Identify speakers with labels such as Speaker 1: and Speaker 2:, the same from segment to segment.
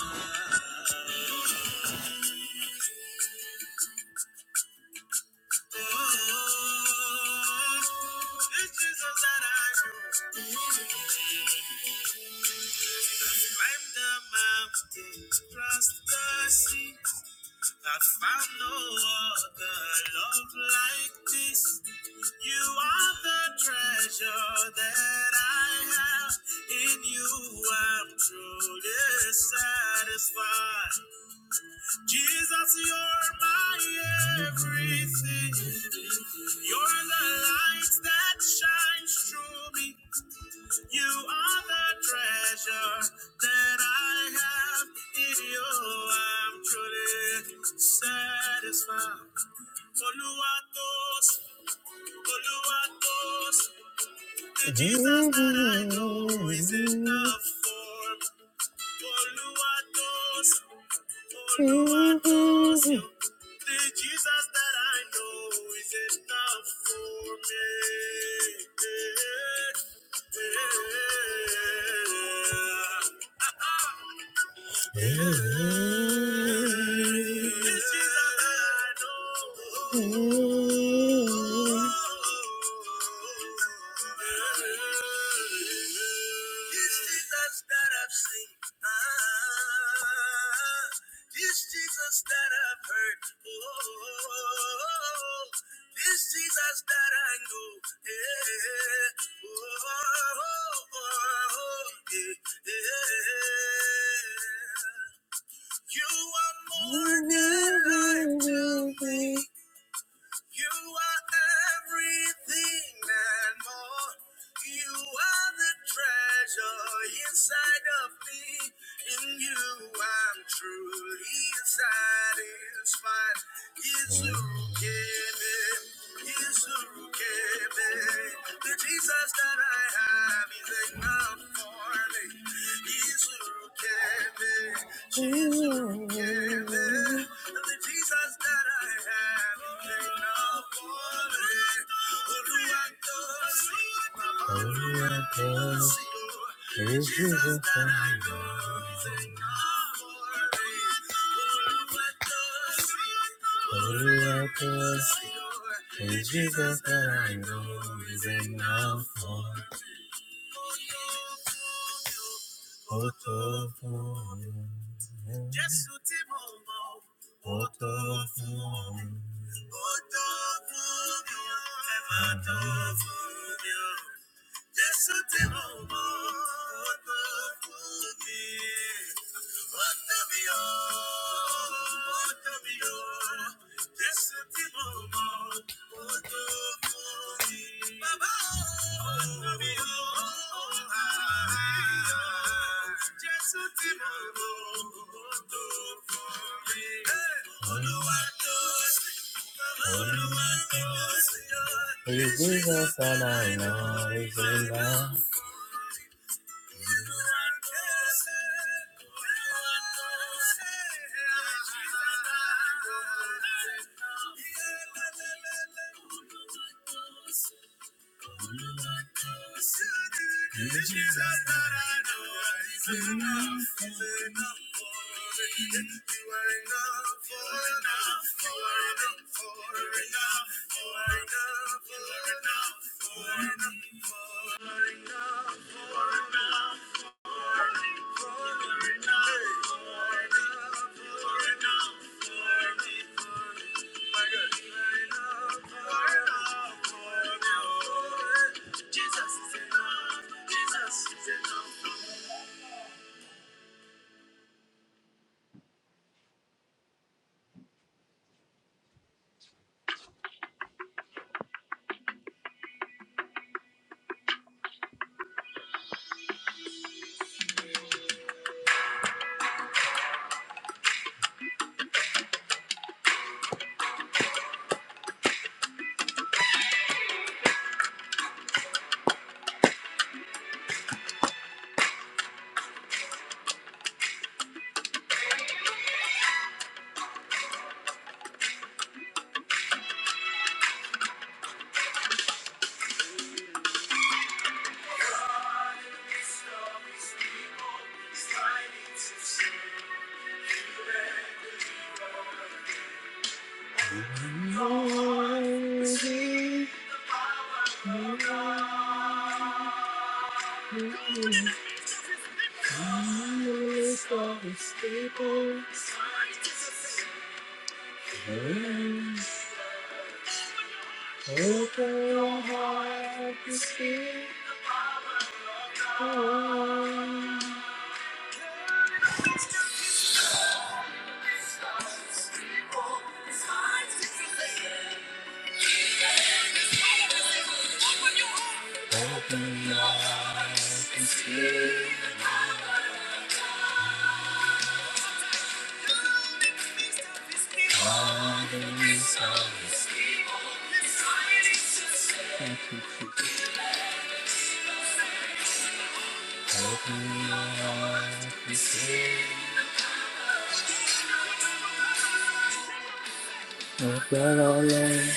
Speaker 1: This Jesus that I know. Climb the mountain, cross the sea. I found no other love like this. You are the treasure that I have. In you I'm truly satisfied. Jesus, you're my everything. You're the light that shines through me. You are the treasure that I have in you. I'm truly satisfied. Oluwatos, Oluwatos, the Jesus that I know is enough for me. Oluwatos, Oluwatos, the Jesus that I know is enough for me. Yeah. Yeah. This is a battle. This Jesus that I've seen. Ah, this Jesus that I've heard. Oh, this Jesus that I know. Yeah. Oh, oh, oh, oh, yeah, yeah. You are more than life to me. You are everything and more. You are the treasure inside of me. In you, I'm truly satisfied. Is who gave it. Is who gave it. The Jesus that I have is enough for me. Is who gave it. Jesus the Jesus that I have Jesus that I know is now falling. Oluwato, Oluwato, is Jesus that I know is now falling. Jésù tí mo mọ̀, ó tó fún mi. Ó tó Olúwa tó ṣe. Is Jesus and I know is in love. The Jesus that I know is enough, is enough for me. You are enough for enough, for enough, for enough, for enough, for enough, for enough, for enough, for enough, for enough, for enough. My God, you are enough, for enough, for enough. Jesus is enough, Jesus is enough. to to see see Open Open your your heart heart Thank you, Jesus. I I got all alone,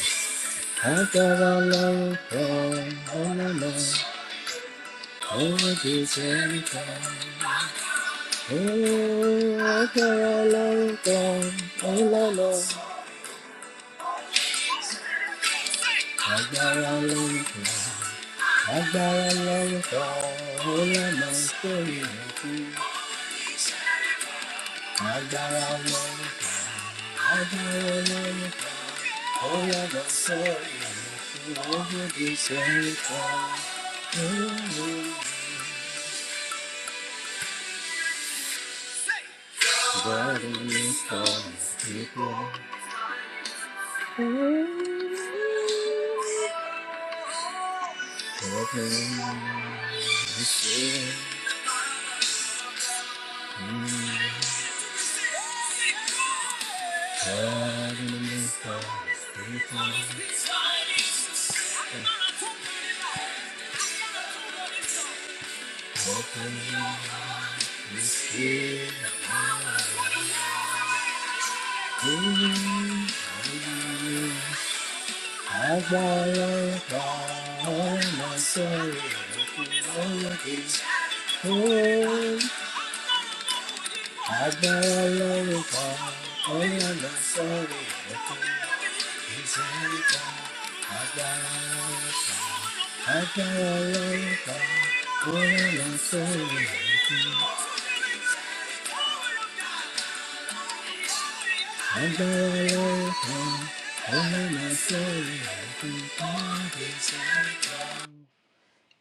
Speaker 1: I've got all alone, all alone, over this every time. Oh, I've got all alone, all alone, I've got all alone, I've got all alone, all alone for you, Agbára lórúkọ ọlọ́mọ tó yẹ kú. Agbára lórúkọ, agbára lórúkọ. Open your spirit.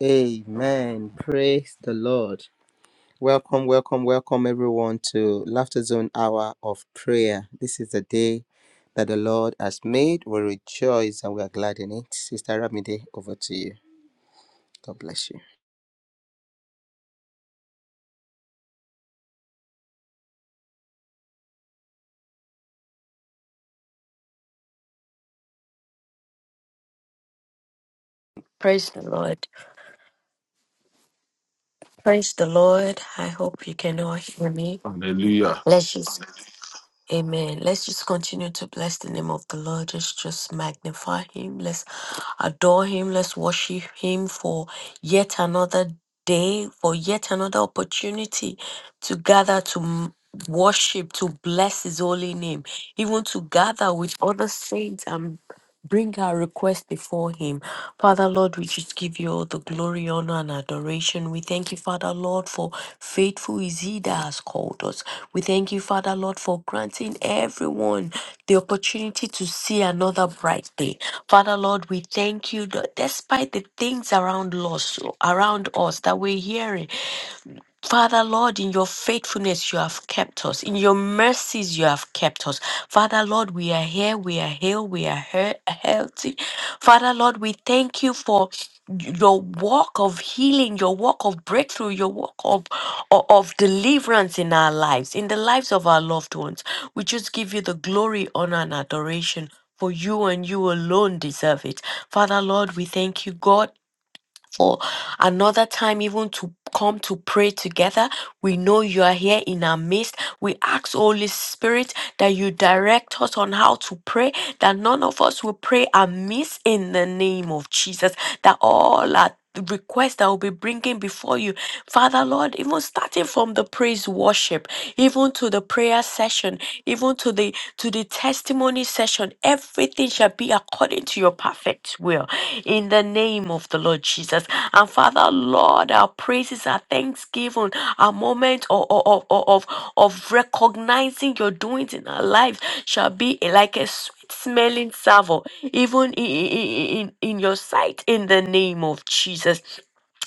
Speaker 1: Amen. Praise the Lord. Welcome, welcome, welcome everyone to Laughter Zone Hour of Prayer. This is the day that the Lord has made. We rejoice and we are glad in it. Sister Ramide, over to you. God bless you.
Speaker 2: Praise the Lord. Praise the Lord. I hope you can all hear me.
Speaker 3: Hallelujah.
Speaker 2: Let's just, amen. Let's just continue to bless the name of the Lord. Just, just magnify him. Let's adore him. Let's worship him for yet another day, for yet another opportunity to gather to m- worship, to bless his holy name, even to gather with other saints and. Bring our request before Him. Father, Lord, we just give you all the glory, honor, and adoration. We thank you, Father, Lord, for faithful is He that has called us. We thank you, Father, Lord, for granting everyone the opportunity to see another bright day. Father, Lord, we thank you that despite the things around us, around us that we're hearing. Father Lord, in your faithfulness, you have kept us. In your mercies, you have kept us. Father Lord, we are here, we are healed, we are he- healthy. Father Lord, we thank you for your work of healing, your work of breakthrough, your work of, of, of deliverance in our lives, in the lives of our loved ones. We just give you the glory, honor, and adoration. For you and you alone deserve it. Father Lord, we thank you, God for another time, even to come to pray together. We know you are here in our midst. We ask, Holy Spirit, that you direct us on how to pray, that none of us will pray amiss in the name of Jesus that all our requests that we'll be bringing before you, Father Lord, even starting from the praise worship, even to the prayer session, even to the to the testimony session, everything shall be according to your perfect will. In the name of the Lord Jesus. And Father Lord, our praises, our thanksgiving, our moment of, of, of, of of recognizing your doings in our lives shall be like a sweet smelling savour, even i- in, in your sight, in the name of Jesus.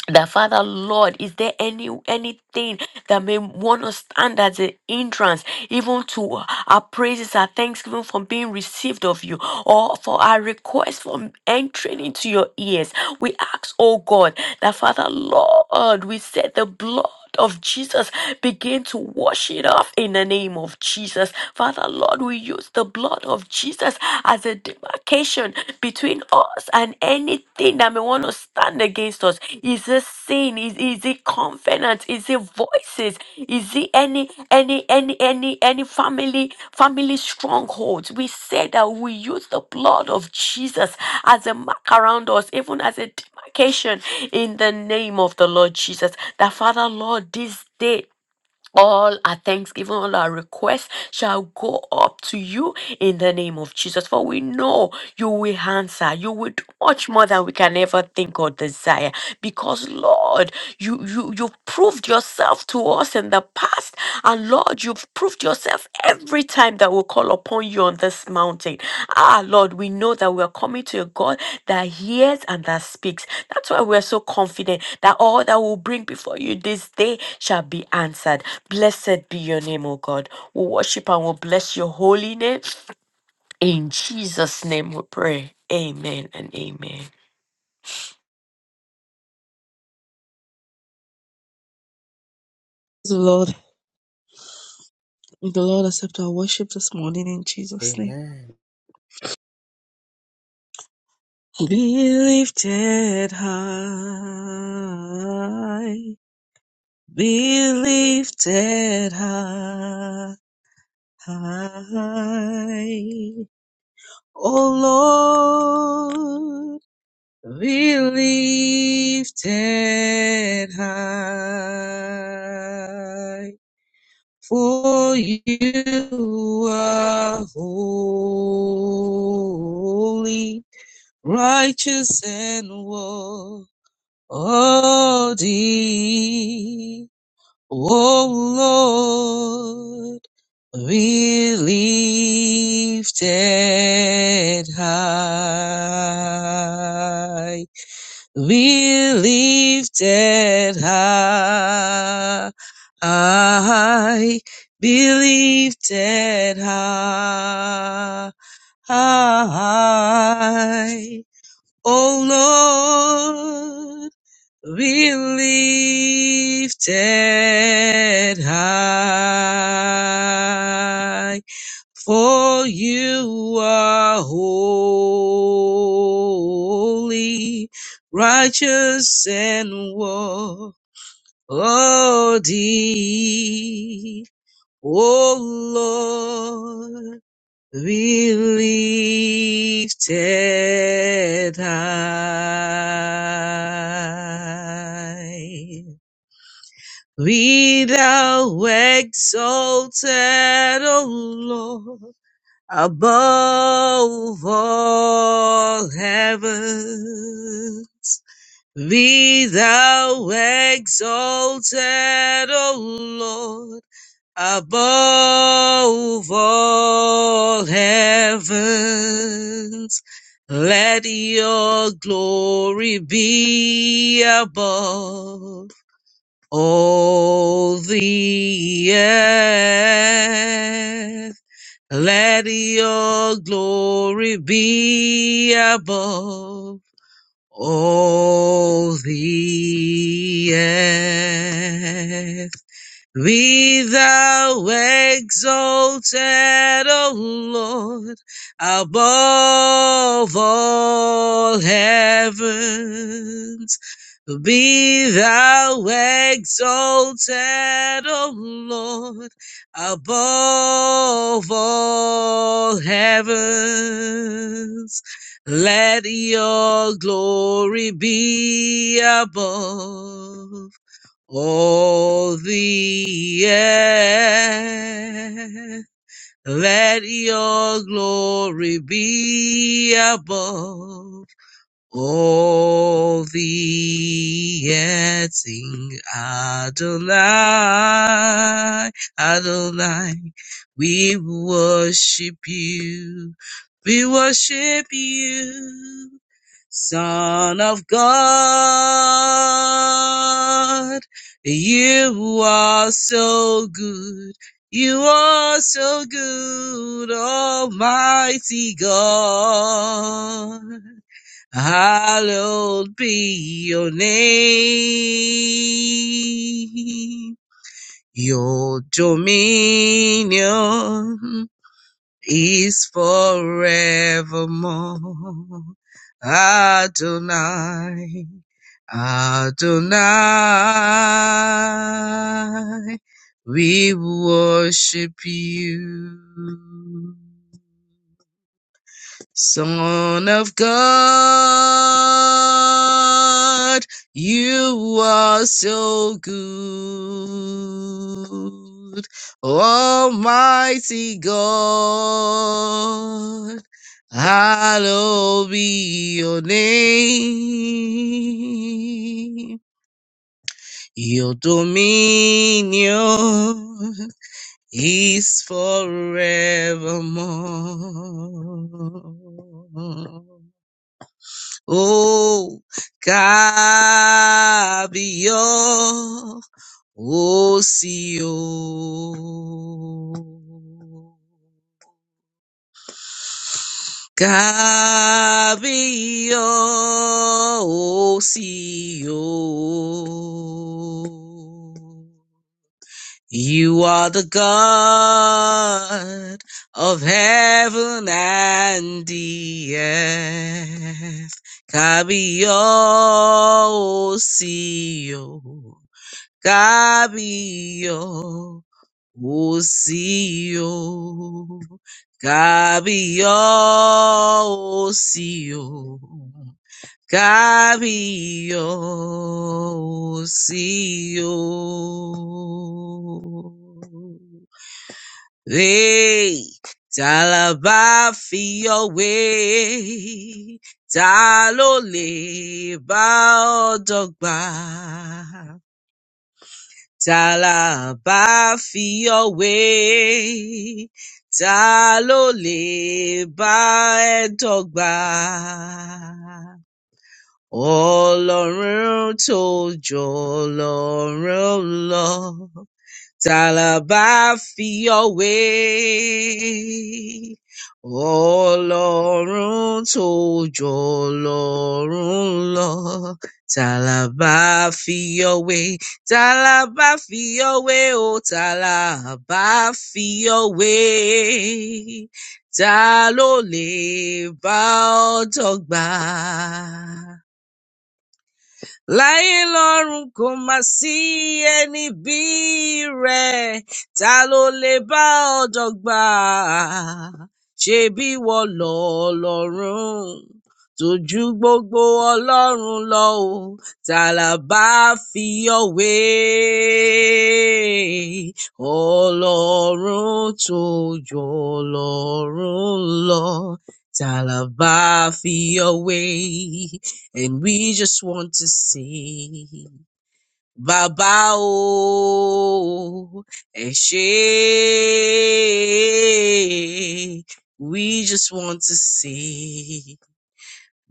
Speaker 2: The Father, Lord, is there any anything that may want to stand as an entrance, even to our praises, our thanksgiving from being received of you, or for our request from entering into your ears? We ask, oh God, that Father, Lord, we set the blood of Jesus, begin to wash it off in the name of Jesus. Father, Lord, we use the blood of Jesus as a demarcation between us and anything that may want to stand against us. Is it sin? Is, is it covenant? Is it voices? Is it any any any any any family family strongholds? We say that we use the blood of Jesus as a mark around us, even as a demarcation in the name of the Lord Jesus. That Father Lord, this day all our thanksgiving, all our requests shall go up to you in the name of Jesus. For we know you will answer. You will do much more than we can ever think or desire. Because Lord, you you you've proved yourself to us in the past. And Lord, you've proved yourself every time that we call upon you on this mountain. Ah Lord, we know that we are coming to a God that hears and that speaks. That's why we're so confident that all that we'll bring before you this day shall be answered. Blessed be your name, O God. We worship and we bless your holy name. In Jesus' name we pray. Amen and amen.
Speaker 4: Praise the Lord. May the Lord accept our worship this morning in Jesus' name.
Speaker 1: Amen.
Speaker 4: Be lifted high. Be lifted high. Oh Lord, be lifted high. For you are holy righteous and worthy. O Lord, be lifted high, be lifted high, I be lifted high high, O Lord, be lifted high, for you are holy, righteous and worthy. O Lord, be lifted high. Be thou exalted, O Lord, above all heaven. Be thou exalted, O Lord above all heavens. Let your glory be above all the earth. Let your glory be above all the earth. Be thou exalted, O Lord, above all heavens. Be thou exalted, O Lord, above all heavens. Let your glory be above. All the earth, let your glory be above. O Vietzing Adonai, Adonai, we worship you, we worship you, Son of God. You are so good, you are so good, Almighty God. Hallowed be your name. Your dominion is forevermore. Adonai, Adonai, we worship you. Son of God, you are so good. Almighty God, hallowed be your name. Your dominion is forevermore. Oh, cabio, ocio. Cabio, ocio. You are the God of heaven and the earth. Cabio, Osio. Cabio, Osio. Cabio, Osio. Kabiyosio. Hey, talaba fi your way. Ta lè bá ọ dọ́gba? Ta la bá fi your way. lè bá ẹ dọ́gba? Ọlọ́run tó jọ Ọlọ́run lọ, ta la bá fi ọ́ wé? Ọlọ́run tó jọ Ọlọ́run lọ, ta la bá fi ọ́ wé? Ta la bá fi ọ́ wé o? Ta la bá fi ọ́ wé? Ta ló lè bá ọ dọ́gba? láyé lọ́run kò má sí ẹni bí rẹ̀ ta ló lè bá ọ dọ́gba ṣebí wọ lọ́lọ́run tójú gbogbo ọlọ́run lọ o tààlà bá fi ọ̀wé ọlọ́run tó jọ ọlọ́run lọ tààlà bá fi ọ̀wé. And we just want to say, Baba oh, Eshe. We just want to say.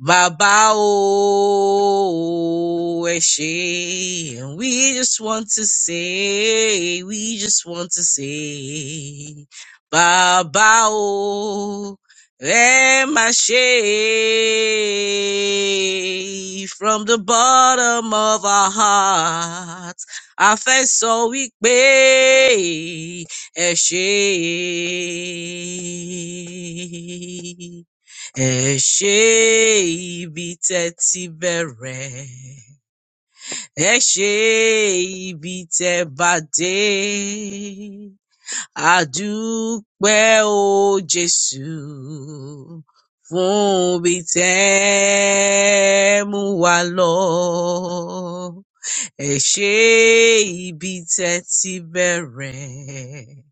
Speaker 4: Baba oh, ṣé. And we just want to say, we just want to say, Baba oh, ẹ má ṣe. From the bottom of our hearts, a fẹ́ sọ wípé ẹ ṣé. Ẹ ṣé ibi tẹ́ ti bẹ̀rẹ̀, ẹ ṣé ibi tẹ́ bá dé. Àdúpẹ́ o Jésù fún ibi tẹ́ mú wa lọ. Ẹ ṣé ibi tẹ́ ti bẹ̀rẹ̀.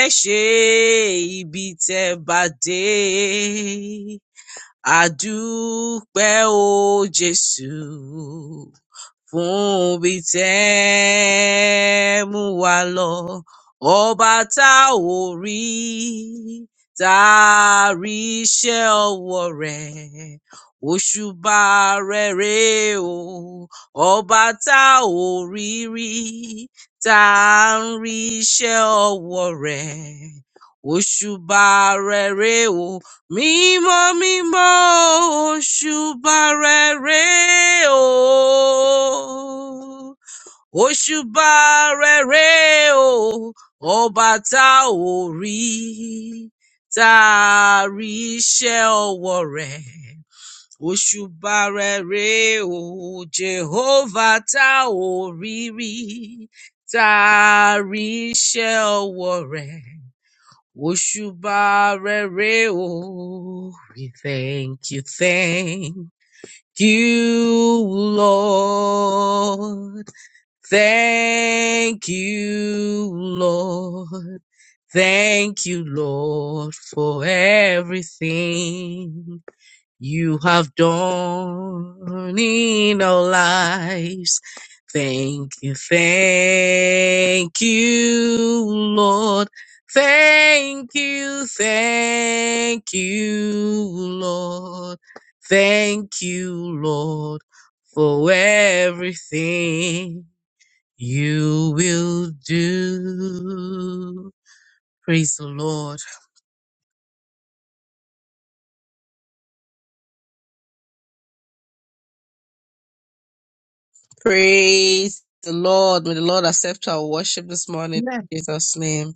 Speaker 4: Ẹ ṣé ibi tẹ́ bá dé. Àdúpẹ́ o Jésù fún ibi tẹ́ mú wa lọ. Ọba tá ò rí, tá a rí iṣẹ́ ọwọ́ rẹ̀. Òṣùbà rẹ̀ rè o, ọba tá ò rí rí, tá a ń rí iṣẹ́ ọwọ́ rẹ̀. Òṣùbà rẹ̀ rè o. Mímọ́ mímọ́ òṣùbà rere o. Òṣùbà rere o. Ọba tá ò rí tá a rí iṣẹ́ ọwọ́ rẹ̀. Òṣùbà rere o. Jèhófà tá ò rí rí tá a rí iṣẹ́ ọwọ́ rẹ̀. Wushuba rere o. We thank you, thank you, Lord. Thank you, Lord. Thank you, Lord, for everything. You have done in our lives. Thank you, thank you, Lord. Thank you, thank you, Lord. Thank you, Lord, for everything you will do. Praise the Lord. Praise the Lord. May the Lord accept our worship this morning.
Speaker 5: Amen.
Speaker 4: In Jesus' name.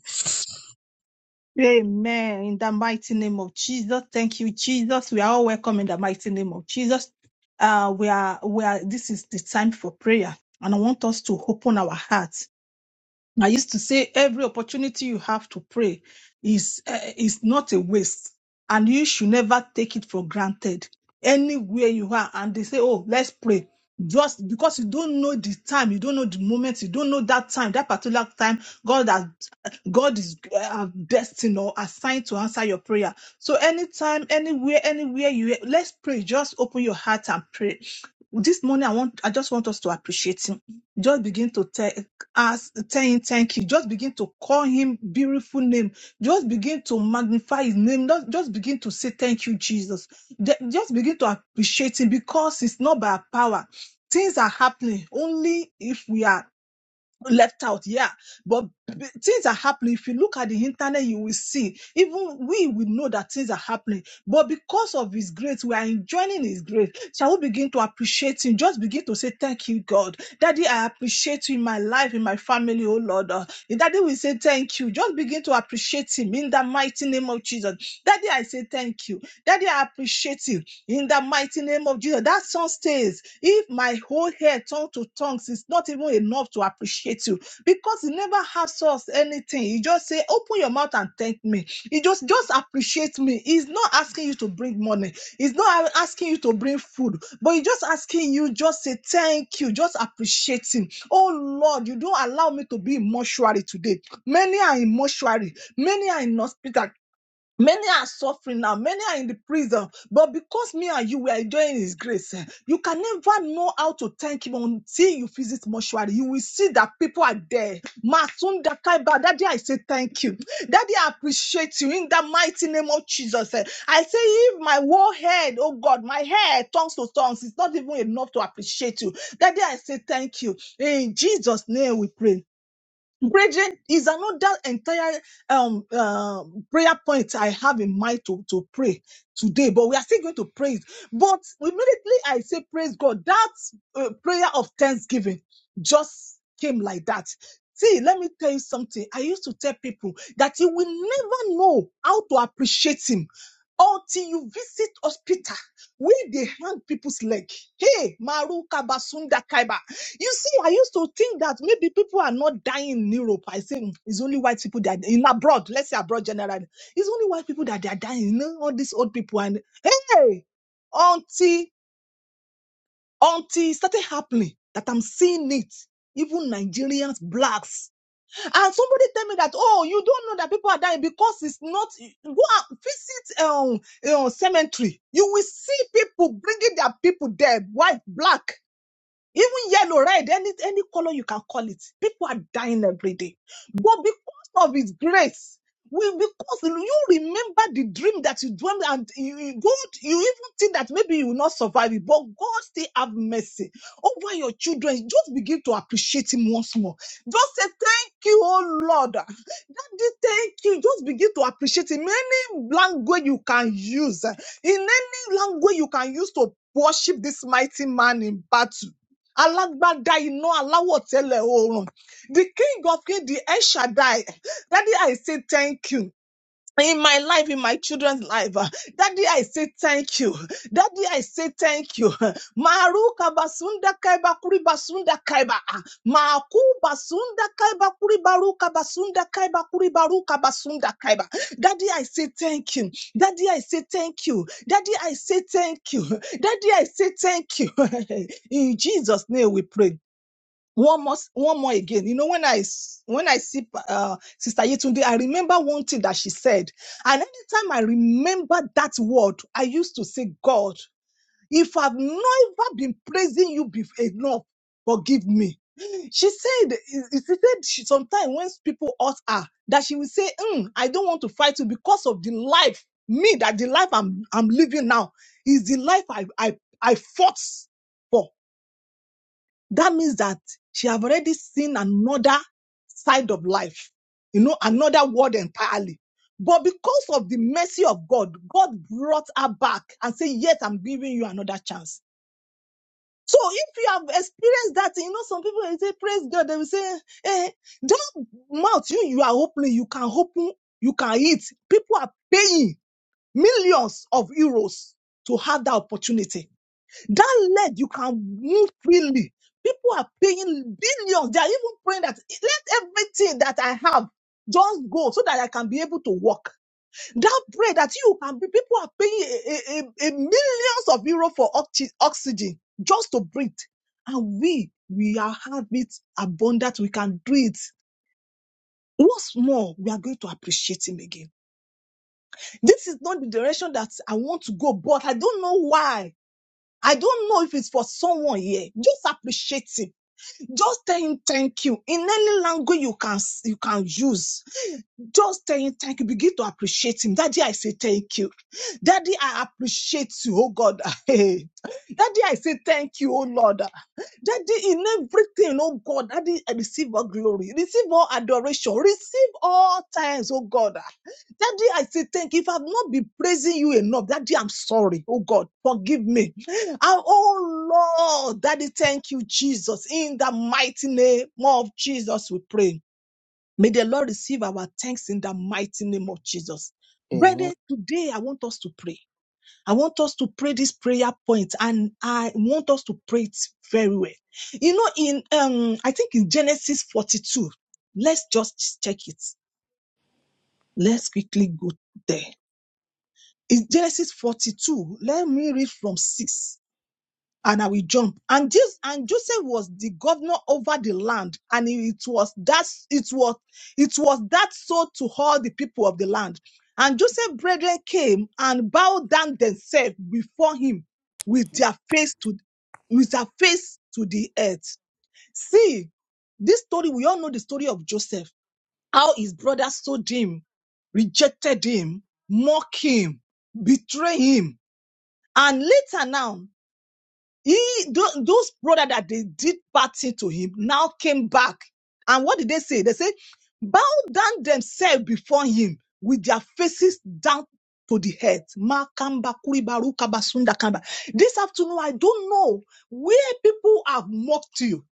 Speaker 5: Amen. In the mighty name of Jesus. Thank you, Jesus. We are all welcome in the mighty name of Jesus. Uh, we are, we are, this is the time for prayer. And I want us to open our hearts. I used to say every opportunity you have to pray is, uh, is not a waste. And you should never take it for granted. Anywhere you are, and they say, Oh, let's pray. Just because you don't know the time, you don't know the moment, you don't know that time, that particular time, God has God is uh, destined or assigned to answer your prayer. So anytime, anywhere, anywhere you let's pray. Just open your heart and pray. This morning, I want I just want us to appreciate him. Just begin to tell us tell him thank you. Just begin to call him beautiful name. Just begin to magnify his name. Just, just begin to say thank you, Jesus. Ju- Just begin to appreciate him because it's not by our power. Things are happening only if we are left out yeah but b- things are happening if you look at the internet you will see even we will know that things are happening but because of his grace we are enjoying his grace shall we begin to appreciate him just begin to say thank you god daddy i appreciate you in my life in my family oh lord Uh, daddy we say thank you Just. Just begin to appreciate him in the mighty name of Jesus. Daddy, I say thank you. Daddy, I appreciate you in the mighty name of Jesus. That song stays. If my whole head tongue to tongues it's not even enough to appreciate you because he never has us anything. He just say, open your mouth and thank me. He just just appreciates me. He's not asking you to bring money. He's not asking you to bring food, but he's just asking you just say thank you. Just appreciate him. Oh Lord, you don't allow me to be in mortuary today. Many are in mortuary. Many are in hospital. Many are suffering now. Many are in the prison. But because me and you were enjoying His grace, eh, you can never know how to thank Him until you visit mortuary. You will see that people are there. Masunda Kaiba, Daddy, I say thank you. Daddy, I appreciate you in the mighty name of Jesus. eh. I say, if my whole head, oh God, my head, tongues to tongues, it's not even enough to appreciate you. Daddy, I say thank you. In Jesus' name we pray. Brethren, is another entire um uh, prayer point I have in mind to, to pray today, but we are still going to praise. But immediately I say, Praise God, that uh, prayer of thanksgiving just came like that. See, let me tell you something. I used to tell people that you will never know how to appreciate Him until you visit hospital where they hang people's leg. Hey, Maru Kabasunda Kaiba. You see, I used to think that maybe people are not dying in Europe. I say "Mm, it's only white people that in abroad, let's say abroad generally, it's only white people that they are dying. You know, all these old people and hey, until until it started happening that I'm seeing it. Even Nigerians, blacks, and somebody tell me that oh, you don't know that people are dying because it's not. Go and visit um, um cemetery. You will see people bringing their people dead, white, black. Even yellow, red, any any color you can call it. People are dying every day. But because of his grace, we because you remember the dream that you dreamed and you, you don't you even think that maybe you will not survive it, but God still have mercy over your children. Just begin to appreciate him once more. Just say thank you, oh Lord. Daddy, thank you. Just begin to appreciate Him. Any language you can use, eh, in any language you can use to worship this mighty man in battle. Alágbádá iná aláwọ̀ tẹ́lẹ̀ oorun. The king of kings, the El Shaddai. eh, Daddy, I say thank you in my life, in my children's life. uh, Daddy, I say thank you. Daddy, I say thank you. Maru basunda kaiba kuri basunda kaiba. Maku basunda kaiba kuri baruka basunda kaiba kuri baruka basunda kaiba. Daddy, I say thank you. Daddy, I say thank you. Daddy, I say thank you. Daddy, I say thank you. In Jesus' name we pray one more one more again you know when I when i see uh, sister yetunde i remember one thing that she said and anytime i remember that word i used to say god if i've never been praising you before enough forgive me she said she said she, sometimes when people hurt her that she will say "Mm, i don't want to fight you because of the life me that the life i'm i'm living now is the life i i i fought for that means that she have already seen another side of life, you know, another world entirely. But because of the mercy of God, God brought her back and said, Yes, I'm giving you another chance. So if you have experienced that, you know, some people will say, Praise God, they will say, eh, that mouth you, you are opening, you can open, you can eat. People are paying millions of euros to have that opportunity. That leg, you can move freely. People are paying billions. They are even praying that let everything that I have just go so that I can be able to walk. That bread that you can be, people are paying a, a, a a millions of euro for oxy- oxygen just to breathe. And we, we are have it abundant. We can do it. What's more, we are going to appreciate him again. This is not the direction that I want to go, but I don't know why. I don't know if it's for someone here. Just appreciate him. Just tell him thank you in any language you can you can use. Just tell him thank you. Begin to appreciate him. Daddy, I say thank you. Daddy, I appreciate you, oh God. Daddy, I say thank you, oh Lord. Daddy, in everything, oh God, Daddy, I receive all glory, receive all adoration, receive all thanks, oh God. Daddy, I say thank you. If I've not been praising you enough, Daddy, I'm sorry, oh God, forgive me. And oh Lord, Daddy, thank you, Jesus. In the mighty name of Jesus, we pray. May the Lord receive our thanks in the mighty name of Jesus.
Speaker 1: Amen,
Speaker 5: Brethren, today I want us to pray. I want us to pray this prayer point and I want us to pray it very well. You know, in, um, I think in Genesis 42, let's just check it. Let's quickly go there. In Genesis 42, let me read from 6. and I will jump. And this and Joseph was the governor over the land, and it was that it was it was that so to all the people of the land. And Joseph's brethren came and bowed down themselves before him with their face to with their face to the earth. See, this story, we all know the story of Joseph, how his brothers sold him, rejected him, mocked him, betrayed him. And later now. He, tho- those brother that they did bad thing to him now came back. And what did they say? They said, bow down themselves before him with their faces down to the earth. Makamba, kuribaru, kabasunda, kamba. This afternoon, I don't know where people have mocked you.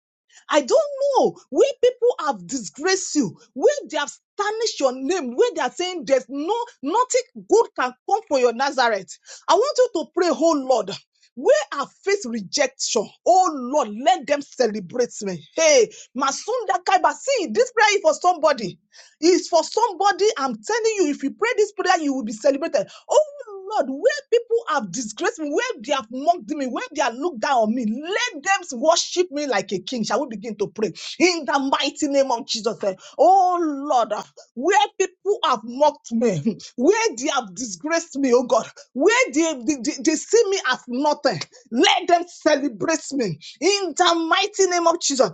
Speaker 5: I don't know where people have disgraced you, where they have tarnished your name, where they are saying there's no nothing good can come for your Nazareth. I want you to pray, oh Lord. Where I face rejection, oh Lord, let them celebrate me. Hey, Masunda Kaiba, see, this prayer is for somebody. It's for somebody. I'm telling you, if you pray this prayer, you will be celebrated. Oh Lord, where people have disgraced me, where they have mocked me, where they have looked down on me, let them worship me like a king. Shall we begin to pray in the mighty name of Jesus? eh. Oh Lord, ah, where people have mocked me, where they have disgraced me, oh God, where they, they, they, they see me as nothing, let them celebrate me in the mighty name of Jesus.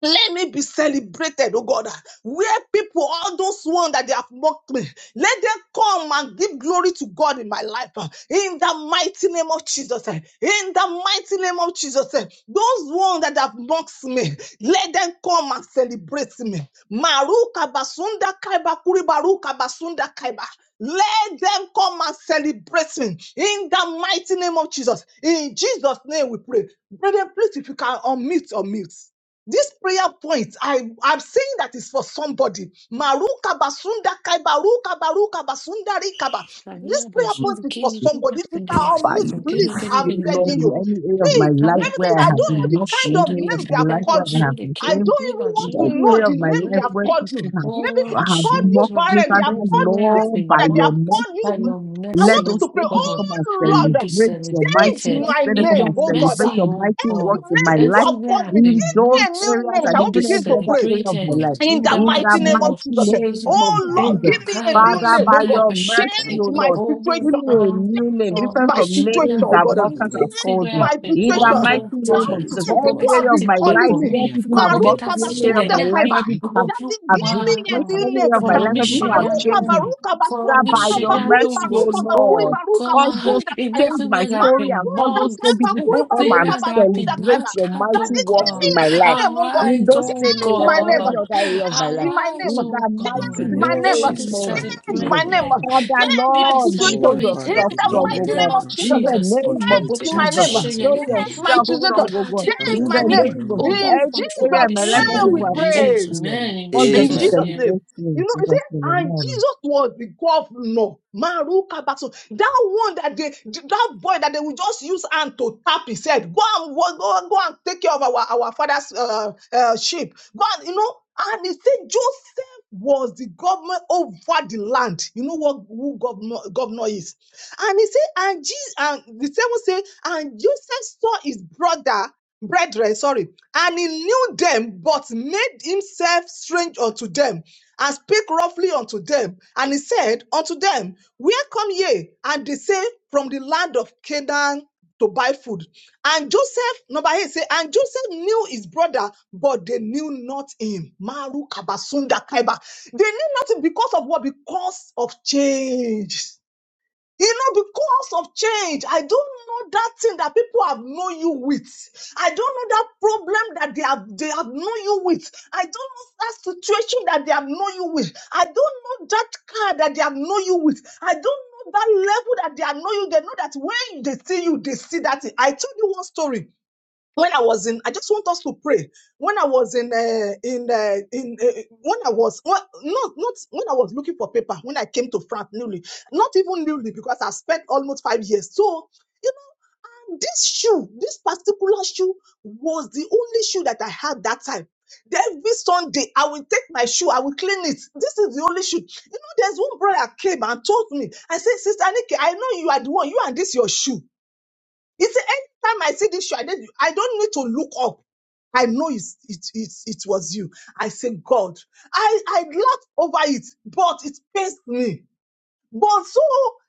Speaker 5: Let me be celebrated, oh God. Where people, all those ones that they have mocked me, let them come and give glory to God in my life. uh, In the mighty name of Jesus. uh, In the mighty name of Jesus. uh, Those ones that have mocked me, let them come and celebrate me. Maruka basunda kaiba kuri baruka basunda kaiba. Let them come and celebrate me in the mighty name of Jesus. In Jesus' name we pray. Brethren, please, if you can unmute, unmute. This prayer point, I, I'm saying that is for somebody. Maruka basunda kai baruka baruka basunda rikaba.
Speaker 6: Maria
Speaker 5: This prayer
Speaker 6: Banshin
Speaker 5: point is for
Speaker 6: Kiri
Speaker 5: somebody. If you can
Speaker 6: Kipakindi
Speaker 4: Bye.
Speaker 5: unmute,
Speaker 6: and
Speaker 5: please,
Speaker 6: Kiri Kiri
Speaker 4: you,
Speaker 5: I'm
Speaker 6: Bin
Speaker 4: Lord,
Speaker 5: begging
Speaker 4: in
Speaker 5: you.
Speaker 6: Vinabo.
Speaker 4: any area of my
Speaker 5: See,
Speaker 4: life
Speaker 5: let
Speaker 6: Yitame
Speaker 5: me tell
Speaker 4: where
Speaker 5: you,
Speaker 4: I
Speaker 5: I
Speaker 4: have
Speaker 5: don't
Speaker 6: Bansuna
Speaker 4: been
Speaker 5: know the
Speaker 4: mocked, in
Speaker 5: kind of
Speaker 4: any
Speaker 6: Bashitani
Speaker 4: area of
Speaker 5: name they have
Speaker 4: my life
Speaker 6: and the
Speaker 4: where
Speaker 5: called
Speaker 4: I
Speaker 5: you.
Speaker 4: have
Speaker 6: Sudi
Speaker 4: been
Speaker 5: I
Speaker 6: Kiri
Speaker 5: don't
Speaker 4: shamed,
Speaker 5: even
Speaker 4: in
Speaker 5: want to
Speaker 6: Bansuna
Speaker 4: any
Speaker 5: know
Speaker 4: area
Speaker 6: Pai
Speaker 4: of
Speaker 5: the
Speaker 4: my
Speaker 5: name they
Speaker 4: life
Speaker 5: have
Speaker 6: Bansuni.
Speaker 4: where
Speaker 5: called you.
Speaker 4: people
Speaker 5: Maybe they
Speaker 6: Oh
Speaker 4: have,
Speaker 5: have
Speaker 4: have
Speaker 5: called you
Speaker 4: mocked
Speaker 6: Jesus,
Speaker 4: me,
Speaker 5: barren, they
Speaker 4: Father,
Speaker 5: have called you
Speaker 6: everywhere I've
Speaker 5: single
Speaker 4: Lord, by
Speaker 6: been
Speaker 5: mother, they
Speaker 4: your
Speaker 5: have
Speaker 6: marked
Speaker 5: called
Speaker 6: by
Speaker 5: you.
Speaker 4: mercy,
Speaker 6: your
Speaker 5: I
Speaker 4: let
Speaker 5: want
Speaker 6: mercy,
Speaker 5: us
Speaker 6: O
Speaker 4: those
Speaker 5: to pray,
Speaker 4: things people
Speaker 5: oh
Speaker 6: God.
Speaker 4: come and
Speaker 6: Let me be
Speaker 5: Lord,
Speaker 4: celebrate your
Speaker 5: change
Speaker 6: celebrated
Speaker 4: mightiness.
Speaker 1: Lord.
Speaker 5: my
Speaker 4: Let them
Speaker 6: in
Speaker 4: come
Speaker 5: name,
Speaker 6: your
Speaker 4: and
Speaker 5: oh God.
Speaker 4: celebrate
Speaker 6: mercy,
Speaker 4: your mighty
Speaker 6: O
Speaker 5: All the
Speaker 6: God.
Speaker 4: works in my
Speaker 5: names people
Speaker 4: life,
Speaker 5: have
Speaker 6: Everywhere
Speaker 5: called
Speaker 6: I've
Speaker 5: me, give
Speaker 4: in
Speaker 6: been
Speaker 5: me
Speaker 4: those
Speaker 5: a
Speaker 6: marked.
Speaker 5: new
Speaker 4: areas
Speaker 5: name.
Speaker 6: Let
Speaker 4: and
Speaker 6: me
Speaker 5: Shall we
Speaker 6: be
Speaker 4: even
Speaker 5: begin
Speaker 4: every
Speaker 5: to
Speaker 4: other
Speaker 5: pray
Speaker 4: area of my
Speaker 6: celebrated
Speaker 1: In the
Speaker 4: life.
Speaker 5: in
Speaker 6: in
Speaker 5: the
Speaker 1: name
Speaker 6: the
Speaker 4: In
Speaker 5: mighty
Speaker 4: the
Speaker 6: mighty
Speaker 5: name
Speaker 6: name
Speaker 5: of
Speaker 4: mighty
Speaker 6: of
Speaker 5: Jesus?
Speaker 4: name
Speaker 6: Jesus.
Speaker 5: Oh
Speaker 4: of
Speaker 1: of
Speaker 5: Lord,
Speaker 4: Jesus.
Speaker 5: give me a
Speaker 6: Benakaya
Speaker 1: the
Speaker 5: new
Speaker 4: Father,
Speaker 5: name,
Speaker 4: by
Speaker 5: oh
Speaker 6: bazuna ya
Speaker 5: God.
Speaker 4: your mercy,
Speaker 6: pashikani.
Speaker 5: Change
Speaker 4: O
Speaker 1: Lord,
Speaker 5: my
Speaker 4: Lord.
Speaker 6: Bobo
Speaker 4: Give me
Speaker 5: situation.
Speaker 4: a
Speaker 6: one.
Speaker 4: new name,
Speaker 5: Change
Speaker 6: Oh,
Speaker 4: different
Speaker 5: my
Speaker 4: from
Speaker 6: bishi
Speaker 1: Father,
Speaker 5: situation,
Speaker 4: names
Speaker 5: oh
Speaker 1: give
Speaker 4: that
Speaker 6: lanu.
Speaker 1: me
Speaker 5: God.
Speaker 1: a
Speaker 4: mockers
Speaker 6: Bo
Speaker 4: have
Speaker 1: name.
Speaker 5: Change
Speaker 6: fibe
Speaker 4: called me.
Speaker 5: my
Speaker 6: ape
Speaker 4: In the
Speaker 5: situation.
Speaker 1: Oh,
Speaker 4: mighty
Speaker 6: moto
Speaker 5: That
Speaker 6: wa.
Speaker 4: name of
Speaker 1: contrary
Speaker 4: Jesus,
Speaker 1: to
Speaker 5: name
Speaker 6: Gbogbo
Speaker 4: any
Speaker 5: people
Speaker 6: bí
Speaker 1: what
Speaker 5: have
Speaker 4: area
Speaker 6: tá
Speaker 4: of
Speaker 5: been
Speaker 4: my
Speaker 5: calling
Speaker 4: life
Speaker 6: pẹ̀kọ̀
Speaker 5: me.
Speaker 1: they
Speaker 4: where
Speaker 6: mi.
Speaker 1: have
Speaker 4: people have
Speaker 6: Gbogbo
Speaker 1: called
Speaker 6: bí
Speaker 4: mocked
Speaker 1: me
Speaker 6: tá
Speaker 5: Maruka
Speaker 6: ti
Speaker 4: me,
Speaker 1: before
Speaker 4: any
Speaker 1: now,
Speaker 4: area of
Speaker 5: Basunda
Speaker 4: my
Speaker 1: Father.
Speaker 4: life
Speaker 6: mi.
Speaker 5: Kaiba.
Speaker 4: where people have,
Speaker 5: Daddy,
Speaker 4: have
Speaker 6: Olúwa
Speaker 5: give me a
Speaker 4: disgraced,
Speaker 5: new
Speaker 4: any area of my
Speaker 1: Give
Speaker 6: fọ̀rọ̀
Speaker 4: life
Speaker 1: me
Speaker 6: mi
Speaker 4: where
Speaker 5: name.
Speaker 1: In
Speaker 6: ṣe
Speaker 1: the
Speaker 4: people have
Speaker 6: yá
Speaker 1: name of the
Speaker 5: Maruka
Speaker 1: Lord.
Speaker 4: changed
Speaker 6: lóhùn.
Speaker 4: me.
Speaker 5: Baruka
Speaker 6: Fọ̀rọ̀
Speaker 4: That
Speaker 6: mi
Speaker 5: Basunda
Speaker 1: In
Speaker 4: by
Speaker 1: the
Speaker 5: Kaiba
Speaker 4: your
Speaker 1: name of
Speaker 5: Kuri
Speaker 4: mercy, O
Speaker 5: Baruka
Speaker 1: Jesus.
Speaker 5: Bakuri
Speaker 6: Oh
Speaker 4: Lord,
Speaker 5: Baruka
Speaker 4: cause
Speaker 6: God,
Speaker 4: those
Speaker 5: Basunda
Speaker 6: in
Speaker 5: Kaiba.
Speaker 4: change my
Speaker 6: everywhere that I've
Speaker 4: story
Speaker 6: been
Speaker 4: and cause
Speaker 5: Marasunda
Speaker 4: those same
Speaker 6: mocked,
Speaker 5: Kaiba
Speaker 4: people to
Speaker 5: Kuri
Speaker 4: come
Speaker 5: Baruka
Speaker 4: and
Speaker 6: everywhere that I've
Speaker 5: Basunda
Speaker 6: been
Speaker 4: celebrate
Speaker 5: Kaiba.
Speaker 6: laughed
Speaker 4: your
Speaker 6: at, oh
Speaker 4: mighty
Speaker 5: Daddy, give
Speaker 4: works
Speaker 5: me
Speaker 4: in
Speaker 6: God.
Speaker 1: Father,
Speaker 5: a
Speaker 4: my
Speaker 5: new
Speaker 4: life,
Speaker 5: name, oh God.
Speaker 4: in
Speaker 6: Arise,
Speaker 4: those
Speaker 1: give
Speaker 6: O
Speaker 4: same
Speaker 5: Change
Speaker 4: areas
Speaker 5: my
Speaker 4: and
Speaker 5: name.
Speaker 4: every
Speaker 6: God.
Speaker 1: me.
Speaker 4: other area of my life.
Speaker 5: Change my
Speaker 6: Arise,
Speaker 4: In
Speaker 5: name.
Speaker 6: O
Speaker 4: the
Speaker 1: In the
Speaker 4: mighty
Speaker 5: Change
Speaker 6: God.
Speaker 1: name
Speaker 5: my
Speaker 1: of
Speaker 6: Let
Speaker 5: name.
Speaker 6: me be
Speaker 4: name
Speaker 1: Jesus,
Speaker 4: of
Speaker 1: Father, give
Speaker 5: Change
Speaker 1: me
Speaker 5: my
Speaker 4: Jesus.
Speaker 1: name.
Speaker 6: celebrated.
Speaker 5: name.
Speaker 1: O Lord.
Speaker 4: Father,
Speaker 6: Let
Speaker 5: Change
Speaker 6: me
Speaker 5: my
Speaker 6: be
Speaker 4: Lord, show
Speaker 1: Oh,
Speaker 5: situation. In
Speaker 1: Father,
Speaker 4: yourself
Speaker 6: celebrated.
Speaker 1: give me a
Speaker 5: the
Speaker 6: In
Speaker 4: strong,
Speaker 6: the
Speaker 4: O
Speaker 1: new
Speaker 5: mighty
Speaker 1: name,
Speaker 6: name
Speaker 4: God.
Speaker 1: O
Speaker 5: name
Speaker 6: of
Speaker 5: of
Speaker 1: Lord.
Speaker 4: In
Speaker 5: Jesus.
Speaker 4: the
Speaker 6: Jesus.
Speaker 4: name of
Speaker 1: Contrary
Speaker 6: Gbogbo
Speaker 1: to
Speaker 6: bí
Speaker 5: Change
Speaker 1: the
Speaker 6: tá a
Speaker 5: my
Speaker 6: ti
Speaker 4: Jesus.
Speaker 5: name.
Speaker 6: ṣe
Speaker 1: plans of the
Speaker 4: Show
Speaker 6: yẹ̀yẹ́ mi,
Speaker 5: Change
Speaker 1: enemy
Speaker 5: my
Speaker 1: for
Speaker 4: yourself
Speaker 1: me.
Speaker 6: gbogbo bí
Speaker 4: strong,
Speaker 5: situation.
Speaker 4: O
Speaker 6: tá a ti
Speaker 4: God.
Speaker 5: Change
Speaker 1: Father,
Speaker 4: In
Speaker 5: my
Speaker 6: pẹ̀gàn
Speaker 1: give
Speaker 4: the
Speaker 6: mi,
Speaker 1: me a
Speaker 5: name.
Speaker 1: new
Speaker 4: name of
Speaker 1: name,
Speaker 6: ó
Speaker 1: O
Speaker 4: Jesus.
Speaker 6: tún
Speaker 1: Lord.
Speaker 5: In
Speaker 6: pọ̀
Speaker 4: Every
Speaker 6: jù lọ
Speaker 4: area
Speaker 5: Jesus'
Speaker 4: in
Speaker 6: bí
Speaker 4: my life
Speaker 1: In
Speaker 4: where
Speaker 1: the
Speaker 5: name
Speaker 6: ṣèyá
Speaker 5: we
Speaker 6: mi.
Speaker 4: people
Speaker 1: name
Speaker 4: have
Speaker 1: of
Speaker 4: not
Speaker 5: pray.
Speaker 1: Jesus.
Speaker 4: seen
Speaker 6: Amen. In
Speaker 4: cause them
Speaker 5: In
Speaker 4: to
Speaker 1: Amen.
Speaker 6: Jesus'
Speaker 5: Jesus'
Speaker 6: name.
Speaker 5: name.
Speaker 4: celebrate me
Speaker 5: You
Speaker 4: in
Speaker 5: know, you see,
Speaker 4: Jesus' name.
Speaker 5: and
Speaker 4: Amen.
Speaker 5: Jesus was the governor. Maruka Baso. That one that they, that boy that they will just use hand to tap he said, Go and wo- go, and- go and take care of our, our father's uh, uh, sheep. Go and, you know, and he said Joseph was the governor over the land. You know what who governor, governor is. And he said, and Jesus, and the same say, and Joseph saw his brother brethren, sorry, and he knew them, but made himself strange unto them, and spake roughly unto them. And he said unto them, Where come ye? And they say, From the land of Canaan to buy food. And Joseph, number eight, say, and Joseph knew his brother, but they knew not him. Maru Kabasunda Kaiba. They knew nothing because of what? Because of change. You know, because of change, I don't know that thing that people have known you with. I don't know that problem that they have they have known you with. I don't know that situation that they have known you with. I don't know that car that they have known you with. I don't know that level that they have known you. They know that when they see you, they see that. thing. I told you one story when I was in, I just want us to pray. When I was in, uh, in, uh, in, uh, when I was, well, not, not when I was looking for paper. When I came to France newly, not even newly, because I spent almost five years. So, you know, this shoe, this particular shoe, was the only shoe that I had that time. Every Sunday, I will take my shoe, I will clean it. This is the only shoe. You know, there's one brother came and told me, I said, Sister Nikki, I know you are the one, you and this your shoe. He said, anytime I see this shoe, I don't, I don't need to look up. I know it's, it, it, it was you. I say, God, I, I laugh over it, but it pains me but so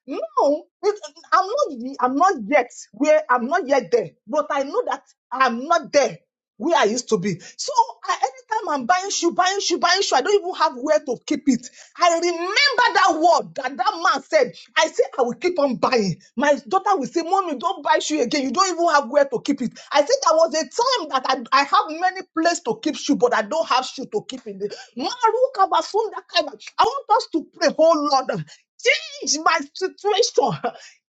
Speaker 5: now, it, I'm not. I'm not yet where I'm not yet there. But I know that I'm not there where I used to be. So I, anytime I'm buying shoe, buying shoe, buying shoe, I don't even have where to keep it. I remember that word that that man said. I say I will keep on buying. My daughter will say, "Mommy, don't buy shoe again. You don't even have where to keep it." I said there was a time that I, I have many places to keep shoe, but I don't have shoe to keep in the Maruka Basunda Kaba. I want us to pray, oh Lord change my situation,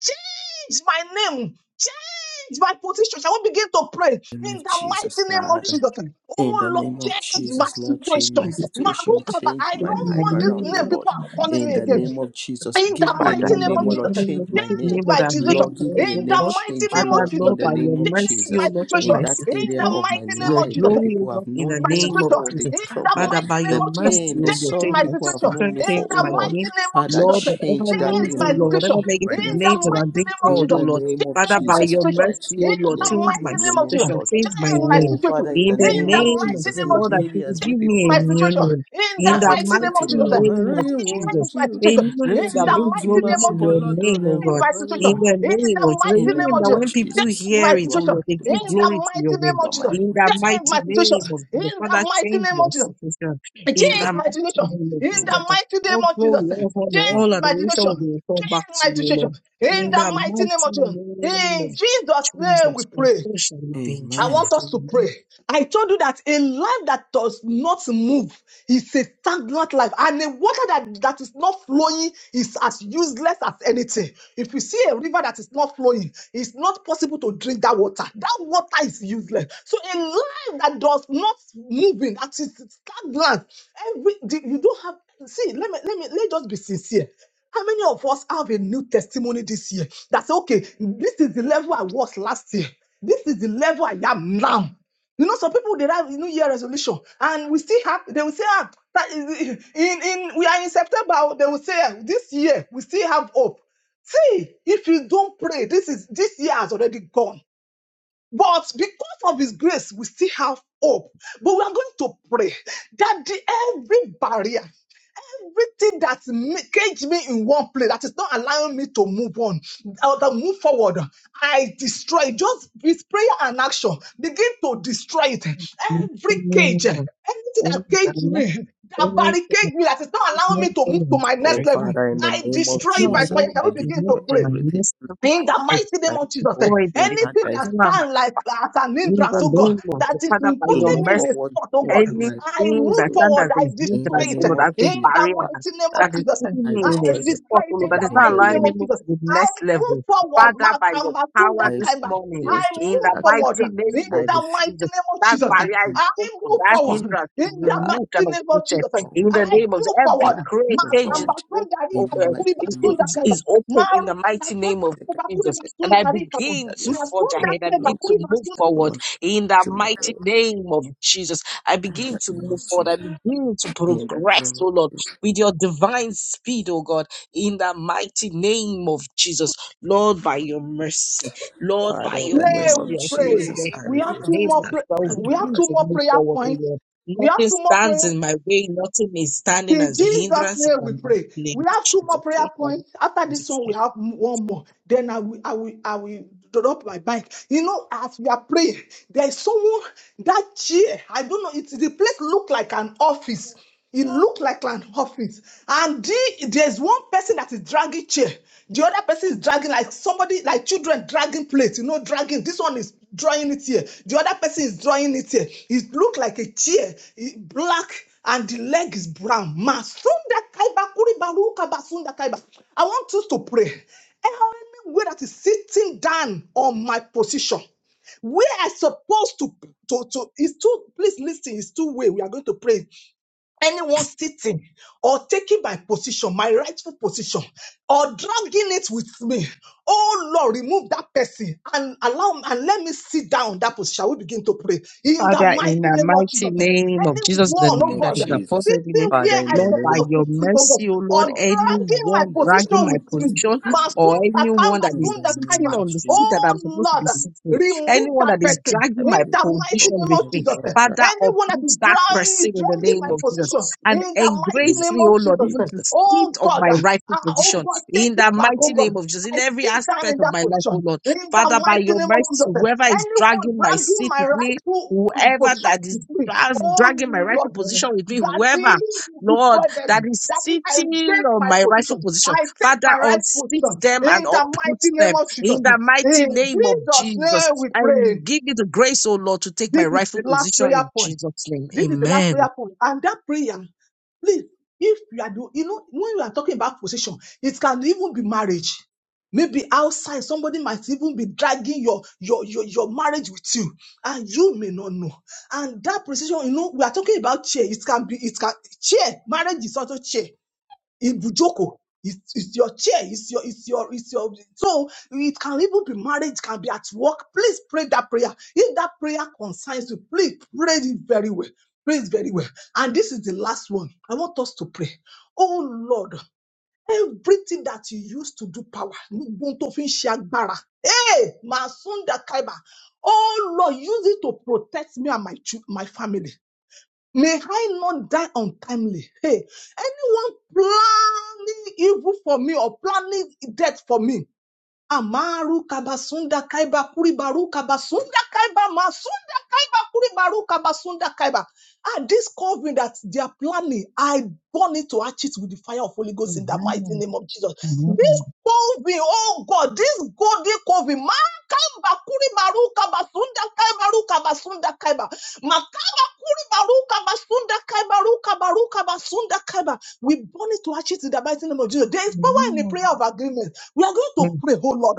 Speaker 5: change my name, change my position. Shall we begin to pray
Speaker 1: In the name
Speaker 5: in
Speaker 1: of
Speaker 5: the
Speaker 1: Jesus,
Speaker 5: mighty name of
Speaker 1: Father.
Speaker 5: Jesus?
Speaker 1: In
Speaker 5: Oh
Speaker 1: the
Speaker 5: Lord,
Speaker 1: name of
Speaker 5: change my
Speaker 1: Jesus, Lord, change my
Speaker 5: situation.
Speaker 1: situation,
Speaker 5: Marukaba,
Speaker 1: change
Speaker 5: I
Speaker 1: my
Speaker 5: don't
Speaker 1: life
Speaker 5: want this
Speaker 1: around, oh
Speaker 5: name.
Speaker 1: Lord.
Speaker 5: People are calling
Speaker 1: In
Speaker 5: me
Speaker 1: the
Speaker 4: Thank
Speaker 5: again.
Speaker 1: name of Jesus,
Speaker 5: In the
Speaker 1: give me a
Speaker 4: Father,
Speaker 5: mighty
Speaker 1: new
Speaker 5: name
Speaker 1: name,
Speaker 5: of
Speaker 1: oh
Speaker 4: Lord,
Speaker 5: Jesus,
Speaker 1: Lord,
Speaker 4: any
Speaker 1: change my
Speaker 4: negative
Speaker 1: name.
Speaker 5: change
Speaker 4: name that
Speaker 5: my
Speaker 4: I've been
Speaker 1: Lord,
Speaker 5: decision.
Speaker 1: give
Speaker 4: called,
Speaker 1: me a
Speaker 5: In
Speaker 4: oh
Speaker 1: name
Speaker 5: the
Speaker 4: God,
Speaker 5: mighty
Speaker 1: change, oh
Speaker 5: name of
Speaker 4: Father,
Speaker 1: Lord,
Speaker 5: Jesus,
Speaker 1: in
Speaker 4: Lord,
Speaker 1: the
Speaker 4: by your
Speaker 1: name of
Speaker 5: change
Speaker 4: mercy, O
Speaker 5: my
Speaker 1: Jesus.
Speaker 4: Lord, in
Speaker 1: In
Speaker 4: my
Speaker 5: situation.
Speaker 1: that
Speaker 5: In
Speaker 1: area
Speaker 4: situation,
Speaker 5: the
Speaker 1: of my
Speaker 5: mighty
Speaker 4: to
Speaker 5: name
Speaker 4: your
Speaker 5: of
Speaker 1: life where
Speaker 5: Jesus,
Speaker 4: glory, O
Speaker 1: people
Speaker 4: God,
Speaker 1: have
Speaker 4: in the
Speaker 1: known
Speaker 5: my
Speaker 1: me
Speaker 4: name
Speaker 5: situation
Speaker 4: of
Speaker 1: for the
Speaker 4: Jesus.
Speaker 5: in the
Speaker 1: problem,
Speaker 4: Father,
Speaker 5: mighty
Speaker 4: by
Speaker 5: name
Speaker 1: the
Speaker 4: your
Speaker 5: of Jesus.
Speaker 4: mercy,
Speaker 1: pain, the
Speaker 4: O Lord,
Speaker 5: Change
Speaker 1: sorrow
Speaker 4: change
Speaker 5: my
Speaker 4: my
Speaker 1: people have
Speaker 5: situation
Speaker 1: known
Speaker 4: situation,
Speaker 1: me
Speaker 5: in
Speaker 1: for,
Speaker 4: change
Speaker 1: oh
Speaker 5: the
Speaker 4: my
Speaker 1: Lord.
Speaker 5: mighty
Speaker 4: name.
Speaker 5: name of
Speaker 1: Father,
Speaker 5: Jesus.
Speaker 4: Lord,
Speaker 1: change
Speaker 4: whatever
Speaker 1: that
Speaker 5: Change
Speaker 4: names,
Speaker 1: name, oh
Speaker 5: my
Speaker 4: O Lord,
Speaker 1: Lord,
Speaker 5: situation
Speaker 4: whatever
Speaker 1: change my
Speaker 4: negative
Speaker 5: in
Speaker 1: name
Speaker 5: the
Speaker 4: names that
Speaker 1: for
Speaker 4: i have
Speaker 1: God.
Speaker 5: mighty
Speaker 4: been
Speaker 5: name of
Speaker 1: In
Speaker 4: called, O
Speaker 5: Jesus.
Speaker 1: the
Speaker 4: Lord,
Speaker 1: name of
Speaker 4: Father,
Speaker 5: Change
Speaker 4: by
Speaker 5: my
Speaker 1: Jesus,
Speaker 4: your
Speaker 1: Father,
Speaker 5: situation
Speaker 4: mercy,
Speaker 1: change
Speaker 4: O
Speaker 5: in
Speaker 1: my
Speaker 4: Lord,
Speaker 5: the
Speaker 1: name.
Speaker 4: change
Speaker 1: Give me
Speaker 4: my
Speaker 1: a
Speaker 5: mighty
Speaker 1: new
Speaker 5: name of
Speaker 1: name, O
Speaker 5: Jesus.
Speaker 4: situation,
Speaker 1: Lord.
Speaker 4: change my
Speaker 5: Change my
Speaker 4: name.
Speaker 1: Oh,
Speaker 5: situation
Speaker 1: Father, in
Speaker 4: In
Speaker 1: the
Speaker 4: the
Speaker 5: in
Speaker 1: name
Speaker 5: the
Speaker 1: of
Speaker 4: name of
Speaker 5: mighty
Speaker 1: Jesus,
Speaker 4: the
Speaker 5: name of
Speaker 1: in
Speaker 4: Lord, I
Speaker 5: Jesus.
Speaker 4: give you
Speaker 1: areas where
Speaker 4: give
Speaker 5: Change
Speaker 4: me a
Speaker 1: people
Speaker 5: My
Speaker 1: have
Speaker 4: new
Speaker 5: situation
Speaker 4: name.
Speaker 5: in the
Speaker 4: In
Speaker 1: are
Speaker 4: the
Speaker 5: mighty name of
Speaker 1: expecting, O
Speaker 4: mighty
Speaker 5: Jesus.
Speaker 1: Lord,
Speaker 4: name of
Speaker 1: I
Speaker 5: Daddy,
Speaker 4: Jesus.
Speaker 5: change
Speaker 1: want
Speaker 5: my
Speaker 1: you.
Speaker 4: They
Speaker 5: situation
Speaker 4: knew
Speaker 5: in
Speaker 4: Lord, that
Speaker 1: Retí
Speaker 5: the
Speaker 4: brings
Speaker 1: ohun tí
Speaker 5: mighty
Speaker 4: glory
Speaker 1: màá
Speaker 5: name
Speaker 1: mú
Speaker 4: to
Speaker 5: of
Speaker 1: bọ̀
Speaker 4: your
Speaker 5: Jesus.
Speaker 1: lọ́dọ̀
Speaker 4: name,
Speaker 1: rẹ
Speaker 4: oh
Speaker 1: o,
Speaker 5: This is
Speaker 4: God.
Speaker 5: my
Speaker 1: Bàbá mi.
Speaker 4: In
Speaker 5: situation.
Speaker 4: the
Speaker 5: In
Speaker 4: name of
Speaker 5: the
Speaker 4: Jesus.
Speaker 5: mighty
Speaker 1: In
Speaker 5: name
Speaker 1: the
Speaker 4: Meaning
Speaker 5: of
Speaker 1: name
Speaker 4: that
Speaker 1: of
Speaker 5: Jesus.
Speaker 4: when people
Speaker 5: This
Speaker 1: Jesus,
Speaker 5: is my
Speaker 4: hear it,
Speaker 1: Olúwa,
Speaker 4: oh
Speaker 5: situation.
Speaker 4: Lord, they
Speaker 1: kojú
Speaker 5: In
Speaker 4: give glory
Speaker 5: the
Speaker 4: to
Speaker 5: mighty
Speaker 4: your
Speaker 5: name
Speaker 4: name.
Speaker 1: Olúwa
Speaker 5: of
Speaker 1: máa
Speaker 5: Jesus.
Speaker 1: jẹ́
Speaker 4: In
Speaker 1: kojú
Speaker 4: the
Speaker 5: This
Speaker 1: tí,
Speaker 5: is
Speaker 1: Olúwa
Speaker 5: my
Speaker 4: mighty
Speaker 1: máa jẹ́ kojú
Speaker 5: situation.
Speaker 4: name
Speaker 1: tí.
Speaker 4: of the
Speaker 5: In the
Speaker 4: Father,
Speaker 5: mighty
Speaker 4: change
Speaker 5: name
Speaker 4: my
Speaker 5: of Jesus.
Speaker 4: situation. In the
Speaker 1: Ah,
Speaker 5: Change my
Speaker 4: mighty
Speaker 5: situation.
Speaker 4: name of
Speaker 5: In
Speaker 1: name
Speaker 5: the
Speaker 4: Jesus.
Speaker 1: of-
Speaker 5: mighty
Speaker 4: All
Speaker 5: name of Jesus.
Speaker 4: glory, all honor,
Speaker 1: in-
Speaker 5: Change
Speaker 4: all
Speaker 5: my
Speaker 4: adoration will
Speaker 5: situation.
Speaker 4: be returned back
Speaker 5: Change my
Speaker 4: to you,
Speaker 5: situation.
Speaker 4: Lord.
Speaker 5: In
Speaker 4: In
Speaker 5: the
Speaker 4: the
Speaker 5: mighty name
Speaker 4: mighty
Speaker 5: of Jesus.
Speaker 4: name of
Speaker 5: In Jesus' name we
Speaker 4: Jesus Christ,
Speaker 5: pray.
Speaker 4: so shall it be in
Speaker 5: I
Speaker 4: Jesus'
Speaker 1: Amen.
Speaker 5: want us to
Speaker 4: name.
Speaker 5: pray. I told you that a life that does not move is a stagnant life, and a water that, that is not flowing is as useless as anything. If you see a river that is not flowing, it's not possible to drink that water. That water is useless. So a life that does not moving, that is stagnant, every you don't have. See, let me let me let just be sincere. How many of us have a new testimony this year? That's okay. This is the level I was last year. This is the level I am now. You know, some people they have New Year resolution, and we still have. They will say, ah, that is- in in we are in September. oh, They will say ah, this year we still have hope. See, if you don't pray, this is this year has already gone. But because of His grace, we still have hope. But we are going to pray that the every barrier. Everything that caged me in one place, that is not allowing me to move on or to move forward, I destroy just with prayer and action. Begin to destroy it.
Speaker 4: In
Speaker 5: Every
Speaker 4: the
Speaker 5: cage,
Speaker 4: name of
Speaker 5: everything that
Speaker 4: any
Speaker 5: caged
Speaker 4: banner,
Speaker 5: me, that
Speaker 4: any
Speaker 5: barricade
Speaker 4: commandment,
Speaker 5: me, that is not allowing me to move to my
Speaker 1: Oh,
Speaker 5: next level.
Speaker 1: Father, in the
Speaker 5: I
Speaker 1: name
Speaker 4: There's
Speaker 1: of
Speaker 5: destroy it
Speaker 4: no
Speaker 5: by
Speaker 1: Jesus,
Speaker 5: fire.
Speaker 4: allowing
Speaker 5: Can
Speaker 1: I
Speaker 5: we
Speaker 4: to
Speaker 5: begin to
Speaker 1: destroy
Speaker 4: lift
Speaker 5: pray?
Speaker 4: my
Speaker 1: everything,
Speaker 4: knees now.
Speaker 5: In
Speaker 1: Lord,
Speaker 5: the
Speaker 4: I
Speaker 5: mighty name
Speaker 1: that
Speaker 5: of
Speaker 1: is
Speaker 5: Jesus, eh,
Speaker 4: destroy
Speaker 1: holding me
Speaker 4: the
Speaker 1: back,
Speaker 5: anything
Speaker 1: that is
Speaker 5: that
Speaker 1: not
Speaker 4: power of my
Speaker 5: stands like as an
Speaker 4: in
Speaker 5: entrance,
Speaker 4: the
Speaker 5: oh
Speaker 1: back.
Speaker 5: God,
Speaker 4: name of
Speaker 5: that
Speaker 4: the
Speaker 5: is
Speaker 4: Father, by
Speaker 1: to
Speaker 4: your
Speaker 5: putting
Speaker 1: move
Speaker 5: me in
Speaker 4: mercy,
Speaker 5: a
Speaker 1: forward,
Speaker 5: spot, oh
Speaker 1: move
Speaker 5: God,
Speaker 1: to my
Speaker 5: I
Speaker 4: anything
Speaker 1: place.
Speaker 5: move
Speaker 4: that
Speaker 1: oh
Speaker 4: stands
Speaker 1: God.
Speaker 5: forward,
Speaker 4: as a
Speaker 5: I
Speaker 1: In the
Speaker 5: destroy
Speaker 4: hindrance, oh
Speaker 5: it. eh,
Speaker 1: name
Speaker 4: Lord,
Speaker 1: of
Speaker 4: as a
Speaker 1: Jesus,
Speaker 5: In
Speaker 4: barrier
Speaker 5: the mighty name of
Speaker 1: Father,
Speaker 4: that is
Speaker 5: Jesus, eh,
Speaker 4: putting
Speaker 1: I
Speaker 4: me
Speaker 5: I
Speaker 4: in a
Speaker 1: destroy them.
Speaker 5: destroy
Speaker 4: spot, oh
Speaker 5: it
Speaker 4: Lord,
Speaker 5: in
Speaker 4: that
Speaker 5: the
Speaker 4: is
Speaker 1: In
Speaker 4: not
Speaker 5: mighty
Speaker 1: the
Speaker 5: name
Speaker 4: allowing
Speaker 1: name
Speaker 4: me
Speaker 5: of
Speaker 4: move
Speaker 5: Jesus.
Speaker 4: to the
Speaker 5: I
Speaker 4: next
Speaker 5: move
Speaker 4: level.
Speaker 5: forward,
Speaker 4: Father, by your
Speaker 5: Makamba Tunda
Speaker 4: power
Speaker 1: of Jesus, I
Speaker 4: this
Speaker 5: Kaiba.
Speaker 4: morning,
Speaker 5: I
Speaker 1: refuse to
Speaker 4: in
Speaker 5: move
Speaker 4: the
Speaker 1: attack.
Speaker 5: forward
Speaker 4: mighty
Speaker 5: eh,
Speaker 4: name
Speaker 1: I
Speaker 5: in
Speaker 4: of
Speaker 5: the
Speaker 1: refuse
Speaker 5: mighty
Speaker 4: Jesus,
Speaker 5: name of
Speaker 4: that
Speaker 5: Jesus. eh,
Speaker 1: in
Speaker 4: barrier
Speaker 1: the
Speaker 4: is
Speaker 1: name
Speaker 5: I
Speaker 4: broken,
Speaker 1: of
Speaker 5: move
Speaker 4: that
Speaker 1: Jesus.
Speaker 5: forward
Speaker 4: hindrance is
Speaker 5: in the
Speaker 1: Father,
Speaker 4: removed and
Speaker 5: mighty name of
Speaker 4: uprooted.
Speaker 5: Jesus. eh,
Speaker 1: Oh
Speaker 4: In the
Speaker 5: I
Speaker 1: Lord,
Speaker 4: name of
Speaker 5: move
Speaker 1: I
Speaker 4: every
Speaker 5: forward.
Speaker 4: great
Speaker 1: move
Speaker 4: cage is
Speaker 5: Makamba
Speaker 1: forward.
Speaker 4: broken.
Speaker 1: In
Speaker 4: oh,
Speaker 1: the
Speaker 4: uh,
Speaker 1: mighty name
Speaker 4: Is
Speaker 1: of
Speaker 5: Tunda
Speaker 4: is-
Speaker 5: Kaiba.
Speaker 4: is open in the
Speaker 5: Maruka
Speaker 4: mighty
Speaker 5: basunda
Speaker 4: name of
Speaker 1: Jesus,
Speaker 5: kubakuri
Speaker 4: Jesus and I
Speaker 5: basunda rikata.
Speaker 4: begin to forge
Speaker 1: I no
Speaker 5: Masunda
Speaker 4: ahead. I
Speaker 5: kwe
Speaker 4: begin
Speaker 1: longer
Speaker 4: to
Speaker 5: bakuri
Speaker 4: move
Speaker 5: basunda.
Speaker 1: attack. oh
Speaker 4: forward
Speaker 1: Lord,
Speaker 4: in the
Speaker 1: to move
Speaker 4: mighty
Speaker 1: forward.
Speaker 4: name of Jesus. I
Speaker 1: In
Speaker 4: begin
Speaker 1: the
Speaker 4: to
Speaker 1: name
Speaker 4: move
Speaker 1: of
Speaker 4: forward. I
Speaker 1: Jesus.
Speaker 4: begin to
Speaker 1: In the
Speaker 4: progress,
Speaker 1: name
Speaker 4: oh
Speaker 1: of
Speaker 4: Lord, with your divine speed, oh God, in the mighty name of Jesus. Lord, by your mercy, Lord,
Speaker 1: Father,
Speaker 4: by
Speaker 1: in
Speaker 4: your
Speaker 1: the
Speaker 5: Pray,
Speaker 1: name
Speaker 4: mercy,
Speaker 5: we
Speaker 1: of
Speaker 4: I pray,
Speaker 5: pray.
Speaker 4: oh
Speaker 1: Jesus,
Speaker 4: Lord,
Speaker 1: I
Speaker 5: We
Speaker 4: in
Speaker 5: have
Speaker 1: refuse
Speaker 4: the
Speaker 1: to
Speaker 5: two
Speaker 1: be
Speaker 4: name
Speaker 5: more
Speaker 4: of
Speaker 5: pray.
Speaker 4: Jesus, I will
Speaker 1: stagnant,
Speaker 5: We
Speaker 1: O
Speaker 5: have
Speaker 4: begin
Speaker 1: Lord.
Speaker 5: two
Speaker 4: to
Speaker 5: more
Speaker 4: move
Speaker 5: prayer
Speaker 4: forward,
Speaker 1: In
Speaker 4: oh
Speaker 5: points.
Speaker 4: Lord.
Speaker 5: We have
Speaker 4: Nothing
Speaker 5: two more
Speaker 4: stands
Speaker 5: prayer.
Speaker 4: in my way, nothing is standing
Speaker 5: In
Speaker 4: as a
Speaker 5: Jesus'
Speaker 4: hindrance in
Speaker 5: name
Speaker 4: the
Speaker 5: we
Speaker 4: mighty
Speaker 5: pray.
Speaker 4: name
Speaker 5: We have two more prayer
Speaker 4: of
Speaker 5: points. After this
Speaker 4: Jesus.
Speaker 5: one, we have one more. then I will, I will, I will drop my bike. You know, as we are praying, there is someone that chair. I don't know. It's the place look like an office. It looked like an office. And the- there's one person that is dragging chair. The other person is dragging like somebody, like children dragging plates, you know, dragging. This one is drawing it here. The other person is drawing it here. It looked like a chair, it- black, and the leg is brown. Masunda I want us to pray. Every way that is sitting down on my position, where I supposed to to to is two. Please listen. It's two way. We are going to pray anyone sitting or taking my position, my rightful position, or dragging it with me. Oh Lord, remove that person and allow and let me sit down in that position. We begin to pray in the
Speaker 4: Father,
Speaker 5: mighty
Speaker 4: in the
Speaker 5: name of
Speaker 4: mighty
Speaker 5: Jesus.
Speaker 4: name of Jesus, the
Speaker 1: the
Speaker 5: Anyone,
Speaker 1: name
Speaker 5: oh
Speaker 4: name
Speaker 1: of
Speaker 4: that
Speaker 5: God,
Speaker 4: is above
Speaker 1: Jesus.
Speaker 4: every name,
Speaker 5: sitting where
Speaker 1: Father, in
Speaker 5: I
Speaker 1: the
Speaker 4: Lord, by
Speaker 1: name
Speaker 5: supposed
Speaker 4: your
Speaker 5: to sit, oh God,
Speaker 4: mercy, O
Speaker 5: or
Speaker 4: Lord,
Speaker 1: Lord,
Speaker 5: dragging my
Speaker 4: anyone
Speaker 1: release the
Speaker 4: dragging
Speaker 5: position
Speaker 4: my
Speaker 1: blood
Speaker 5: with me.
Speaker 1: tested
Speaker 4: position
Speaker 1: for me,
Speaker 4: or
Speaker 5: Masun
Speaker 1: Lord.
Speaker 5: Saka,
Speaker 4: anyone that
Speaker 1: In
Speaker 4: is
Speaker 5: Masun
Speaker 1: the name
Speaker 4: sitting
Speaker 1: of
Speaker 5: Dakaiba.
Speaker 4: on the seat that
Speaker 1: Jesus,
Speaker 5: Oh
Speaker 4: I'm supposed to be
Speaker 5: Lord,
Speaker 4: sitting,
Speaker 5: Remove
Speaker 4: anyone
Speaker 5: that
Speaker 4: that is
Speaker 5: person
Speaker 1: I
Speaker 4: dragging
Speaker 5: in
Speaker 4: my
Speaker 1: begin
Speaker 5: the
Speaker 1: to look up
Speaker 5: mighty
Speaker 4: position
Speaker 5: name
Speaker 4: with
Speaker 5: of
Speaker 4: me,
Speaker 5: Jesus.
Speaker 1: everyone that
Speaker 4: Father,
Speaker 5: Anyone that
Speaker 4: uproot
Speaker 5: is
Speaker 4: that
Speaker 1: is
Speaker 4: person
Speaker 5: dra-
Speaker 4: in the
Speaker 1: with
Speaker 5: dragging my
Speaker 4: name of
Speaker 1: me.
Speaker 5: position
Speaker 4: Jesus and
Speaker 5: in the mighty
Speaker 1: In the
Speaker 4: embrace
Speaker 1: name of
Speaker 5: name
Speaker 4: me, O
Speaker 5: of
Speaker 4: Lord, even
Speaker 5: Jesus.
Speaker 1: Jesus,
Speaker 4: to sit
Speaker 5: Oh
Speaker 4: on
Speaker 5: God,
Speaker 4: my rightful
Speaker 5: ah, oh
Speaker 4: position
Speaker 5: God,
Speaker 1: pick
Speaker 5: take
Speaker 4: in
Speaker 5: it
Speaker 4: the
Speaker 5: back,
Speaker 1: up
Speaker 5: oh
Speaker 4: mighty
Speaker 5: God.
Speaker 4: name of Jesus,
Speaker 1: with
Speaker 4: in
Speaker 5: I
Speaker 1: the
Speaker 4: every
Speaker 5: sit down in
Speaker 4: aspect of
Speaker 5: that
Speaker 4: my life,
Speaker 5: position
Speaker 4: O Lord.
Speaker 5: in
Speaker 4: Father,
Speaker 5: the
Speaker 4: by
Speaker 5: mighty
Speaker 4: your
Speaker 5: name of
Speaker 4: mercy,
Speaker 5: Jesus.
Speaker 4: whoever is
Speaker 5: Anyone
Speaker 4: dragging my
Speaker 5: dragging
Speaker 4: seat
Speaker 5: my
Speaker 4: with me
Speaker 5: rightful
Speaker 4: whoever
Speaker 5: position,
Speaker 4: that is
Speaker 5: free.
Speaker 4: dra-
Speaker 5: oh
Speaker 4: dragging my rightful
Speaker 5: Lord,
Speaker 4: position with me,
Speaker 5: Daddy,
Speaker 4: whoever, Lord,
Speaker 5: destroy
Speaker 4: that
Speaker 5: them.
Speaker 4: is
Speaker 5: Daddy, I
Speaker 4: sitting
Speaker 5: take
Speaker 4: on
Speaker 5: my
Speaker 4: my rightful
Speaker 5: position.
Speaker 4: position,
Speaker 5: I take
Speaker 4: Father,
Speaker 5: my right
Speaker 4: unseat
Speaker 5: position.
Speaker 4: them and
Speaker 5: In the
Speaker 4: uproot
Speaker 5: mighty name
Speaker 4: them
Speaker 5: of Jesus.
Speaker 4: in the
Speaker 5: In
Speaker 4: mighty name of
Speaker 5: Jesus'
Speaker 4: Jesus.
Speaker 5: name we
Speaker 4: And
Speaker 5: pray.
Speaker 4: give me the grace, oh Lord, to take my
Speaker 5: This is
Speaker 4: rightful
Speaker 5: the last
Speaker 4: position
Speaker 5: prayer
Speaker 4: in
Speaker 5: point.
Speaker 4: Jesus' name.
Speaker 5: This is the last
Speaker 4: Amen.
Speaker 5: prayer point. And that prayer, please, if you are, do- you know, when you are talking about possession, it can even be marriage. Maybe outside, somebody might even be dragging your, your, your, your marriage with you, and you may not know. And that position, you know, we are talking about chair. It can be, it can, chair, marriage is also chair. Ibujoko. It's, it's your chair. It's your, it's your, it's your. So it can even be marriage, it can be at work. Please pray that prayer. If that prayer concerns you, please pray it very well. Pray it very well. And this is the last one. I want us to pray. Oh Lord, everything that you used to do power, gbogbo tó fi ń ṣe agbára. Hey, Masunda Kaiba. Oh Lord, use it to protect me and my chil- my family. May I not die untimely. Hey, anyone planning evil for me or planning death for me, Amaru kabasunda kaiba kuri baruka basunda kaiba masunda kaiba kuri baruka basunda kaiba. And this covering that they are planning, I burn it to hatch it with the fire of Holy Ghost in the mighty
Speaker 4: Amen.
Speaker 5: name of Jesus. This
Speaker 4: Amen.
Speaker 5: covering, oh God, this golden covering, man kamba kuri baruka basunda kaiba ruka basunda kaiba. Makaba kuri baruka basunda kaiba ruka baruka basunda kaiba. We burn it to hatch it in the mighty name of Jesus. There is power
Speaker 4: Amen.
Speaker 5: in the prayer of agreement. We are going to
Speaker 4: Amen.
Speaker 5: pray, oh Lord,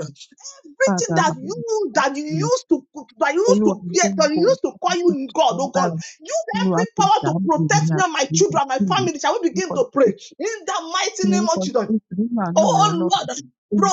Speaker 4: Father,
Speaker 5: everything that
Speaker 4: Lord, we
Speaker 5: you
Speaker 4: thank
Speaker 5: that you
Speaker 4: you.
Speaker 5: used to that you used
Speaker 4: Olúwa
Speaker 5: to
Speaker 4: mi,
Speaker 5: be
Speaker 4: ohun
Speaker 5: that you
Speaker 4: gbogbo
Speaker 5: used to call
Speaker 4: nǹkan tó
Speaker 5: you
Speaker 4: ṣe
Speaker 5: God,
Speaker 4: ń
Speaker 5: oh God,
Speaker 4: bára
Speaker 5: use
Speaker 4: Olúwa
Speaker 5: every
Speaker 4: fi
Speaker 5: power to
Speaker 4: dàábò ní
Speaker 5: protect me and my children, my family. Shall we begin to
Speaker 4: àtúntò
Speaker 5: pray in the mighty
Speaker 4: Ní
Speaker 5: name
Speaker 4: orúkọ
Speaker 5: of Jesus?
Speaker 4: Jésù, nínú àánú rẹ
Speaker 5: Oh
Speaker 4: Ọlọ́run,
Speaker 5: Lord,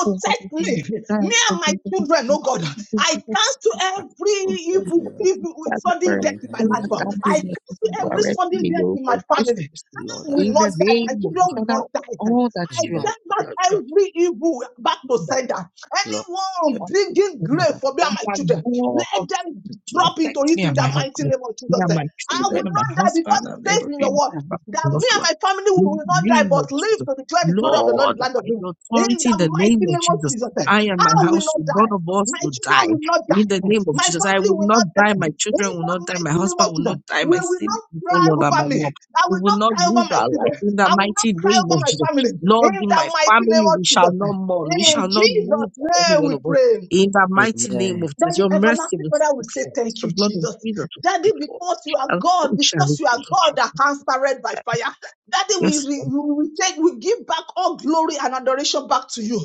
Speaker 4: gbogbo nǹkan tó fi ń
Speaker 5: me,
Speaker 4: dára,
Speaker 5: me
Speaker 4: tó
Speaker 5: and
Speaker 4: fi
Speaker 5: my
Speaker 4: ń tóbi
Speaker 5: children,
Speaker 4: fún
Speaker 5: oh God.
Speaker 4: gbogbo
Speaker 5: I
Speaker 4: nǹkan tó fi ń
Speaker 5: cancel
Speaker 1: fire,
Speaker 5: every
Speaker 4: fún gbogbo
Speaker 1: protect
Speaker 5: evil,
Speaker 1: me.
Speaker 4: nǹkan tó fi ń
Speaker 5: evil
Speaker 4: já
Speaker 5: sudden
Speaker 4: lágbára,
Speaker 5: death
Speaker 1: In
Speaker 5: in
Speaker 1: the
Speaker 5: my life.
Speaker 4: Olúwa
Speaker 1: name of
Speaker 4: dájú
Speaker 5: I
Speaker 1: Jesus,
Speaker 4: rẹ̀ fún gbogbo
Speaker 5: cancel every
Speaker 1: Mark,
Speaker 4: ààrẹ fún
Speaker 5: sudden
Speaker 4: ní
Speaker 5: death in
Speaker 4: orúkọ
Speaker 5: my
Speaker 4: Jésù
Speaker 5: family
Speaker 4: Kristi.
Speaker 1: Lord, I
Speaker 5: will
Speaker 4: In the
Speaker 1: have
Speaker 5: not die.
Speaker 1: suffered.
Speaker 4: name
Speaker 5: my
Speaker 4: of
Speaker 5: children
Speaker 4: the
Speaker 5: will
Speaker 4: Father,
Speaker 5: not die.
Speaker 4: all that
Speaker 5: I
Speaker 1: In
Speaker 4: you
Speaker 5: send
Speaker 1: the
Speaker 4: are,
Speaker 5: back
Speaker 4: you are, you are
Speaker 5: every evil back to
Speaker 4: talking about,
Speaker 5: sender.
Speaker 1: Lord, the
Speaker 5: Anyone
Speaker 4: one
Speaker 5: digging grave
Speaker 1: Father,
Speaker 5: for me and my children,
Speaker 4: thing, one God
Speaker 5: let them
Speaker 4: to
Speaker 5: drop
Speaker 1: moved
Speaker 5: into
Speaker 4: protect
Speaker 5: it
Speaker 4: me
Speaker 5: in
Speaker 4: and
Speaker 5: the
Speaker 4: my
Speaker 5: mighty
Speaker 4: husband,
Speaker 5: name of
Speaker 4: me
Speaker 5: Jesus.
Speaker 1: me.
Speaker 4: and my
Speaker 5: I
Speaker 1: Let
Speaker 5: will
Speaker 4: children, and my
Speaker 5: not die because
Speaker 4: husband,
Speaker 5: it
Speaker 4: and
Speaker 5: says
Speaker 1: God
Speaker 5: in
Speaker 4: every
Speaker 5: your word
Speaker 4: my
Speaker 5: that me
Speaker 1: in
Speaker 4: loved
Speaker 5: and
Speaker 4: one.
Speaker 5: my family we
Speaker 4: In
Speaker 5: will
Speaker 4: the
Speaker 5: not die
Speaker 4: name of
Speaker 5: but live
Speaker 4: Jesus.
Speaker 5: to declare the glory of the Lord in
Speaker 4: Lord,
Speaker 5: the land of
Speaker 4: by
Speaker 5: Israel.
Speaker 4: the
Speaker 5: In
Speaker 4: authority in
Speaker 5: the
Speaker 4: the
Speaker 5: mighty
Speaker 4: name of
Speaker 5: name of
Speaker 4: Jesus,
Speaker 5: Jesus,
Speaker 4: I and
Speaker 5: I
Speaker 4: my
Speaker 5: will not
Speaker 4: household, none
Speaker 5: die.
Speaker 4: of us
Speaker 5: My
Speaker 4: will
Speaker 5: children
Speaker 4: die.
Speaker 5: will not
Speaker 4: In the
Speaker 5: die.
Speaker 4: name of
Speaker 5: My
Speaker 4: Jesus, I
Speaker 5: family
Speaker 4: will
Speaker 5: will
Speaker 4: not
Speaker 5: not
Speaker 4: die.
Speaker 5: die.
Speaker 4: My
Speaker 5: In the
Speaker 4: children will not die. My
Speaker 5: mighty name
Speaker 4: husband
Speaker 5: of
Speaker 4: will
Speaker 5: Jesus,
Speaker 4: not die.
Speaker 5: we
Speaker 4: My
Speaker 5: will
Speaker 4: siblings,
Speaker 5: not
Speaker 4: oh
Speaker 5: cry
Speaker 4: Lord, and my
Speaker 5: over me.
Speaker 4: mom.
Speaker 5: I
Speaker 4: We
Speaker 5: will
Speaker 4: will
Speaker 5: not
Speaker 4: not
Speaker 5: cry
Speaker 4: lose
Speaker 5: over my
Speaker 4: our life
Speaker 5: children.
Speaker 4: in the
Speaker 5: I will not
Speaker 4: mighty
Speaker 5: cry
Speaker 4: name
Speaker 5: over
Speaker 4: of
Speaker 5: my
Speaker 4: Jesus.
Speaker 5: family. In
Speaker 4: Lord, in my
Speaker 5: the mighty name
Speaker 4: family,
Speaker 5: of
Speaker 4: we shall
Speaker 5: Jesus.
Speaker 4: not mourn. We shall
Speaker 5: In
Speaker 4: not lose
Speaker 5: Jesus'
Speaker 4: any
Speaker 5: name
Speaker 4: one
Speaker 5: we
Speaker 4: of us
Speaker 5: pray.
Speaker 4: in the mighty name
Speaker 1: Amen.
Speaker 4: of Jesus,
Speaker 5: Daddy,
Speaker 4: your mercy
Speaker 5: everlasting
Speaker 4: will
Speaker 5: Father, will
Speaker 4: speak
Speaker 5: say
Speaker 4: for us.
Speaker 5: thank
Speaker 4: The
Speaker 5: you,
Speaker 4: blood of
Speaker 5: Jesus.
Speaker 4: Jesus will
Speaker 5: Daddy,
Speaker 4: speak for us.
Speaker 5: because you are
Speaker 4: And so
Speaker 5: God,
Speaker 4: shall
Speaker 5: because
Speaker 4: it
Speaker 5: you are
Speaker 4: be.
Speaker 5: God that answered by fire. Daddy, we,
Speaker 4: Yes,
Speaker 5: re-
Speaker 4: Lord.
Speaker 5: we we take, we give back all glory and adoration back to you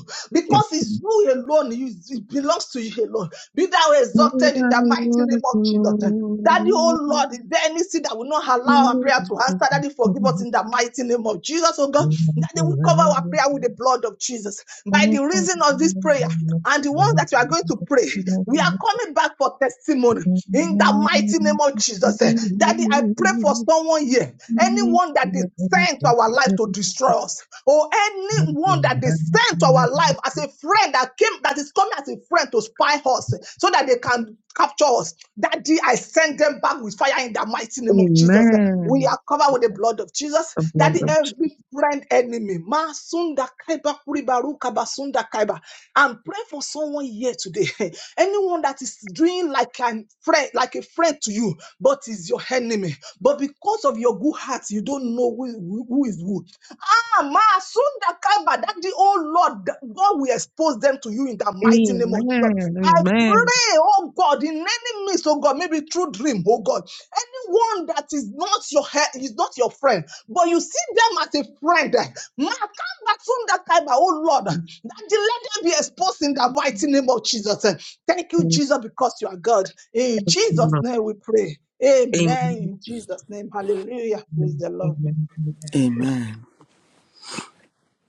Speaker 4: Yes,
Speaker 5: because it's
Speaker 4: Lord.
Speaker 5: you alone. You, it belongs to you alone. Be thou
Speaker 4: So that
Speaker 5: exalted in the
Speaker 4: your
Speaker 5: mighty
Speaker 4: glory
Speaker 5: name
Speaker 4: will
Speaker 5: of Jesus. Daddy,
Speaker 4: be
Speaker 5: oh Lord, is there anything that will not allow our
Speaker 4: seen
Speaker 5: prayer to answer? Daddy, forgive us in the mighty name of Jesus, oh God.
Speaker 4: in my
Speaker 5: Daddy, we cover our
Speaker 4: life.
Speaker 5: prayer with the blood of Jesus. By the
Speaker 4: Oh, Father,
Speaker 5: reason of this
Speaker 4: Lord,
Speaker 5: prayer,
Speaker 4: Lord,
Speaker 5: and the ones
Speaker 4: Lord, Lord.
Speaker 5: that you are going to pray, we are coming back for testimony
Speaker 4: Lord.
Speaker 5: in the mighty name of Jesus. eh. Daddy, I pray for someone here, anyone that is sent to our life to
Speaker 4: Amen.
Speaker 5: destroy us, or anyone that is sent to our life as a friend that came, that is coming as a friend to spy us, eh, so that they can capture us. Daddy, I send them them back with fire in the mighty name of Jesus. We are covered with the blood of Jesus.
Speaker 4: The
Speaker 5: That
Speaker 4: blood of
Speaker 5: every friend enemy, Masunda Kaiba Kuribaru Kabasunda Kaiba, and pray for someone here today. Anyone that is doing like a friend, like a friend to you, but is your enemy. But because of your good heart, you don't know who who is who. Ah, ma, soon sunda kaba, that the oh Lord, that God will expose them to you in the mighty
Speaker 4: Amen.
Speaker 5: name of Jesus. I
Speaker 4: Amen.
Speaker 5: pray, oh God, in any midst, oh God, maybe through dream, oh God, anyone that is not your he- is not your friend, but you see them as a friend. eh, Ma, kaba, soon that kaba, oh Lord, that the let them be exposed in the mighty name of Jesus. eh. Thank you,
Speaker 4: Thank
Speaker 5: Jesus, because you are God. In
Speaker 4: you,
Speaker 5: Jesus'
Speaker 4: Lord.
Speaker 5: name we pray. Amen.
Speaker 4: Amen.
Speaker 5: In Jesus' name, hallelujah. Praise
Speaker 4: Amen.
Speaker 5: the Lord.
Speaker 4: Amen.
Speaker 1: Amen.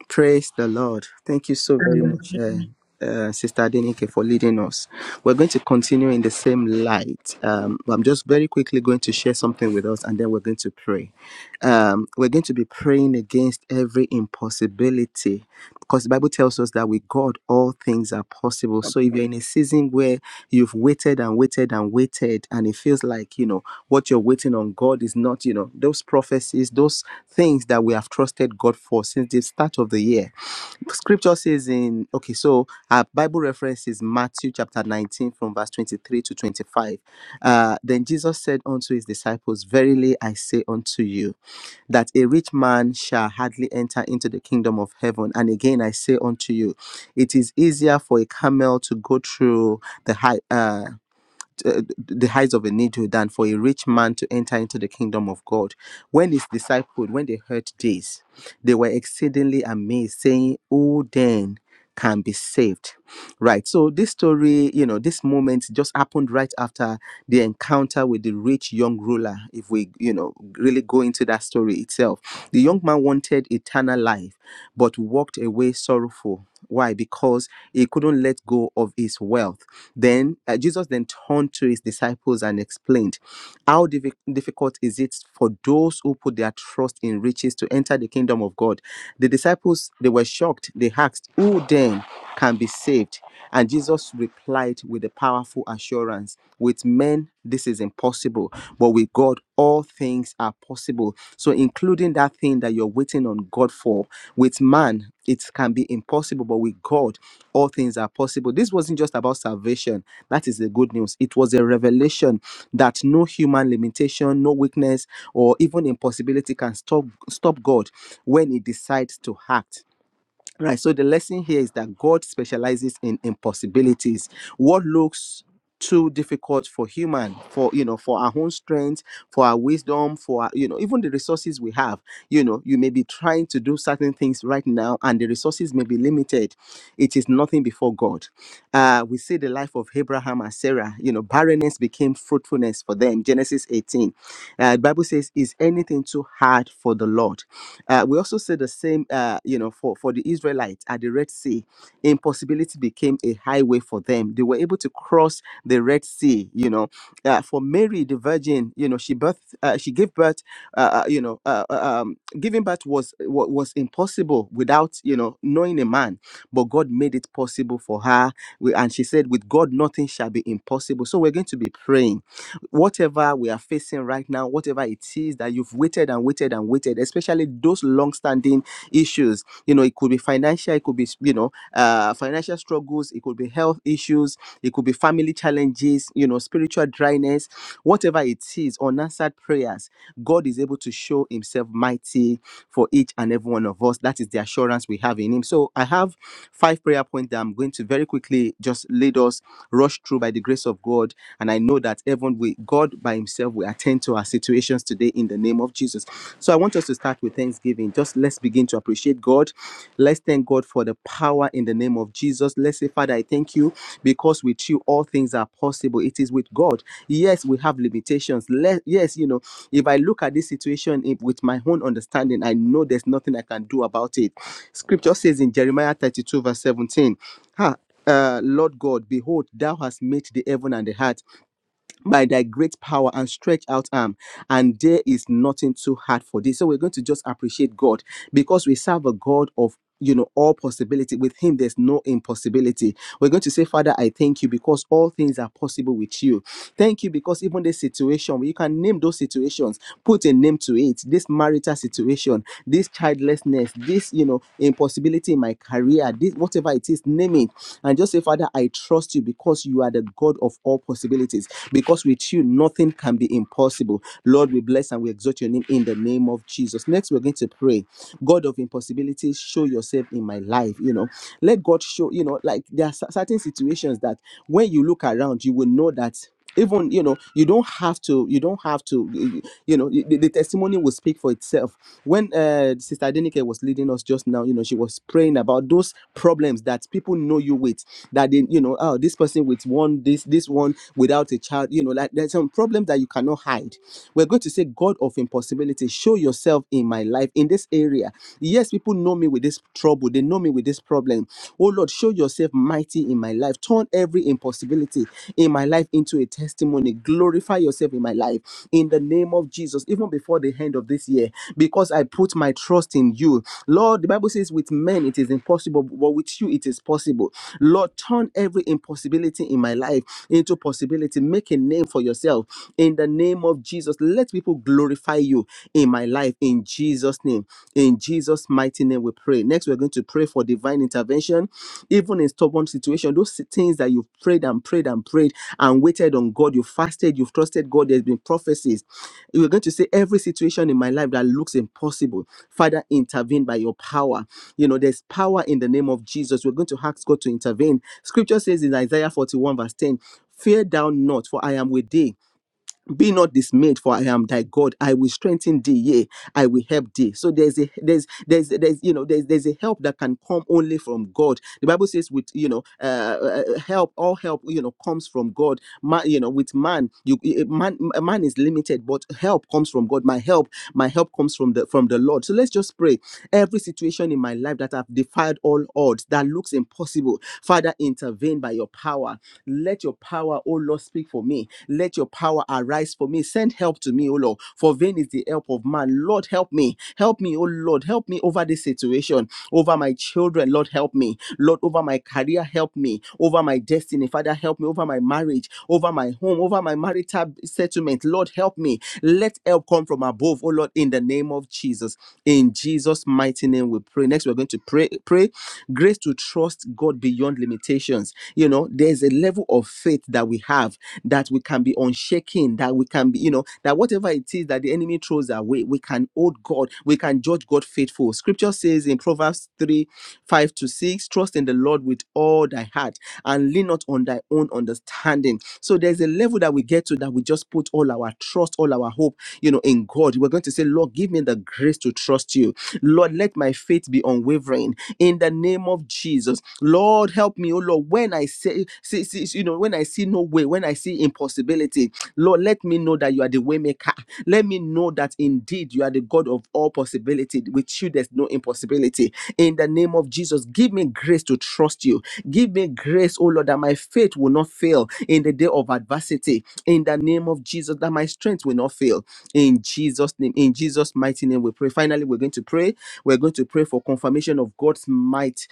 Speaker 1: Praise the Lord. Thank you so very much,
Speaker 4: Hallelujah.
Speaker 1: uh, uh, Sister Adenike, for leading us. We're going to continue in the same light. Um, I'm just very quickly going to share something with us and then we're going to pray. Um, we're going to be praying against every impossibility because the Bible tells us that with God, all things are possible. So if you're in a season where you've waited and waited and waited and it feels like, you know, what you're waiting on God is not, you know, those prophecies, those things that we have trusted God for since the start of the year. Scripture says in, okay, so our Bible reference is Matthew chapter 19 from verse 23 to 25. Uh, then Jesus said unto his disciples, Verily I say unto you, that a rich man shall hardly enter into the kingdom of heaven. And again I say unto you, it is easier for a camel to go through the high. uh, uh, the heights of a needle than for a rich man to enter into the kingdom of God. When his disciples, when they heard this, they were exceedingly amazed, saying, Who then can be saved? Right. So this story, you know, this moment just happened right after the encounter with the rich young ruler. If we, you know, really go into that story itself, the young man wanted eternal life, but walked away sorrowful. Why? Because he couldn't let go of his wealth. Then uh, Jesus then turned to his disciples and explained, How diffi- difficult is it for those who put their trust in riches to enter the kingdom of God? The disciples, they were shocked. They asked, Who then? can be saved. And Jesus replied with a powerful assurance with men, this is impossible, but with God, all things are possible. So, including that thing that you're waiting on God for, with man, it can be impossible, but with God, all things are possible. This wasn't just about salvation. That is the good news. It was a revelation that no human limitation, no weakness, or even impossibility can stop, stop God when He decides to act Right. So the lesson here is that God specializes in impossibilities. What looks too difficult for human for you know for our own strength for our wisdom for our, you know even the resources we have you know you may be trying to do certain things right now and the resources may be limited it is nothing before god uh we see the life of abraham and sarah you know barrenness became fruitfulness for them genesis 18 uh, the bible says is anything too hard for the lord uh, we also see the same uh you know for for the israelites at the red sea impossibility became a highway for them they were able to cross the Red Sea. You know, uh, for Mary the Virgin, you know, she birth, uh, she gave birth. Uh, uh, you know, uh, uh, um, giving birth was wa- was impossible without you know knowing a man, but God made it possible for her. We- And she said, "With God, nothing shall be impossible." So we're going to be praying whatever we are facing right now, whatever it is that you've waited and waited and waited, especially those long-standing issues. You know, it could be financial, it could be you know, uh, financial struggles, it could be health issues, it could be family challenges, you know, spiritual dryness, whatever it is, unanswered prayers. God is able to show Himself mighty for each and every one of us. That is the assurance we have in Him. So I have five prayer points that I'm going to very quickly just lead us rush through by the grace of God. And I know that that even we God by Himself will attend to our situations today in the name of Jesus. So I want us to start with thanksgiving. Just let's begin to appreciate God. Let's thank God for the power in the name of Jesus. Let's say, Father, I thank you because with you all things are possible. It is with God. Yes, we have limitations. Let, yes, you know, if I look at this situation if, with my own understanding, I know there's nothing I can do about it. Scripture says in Jeremiah 32, verse 17, "Ah, uh, Lord God, behold, thou hast made the heaven and the earth by thy great power and stretch out arm and there is nothing too hard for thee so we're going to just appreciate god because we serve a god of you know all possibility with him there's no impossibility we're going to say father i thank you because all things are possible with you thank you because even this situation you can name those situations put a name to it this marital situation this childlessness this you know impossibility in my career prayer, this whatever it is, name it, and just say, Father, I trust you because you are the God of all possibilities. Because with you, nothing can be impossible. Lord, we bless and we exalt your name in the name of Jesus. Next, we're going to pray. God of impossibilities, show yourself in my life. You know, let God show, you know, like there are certain situations that when you look around, you will know that even you know you don't have to you don't have to you know the, the testimony will speak for itself when uh sister adenike was leading us just now you know she was praying about those problems that people know you with that they you know oh this person with one this this one without a child you know like there's some problems that you cannot hide we're going to say god of impossibility show yourself in my life in this area yes people know me with this trouble they know me with this problem Oh Oh Lord, show yourself mighty in my life. Turn every impossibility in my life into a testimony. Glorify yourself in my life in the name of Jesus, even before the end of this year, because I put my trust in you. Lord, the Bible says, with men it is impossible, but with you it is possible. Lord, turn every impossibility in my life into possibility. Make a name for yourself in the name of Jesus. Let people glorify you in my life in Jesus. Jesus' name. In Jesus' mighty name, we pray. Next, we're going to pray for divine intervention, even in stubborn situation. Those things that you've prayed and prayed and prayed and waited on God, you fasted, you've trusted God. There's been prophecies. We're going to say every situation in my life that looks impossible, Father, intervene by your power. You know, there's power in the name of Jesus. We're going to ask God to intervene. Scripture says in Isaiah 41, verse 10, Fear thou not, for I am with thee be not dismayed for i am thy god i will strengthen thee yea i will help thee so there's a there's there's there's you know there's there's a help that can come only from god the bible says with you know uh, uh, uh, help all help you know comes from god man you know with man you eh, eh, man a man is limited but help comes from god my help my help comes from the from the lord so let's just pray every situation in my life that i've defied all odds that looks impossible father intervene by your power let your power, O Lord, speak for me. Let your power arise for me. Send help to me, O Lord. For vain is the help of man. Lord, help me. Help me, O Lord. Help me over this situation, over my children. Lord, help me. Lord, over my career, help me. Over my destiny, Father, help me. Over my marriage, over my home, over my marital settlement. Lord, help me. Let help come from above, O Lord, in the name of Jesus. In Jesus' mighty name, we pray. Next, we're going to pray. Pray grace to place to trust God beyond limitations. You know, there's a level of faith that we have that we can be unshaken, that we can be, you know, that whatever it is that the enemy throws away, we can hold God, we can judge God faithful. Scripture says in Proverbs 3 5 to 6, trust in the Lord with all thy heart and lean not on thy own understanding. So there's a level that we get to that we just put all our trust, all our hope, you know, in God. We're going to say, Lord, give me the grace to trust you. Lord, let my faith be unwavering in the name of Jesus. Lord, help me, oh Lord, when I say, see, see, you know, when I see no way, when I see impossibility, Lord, let me know that you are the waymaker. Let me know that indeed you are the God of all possibility. With you, there's no impossibility. In the name of Jesus, give me grace to trust you. Give me grace, oh Lord, that my faith will not fail in the day of adversity. In the name of Jesus, that my strength will not fail in Jesus' name. In Jesus' mighty name, we pray. Finally, we're going to pray. We're going to pray for confirmation of God's might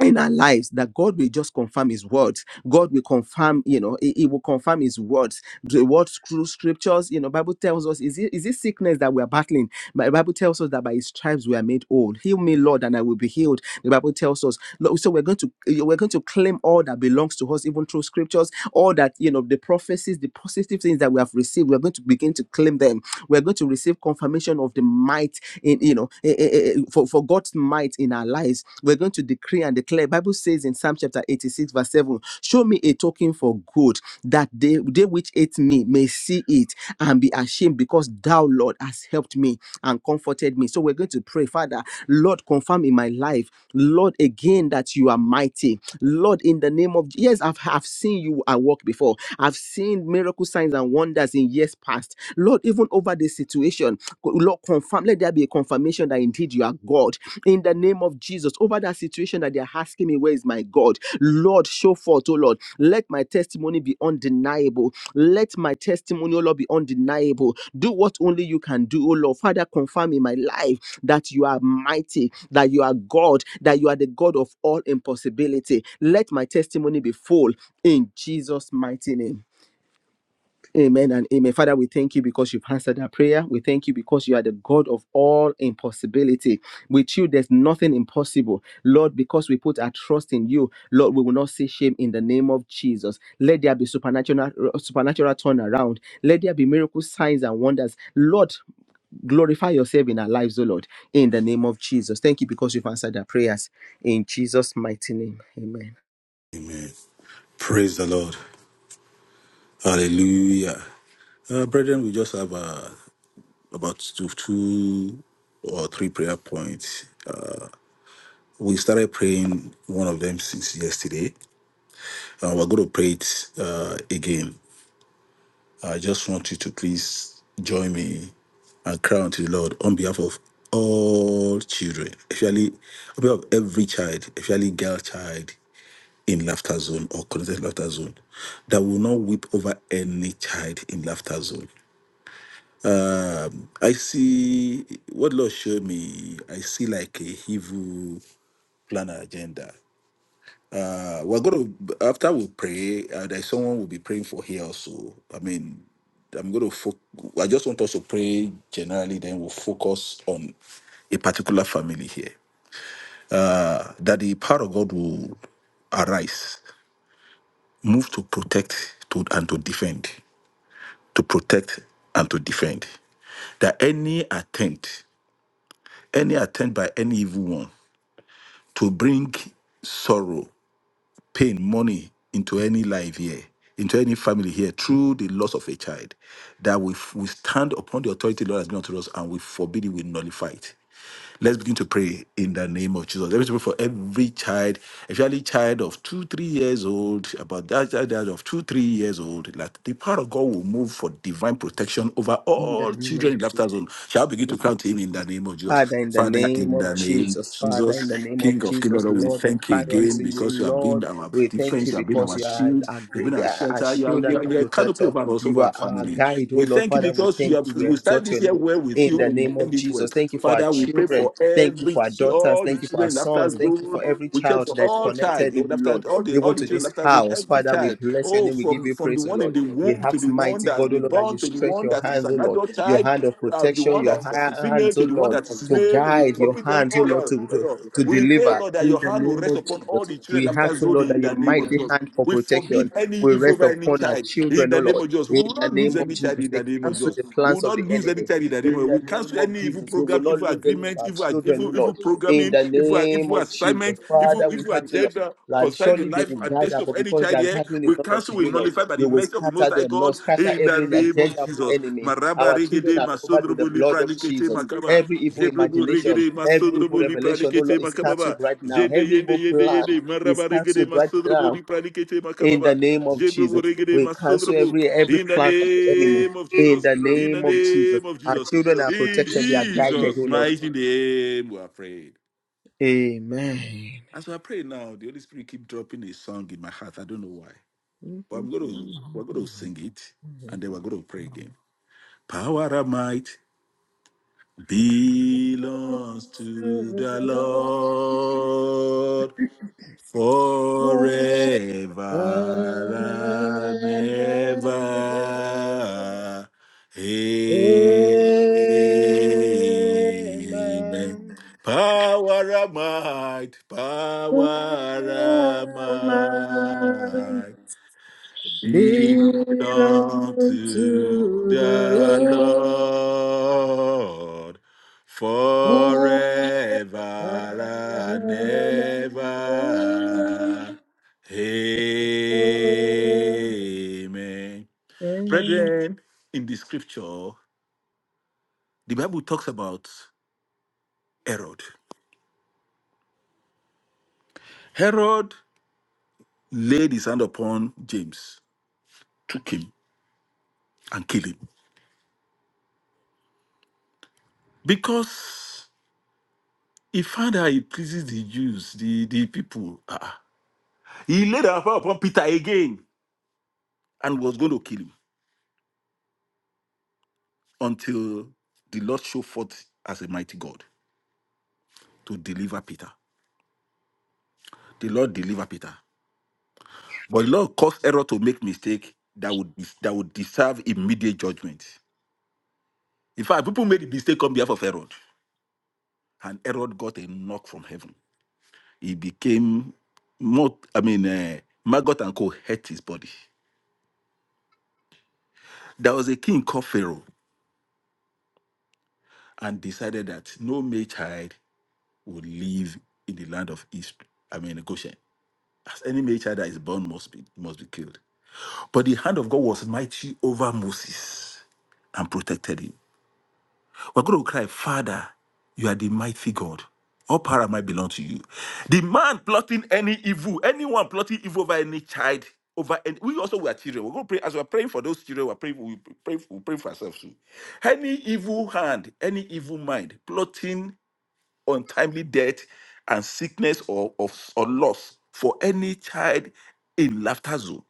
Speaker 1: in our lives that God will just confirm His words. God will confirm, you know, He, he will confirm His words. The words through scriptures, you know, Bible tells us, is it is it sickness that we are battling? But the Bible tells us that by His stripes we are made whole. Heal me, Lord, and I will be healed. The Bible tells us, Lo- so we're going to we're going to claim all that belongs to us, even through scriptures, all that you know, the prophecies, the positive things that we have received. We're going to begin to claim them. We're going to receive confirmation of the might in you know eh, eh, eh, for, for God's might in our lives. We're going to decree and declare. Bible says in Psalm chapter 86, verse 7, show me a token for good that they, they which hate me may see it and be ashamed because thou, Lord, has helped me and comforted me. So we're going to pray, Father, Lord, confirm in my life, Lord, again that you are mighty. Lord, in the name of yes, I've, I've seen you at work before. I've seen miracle signs and wonders in years past. Lord, even even over this situation. Lord, confirm, let there be a confirmation that indeed you are God in the name of Jesus. Over that situation that they're asking me, Where is my God? Lord, show forth, oh Lord, let my testimony be undeniable. Let my testimony, oh Lord, be undeniable. Do what only you can do, oh Lord. Father, confirm in my life that you are mighty, that you are God, that you are the God of all impossibility. Let my testimony be full in Jesus' mighty name. Amen and amen. Father, we thank you because you've answered our prayer. We thank you because you are the God of all impossibility. With you, there's nothing impossible. Lord, because we put our trust in you, Lord, we will not see shame in the name of Jesus. Let there be supernatural supernatural turnaround. Let there be miracle signs and wonders. Lord, glorify yourself in our lives, O Lord, in the name of Jesus. Thank you because you've answered our prayers. In Jesus' mighty name. Amen.
Speaker 7: Amen. Praise the Lord. Hallelujah. Uh, brethren, we just have uh, about two, two or three prayer points. We started praying one of them since yesterday. Uh, we're going to pray it uh, again. I just want you to please join me and cry unto the Lord on behalf of all children, especially on behalf of every child, especially girl child in laughter zone or connected laughter zone, that will not weep over any child in laughter zone. I see what Lord showed me. I see like a evil plan agenda. Uh, we're gonna after we pray. Uh, there's someone will be praying for here also. I mean, I'm gonna. Fo- I just want us to pray generally. Then we'll focus on a particular family here. Uh, that the power of God will arise, move to protect to and to defend, to protect and to defend. That any attempt any attempt by any evil one to bring sorrow, pain, money into any life here, into any family here through the loss of a child, that we, we stand upon the authority the Lord has given to us and we forbid it, we nullify it. Let's begin to pray in the name of Jesus. Let's pray for every child, especially child of two, three years old, about that child of two, three years old, that the power of God will move for divine protection over
Speaker 1: In the
Speaker 7: all
Speaker 1: name of
Speaker 7: children in laughter zone. Shall I begin to crown to him in the name of Jesus?
Speaker 1: Father, in the
Speaker 7: Father,
Speaker 1: name
Speaker 7: in
Speaker 1: of
Speaker 7: the name of
Speaker 1: Jesus, Father, in
Speaker 7: Jesus,
Speaker 1: the name of
Speaker 7: King of King,
Speaker 1: Jesus,
Speaker 7: Lord, we
Speaker 1: Lord, we
Speaker 7: thank you
Speaker 1: cry
Speaker 7: again
Speaker 1: unto you,
Speaker 7: because you have been
Speaker 1: Lord.
Speaker 7: our
Speaker 1: We thank
Speaker 7: defense,
Speaker 1: you
Speaker 7: you have been
Speaker 1: because
Speaker 7: our
Speaker 1: you are
Speaker 7: shield,
Speaker 1: a,
Speaker 7: you have been
Speaker 1: great-
Speaker 7: our
Speaker 1: a
Speaker 7: shelter, you are,
Speaker 1: shield
Speaker 7: you
Speaker 1: and
Speaker 7: are,
Speaker 1: a
Speaker 7: you are a canopy
Speaker 1: protector.
Speaker 7: over us, over
Speaker 1: You are
Speaker 7: our
Speaker 1: our
Speaker 7: family.
Speaker 1: guide, oh
Speaker 7: We
Speaker 1: Lord.
Speaker 7: thank you
Speaker 1: Father, we
Speaker 7: because you
Speaker 1: thank
Speaker 7: have
Speaker 1: you. We
Speaker 7: we started
Speaker 1: exalt
Speaker 7: this
Speaker 1: your
Speaker 7: year
Speaker 1: name
Speaker 7: well with
Speaker 1: in
Speaker 7: you,
Speaker 1: the
Speaker 7: we will
Speaker 1: name
Speaker 7: end
Speaker 1: of
Speaker 7: it well.
Speaker 1: Jesus. Thank you for our
Speaker 7: Father, we pray
Speaker 1: children.
Speaker 7: for
Speaker 1: Thank you
Speaker 7: every
Speaker 1: for our daughters.
Speaker 7: all the
Speaker 1: Thank you for
Speaker 7: children
Speaker 1: our
Speaker 7: in after
Speaker 1: sons. Thank you
Speaker 7: zone.
Speaker 1: for every
Speaker 7: We pray
Speaker 1: child
Speaker 7: for
Speaker 1: that's
Speaker 7: all child
Speaker 1: connected, oh
Speaker 7: in after
Speaker 1: Lord,
Speaker 7: all the all
Speaker 1: even
Speaker 7: the
Speaker 1: to
Speaker 7: children in
Speaker 1: this
Speaker 7: after zone,
Speaker 1: house. Father.
Speaker 7: every
Speaker 1: Father, we
Speaker 7: child.
Speaker 1: bless your
Speaker 7: Oh,
Speaker 1: name. We give
Speaker 7: from
Speaker 1: you
Speaker 7: from the
Speaker 1: praise, O
Speaker 7: one in
Speaker 1: Lord.
Speaker 7: the
Speaker 1: We
Speaker 7: womb to
Speaker 1: ask,
Speaker 7: the one
Speaker 1: mighty
Speaker 7: that has
Speaker 1: God, O
Speaker 7: been
Speaker 1: Lord, that you
Speaker 7: born to the
Speaker 1: stretch
Speaker 7: one
Speaker 1: your
Speaker 7: that is
Speaker 1: hands, O
Speaker 7: an
Speaker 1: Lord,
Speaker 7: adult
Speaker 1: your
Speaker 7: child
Speaker 1: hand of
Speaker 7: uh, the
Speaker 1: protection,
Speaker 7: one
Speaker 1: your
Speaker 7: that is
Speaker 1: ha-
Speaker 7: female
Speaker 1: hands, O
Speaker 7: to the one
Speaker 1: Lord,
Speaker 7: that is
Speaker 1: to
Speaker 7: male, we
Speaker 1: guide, your
Speaker 7: commit them
Speaker 1: hands, O
Speaker 7: all
Speaker 1: Lord,
Speaker 7: out.
Speaker 1: to, to, to
Speaker 7: We pray,
Speaker 1: deliver.
Speaker 7: Lord, that
Speaker 1: In
Speaker 7: your
Speaker 1: the
Speaker 7: hand will
Speaker 1: name
Speaker 7: rest
Speaker 1: of
Speaker 7: upon all the
Speaker 1: Jesus,
Speaker 7: children
Speaker 1: we
Speaker 7: after
Speaker 1: ask, O
Speaker 7: zone
Speaker 1: Lord,
Speaker 7: in
Speaker 1: that
Speaker 7: the
Speaker 1: your
Speaker 7: name of
Speaker 1: mighty
Speaker 7: Jesus.
Speaker 1: hand for
Speaker 7: We forbid
Speaker 1: protection
Speaker 7: any
Speaker 1: will
Speaker 7: evil
Speaker 1: rest
Speaker 7: over any
Speaker 1: upon our
Speaker 7: child in
Speaker 1: children, O
Speaker 7: the name
Speaker 1: Lord.
Speaker 7: of Jesus. We
Speaker 1: In
Speaker 7: will
Speaker 1: the
Speaker 7: not lose
Speaker 1: name of
Speaker 7: any child
Speaker 1: Jesus,
Speaker 7: in the
Speaker 1: we
Speaker 7: name of
Speaker 1: cancel
Speaker 7: Jesus.
Speaker 1: the
Speaker 7: We will
Speaker 1: plans of
Speaker 7: not
Speaker 1: the
Speaker 7: lose any
Speaker 1: enemy.
Speaker 7: child in the name of
Speaker 1: In
Speaker 7: Jesus.
Speaker 1: the
Speaker 7: We
Speaker 1: name
Speaker 7: cancel
Speaker 1: of
Speaker 7: any evil
Speaker 1: Jesus, we will
Speaker 7: program,
Speaker 1: not
Speaker 7: evil
Speaker 1: lose any of
Speaker 7: agreement,
Speaker 1: our
Speaker 7: evil
Speaker 1: children, O
Speaker 7: evil, evil
Speaker 1: Lord. In
Speaker 7: programming,
Speaker 1: the
Speaker 7: evil,
Speaker 1: name
Speaker 7: evil
Speaker 1: of Jesus,
Speaker 7: assignment,
Speaker 1: Father,
Speaker 7: evil,
Speaker 1: we
Speaker 7: evil
Speaker 1: ask, O Lord.
Speaker 7: agenda
Speaker 1: Lord,
Speaker 7: concerning the
Speaker 1: surely they
Speaker 7: life
Speaker 1: will
Speaker 7: and
Speaker 1: gather,
Speaker 7: destiny of
Speaker 1: but
Speaker 7: any
Speaker 1: because
Speaker 7: child
Speaker 1: their
Speaker 7: here.
Speaker 1: gathering is
Speaker 7: We
Speaker 1: not unto
Speaker 7: cancel, we
Speaker 1: you, Lord,
Speaker 7: nullify by the
Speaker 1: you will
Speaker 7: mercy of the
Speaker 1: scatter
Speaker 7: Most High
Speaker 1: them. Lord,
Speaker 7: God
Speaker 1: scatter
Speaker 7: in the
Speaker 1: every
Speaker 7: name of
Speaker 1: agenda of
Speaker 7: Jesus.
Speaker 1: the enemy.
Speaker 7: Maraba
Speaker 1: Our children
Speaker 7: regede
Speaker 1: are covered with the
Speaker 7: masundrubu
Speaker 1: blood
Speaker 7: lipra
Speaker 1: of
Speaker 7: likete
Speaker 1: Jesus.
Speaker 7: makaba.
Speaker 1: Every evil
Speaker 7: Jebrubu
Speaker 1: imagination,
Speaker 7: regede
Speaker 1: every evil
Speaker 7: masundrubu lipra
Speaker 1: revelation, oh
Speaker 7: likete
Speaker 1: Lord, is cancelled
Speaker 7: makababa.
Speaker 1: right now.
Speaker 7: Jende
Speaker 1: Every
Speaker 7: yende
Speaker 1: evil
Speaker 7: yende
Speaker 1: plan
Speaker 7: yende.
Speaker 1: is
Speaker 7: Maraba regede
Speaker 1: cancelled right
Speaker 7: masundrubu
Speaker 1: now.
Speaker 7: lipra likete
Speaker 1: In the
Speaker 7: makababa.
Speaker 1: name of
Speaker 7: Jebrubu
Speaker 1: Jesus,
Speaker 7: regede
Speaker 1: we cancel
Speaker 7: masundrubu.
Speaker 1: every every
Speaker 7: In the
Speaker 1: plan of the enemy.
Speaker 7: name of
Speaker 1: In
Speaker 7: Jesus.
Speaker 1: the
Speaker 7: In the
Speaker 1: name of Jesus,
Speaker 7: name of
Speaker 1: our
Speaker 7: Jesus.
Speaker 1: children are
Speaker 7: In
Speaker 1: protected. They are guided,
Speaker 7: Jesus'
Speaker 1: oh Lord.
Speaker 7: mighty name, we are praying.
Speaker 1: Amen.
Speaker 7: As we are praying now, the Holy Spirit keep dropping a song in my heart. I don't know why, but I'm going to we're going to sing it, and then we're going to pray again. Power of might belongs to
Speaker 1: To
Speaker 7: the
Speaker 1: the
Speaker 7: Lord
Speaker 1: Lord.
Speaker 7: forever and
Speaker 1: And heaven,
Speaker 7: ever. Amen.
Speaker 1: amen.
Speaker 7: Power of might, power of
Speaker 1: Amen.
Speaker 7: might. Be
Speaker 1: Belong to
Speaker 7: unto
Speaker 1: the
Speaker 7: the
Speaker 1: Lord.
Speaker 7: Lord forever
Speaker 1: God
Speaker 7: and
Speaker 1: and heaven.
Speaker 7: ever. Amen. Brethren, in the scripture, the Bible talks about Herod. Herod laid his hand upon James, took him, and killed him because He found out it pleases the Jews, the, the people. Ah, ah. He laid a hand upon Peter again and was going to kill him until the Lord showed forth as a mighty God to deliver Peter. The Lord delivered Peter. But the Lord caused error to make mistake that would that would deserve immediate judgment. In fact, people made the mistake on behalf of Herod, and Herod got a knock from heaven. He became not, I mean, uh, Maggot and Co. hurt his body. There was a king called Pharaoh. and decided that no male child would live in the land of East, I mean Goshen. As any male child that is born must be must be killed. But the hand of God was mighty over Moses and protected him. We're going to cry, Father, you are the mighty God. All power might belong to you. The man plotting any evil, anyone plotting evil over any child, over any, we also were children. We're going to pray as we're praying for those children. We're praying, we pray, we pray for ourselves too. Any evil hand, any evil mind plotting untimely death and sickness or, of, or loss for any child in laughter zone.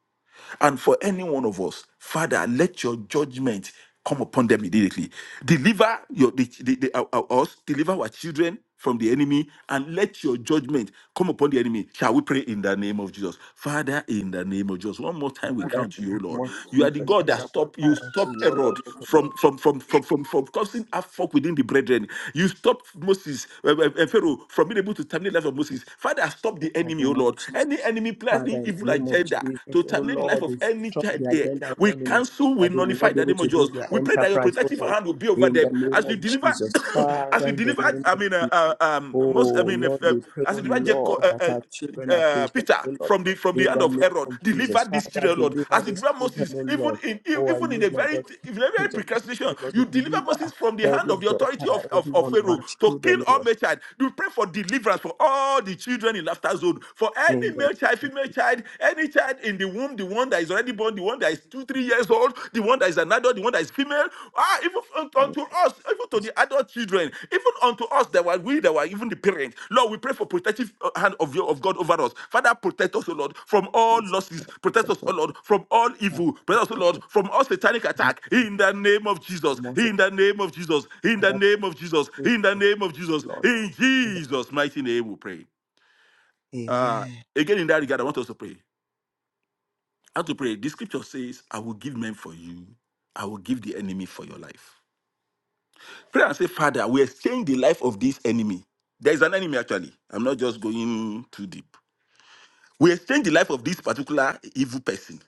Speaker 7: And for any one of us, Father, let your judgment come upon them immediately. Deliver your the, the, the- our- our- us, deliver our children from the enemy, and let your judgment come upon the enemy. Shall we pray in the name of Jesus? Father, in the name of Jesus, one more time we
Speaker 1: Father,
Speaker 7: count
Speaker 1: in the
Speaker 7: you,
Speaker 1: name
Speaker 7: Lord.
Speaker 1: of
Speaker 7: You are the
Speaker 1: Jesus,
Speaker 7: God that
Speaker 1: Father, we
Speaker 7: stop
Speaker 1: cry
Speaker 7: you stop
Speaker 1: you, Lord,
Speaker 7: Herod
Speaker 1: yet
Speaker 7: from
Speaker 1: again.
Speaker 7: from from from from, from causing havoc within the brethren. You stop Moses uh, uh, uh, Pharaoh from being able to terminate the life of Moses. Father, stop
Speaker 1: In
Speaker 7: the
Speaker 1: the
Speaker 7: enemy, oh
Speaker 1: name of
Speaker 7: Lord.
Speaker 1: Jesus.
Speaker 7: Any enemy
Speaker 1: Father,
Speaker 7: planning
Speaker 1: in
Speaker 7: evil
Speaker 1: the
Speaker 7: evil
Speaker 1: name of
Speaker 7: agenda
Speaker 1: Jesus,
Speaker 7: to
Speaker 1: oh
Speaker 7: terminate the life
Speaker 1: Lord,
Speaker 7: of any
Speaker 1: destroy
Speaker 7: child
Speaker 1: the
Speaker 7: here.
Speaker 1: agenda of the
Speaker 7: We
Speaker 1: enemy
Speaker 7: cancel, we
Speaker 1: that they may
Speaker 7: nullify
Speaker 1: not be
Speaker 7: the
Speaker 1: able
Speaker 7: name of
Speaker 1: to do
Speaker 7: Jesus.
Speaker 1: their
Speaker 7: We pray that your
Speaker 1: enterprise, oh
Speaker 7: protective
Speaker 1: Lord.
Speaker 7: hand will be over
Speaker 1: In the
Speaker 7: them
Speaker 1: name
Speaker 7: as you
Speaker 1: of
Speaker 7: deliver,
Speaker 1: Jesus,
Speaker 7: as
Speaker 1: Father,
Speaker 7: you
Speaker 1: in the
Speaker 7: deliver.
Speaker 1: name
Speaker 7: I
Speaker 1: of
Speaker 7: mean, uh,
Speaker 1: Jesus.
Speaker 7: uh, um, most. I
Speaker 1: Oh
Speaker 7: mean,
Speaker 1: Lord,
Speaker 7: if, uh,
Speaker 1: we pray,
Speaker 7: as
Speaker 1: oh
Speaker 7: you deliver Jacob.
Speaker 1: Lord,
Speaker 7: Uh,
Speaker 1: that
Speaker 7: uh,
Speaker 1: our children are
Speaker 7: uh,
Speaker 1: preserved,
Speaker 7: Peter
Speaker 1: oh Lord,
Speaker 7: from the from the
Speaker 1: in
Speaker 7: hand
Speaker 1: the
Speaker 7: of
Speaker 1: name
Speaker 7: Herod
Speaker 1: of Jesus.
Speaker 7: deliver these
Speaker 1: Father,
Speaker 7: children, Lord,
Speaker 1: deliver
Speaker 7: as you
Speaker 1: these
Speaker 7: deliver
Speaker 1: children,
Speaker 7: Moses,
Speaker 1: oh
Speaker 7: even
Speaker 1: Lord.
Speaker 7: in e,
Speaker 1: Oh, I
Speaker 7: even in a
Speaker 1: use my
Speaker 7: very
Speaker 1: God to
Speaker 7: in
Speaker 1: the
Speaker 7: a very
Speaker 1: page of contact, oh
Speaker 7: procrastination,
Speaker 1: Lord,
Speaker 7: you deliver
Speaker 1: deliver
Speaker 7: Moses from the hand
Speaker 1: every
Speaker 7: of the authority of,
Speaker 1: daughter,
Speaker 7: of,
Speaker 1: every
Speaker 7: of
Speaker 1: one of
Speaker 7: Pharaoh
Speaker 1: our
Speaker 7: to kill
Speaker 1: children, oh
Speaker 7: all
Speaker 1: Lord,
Speaker 7: my child. We pray for deliverance for all the children in laughter zone, for
Speaker 1: in
Speaker 7: any
Speaker 1: the
Speaker 7: male child, female child, any child in the womb, the one that is already born, the one that is two, three years old, the one that is an adult, the one that is female, ah, even unto
Speaker 1: name of
Speaker 7: us, even to
Speaker 1: Jesus.
Speaker 7: the adult children, even unto us that were we that were even the parents. Lord, we pray for protective uh, hand of your of God over us. Father, protect us, O Lord, from all
Speaker 1: Jesus,
Speaker 7: losses.
Speaker 1: Father,
Speaker 7: Protect us,
Speaker 1: protect
Speaker 7: O
Speaker 1: us.
Speaker 7: Lord, from all
Speaker 1: Father,
Speaker 7: evil.
Speaker 1: protect
Speaker 7: Protect us, O
Speaker 1: us.
Speaker 7: Lord, from all satanic
Speaker 1: Most
Speaker 7: attack. In the name of Jesus.
Speaker 1: Father,
Speaker 7: In the name of Jesus. In the
Speaker 1: protect
Speaker 7: name of Jesus. In the
Speaker 1: us,
Speaker 7: name of Jesus.
Speaker 1: Lord.
Speaker 7: In
Speaker 1: In the
Speaker 7: Jesus' mighty name, we pray. Uh,
Speaker 1: Amen.
Speaker 7: again, in that regard, I want us to pray. How to pray? The scripture says, I will give men for you, I will give the enemy for your life. Pray and say, Father, we exchange the life of this enemy. There is an enemy, actually. I'm not just going too deep. We exchange the life of this particular evil person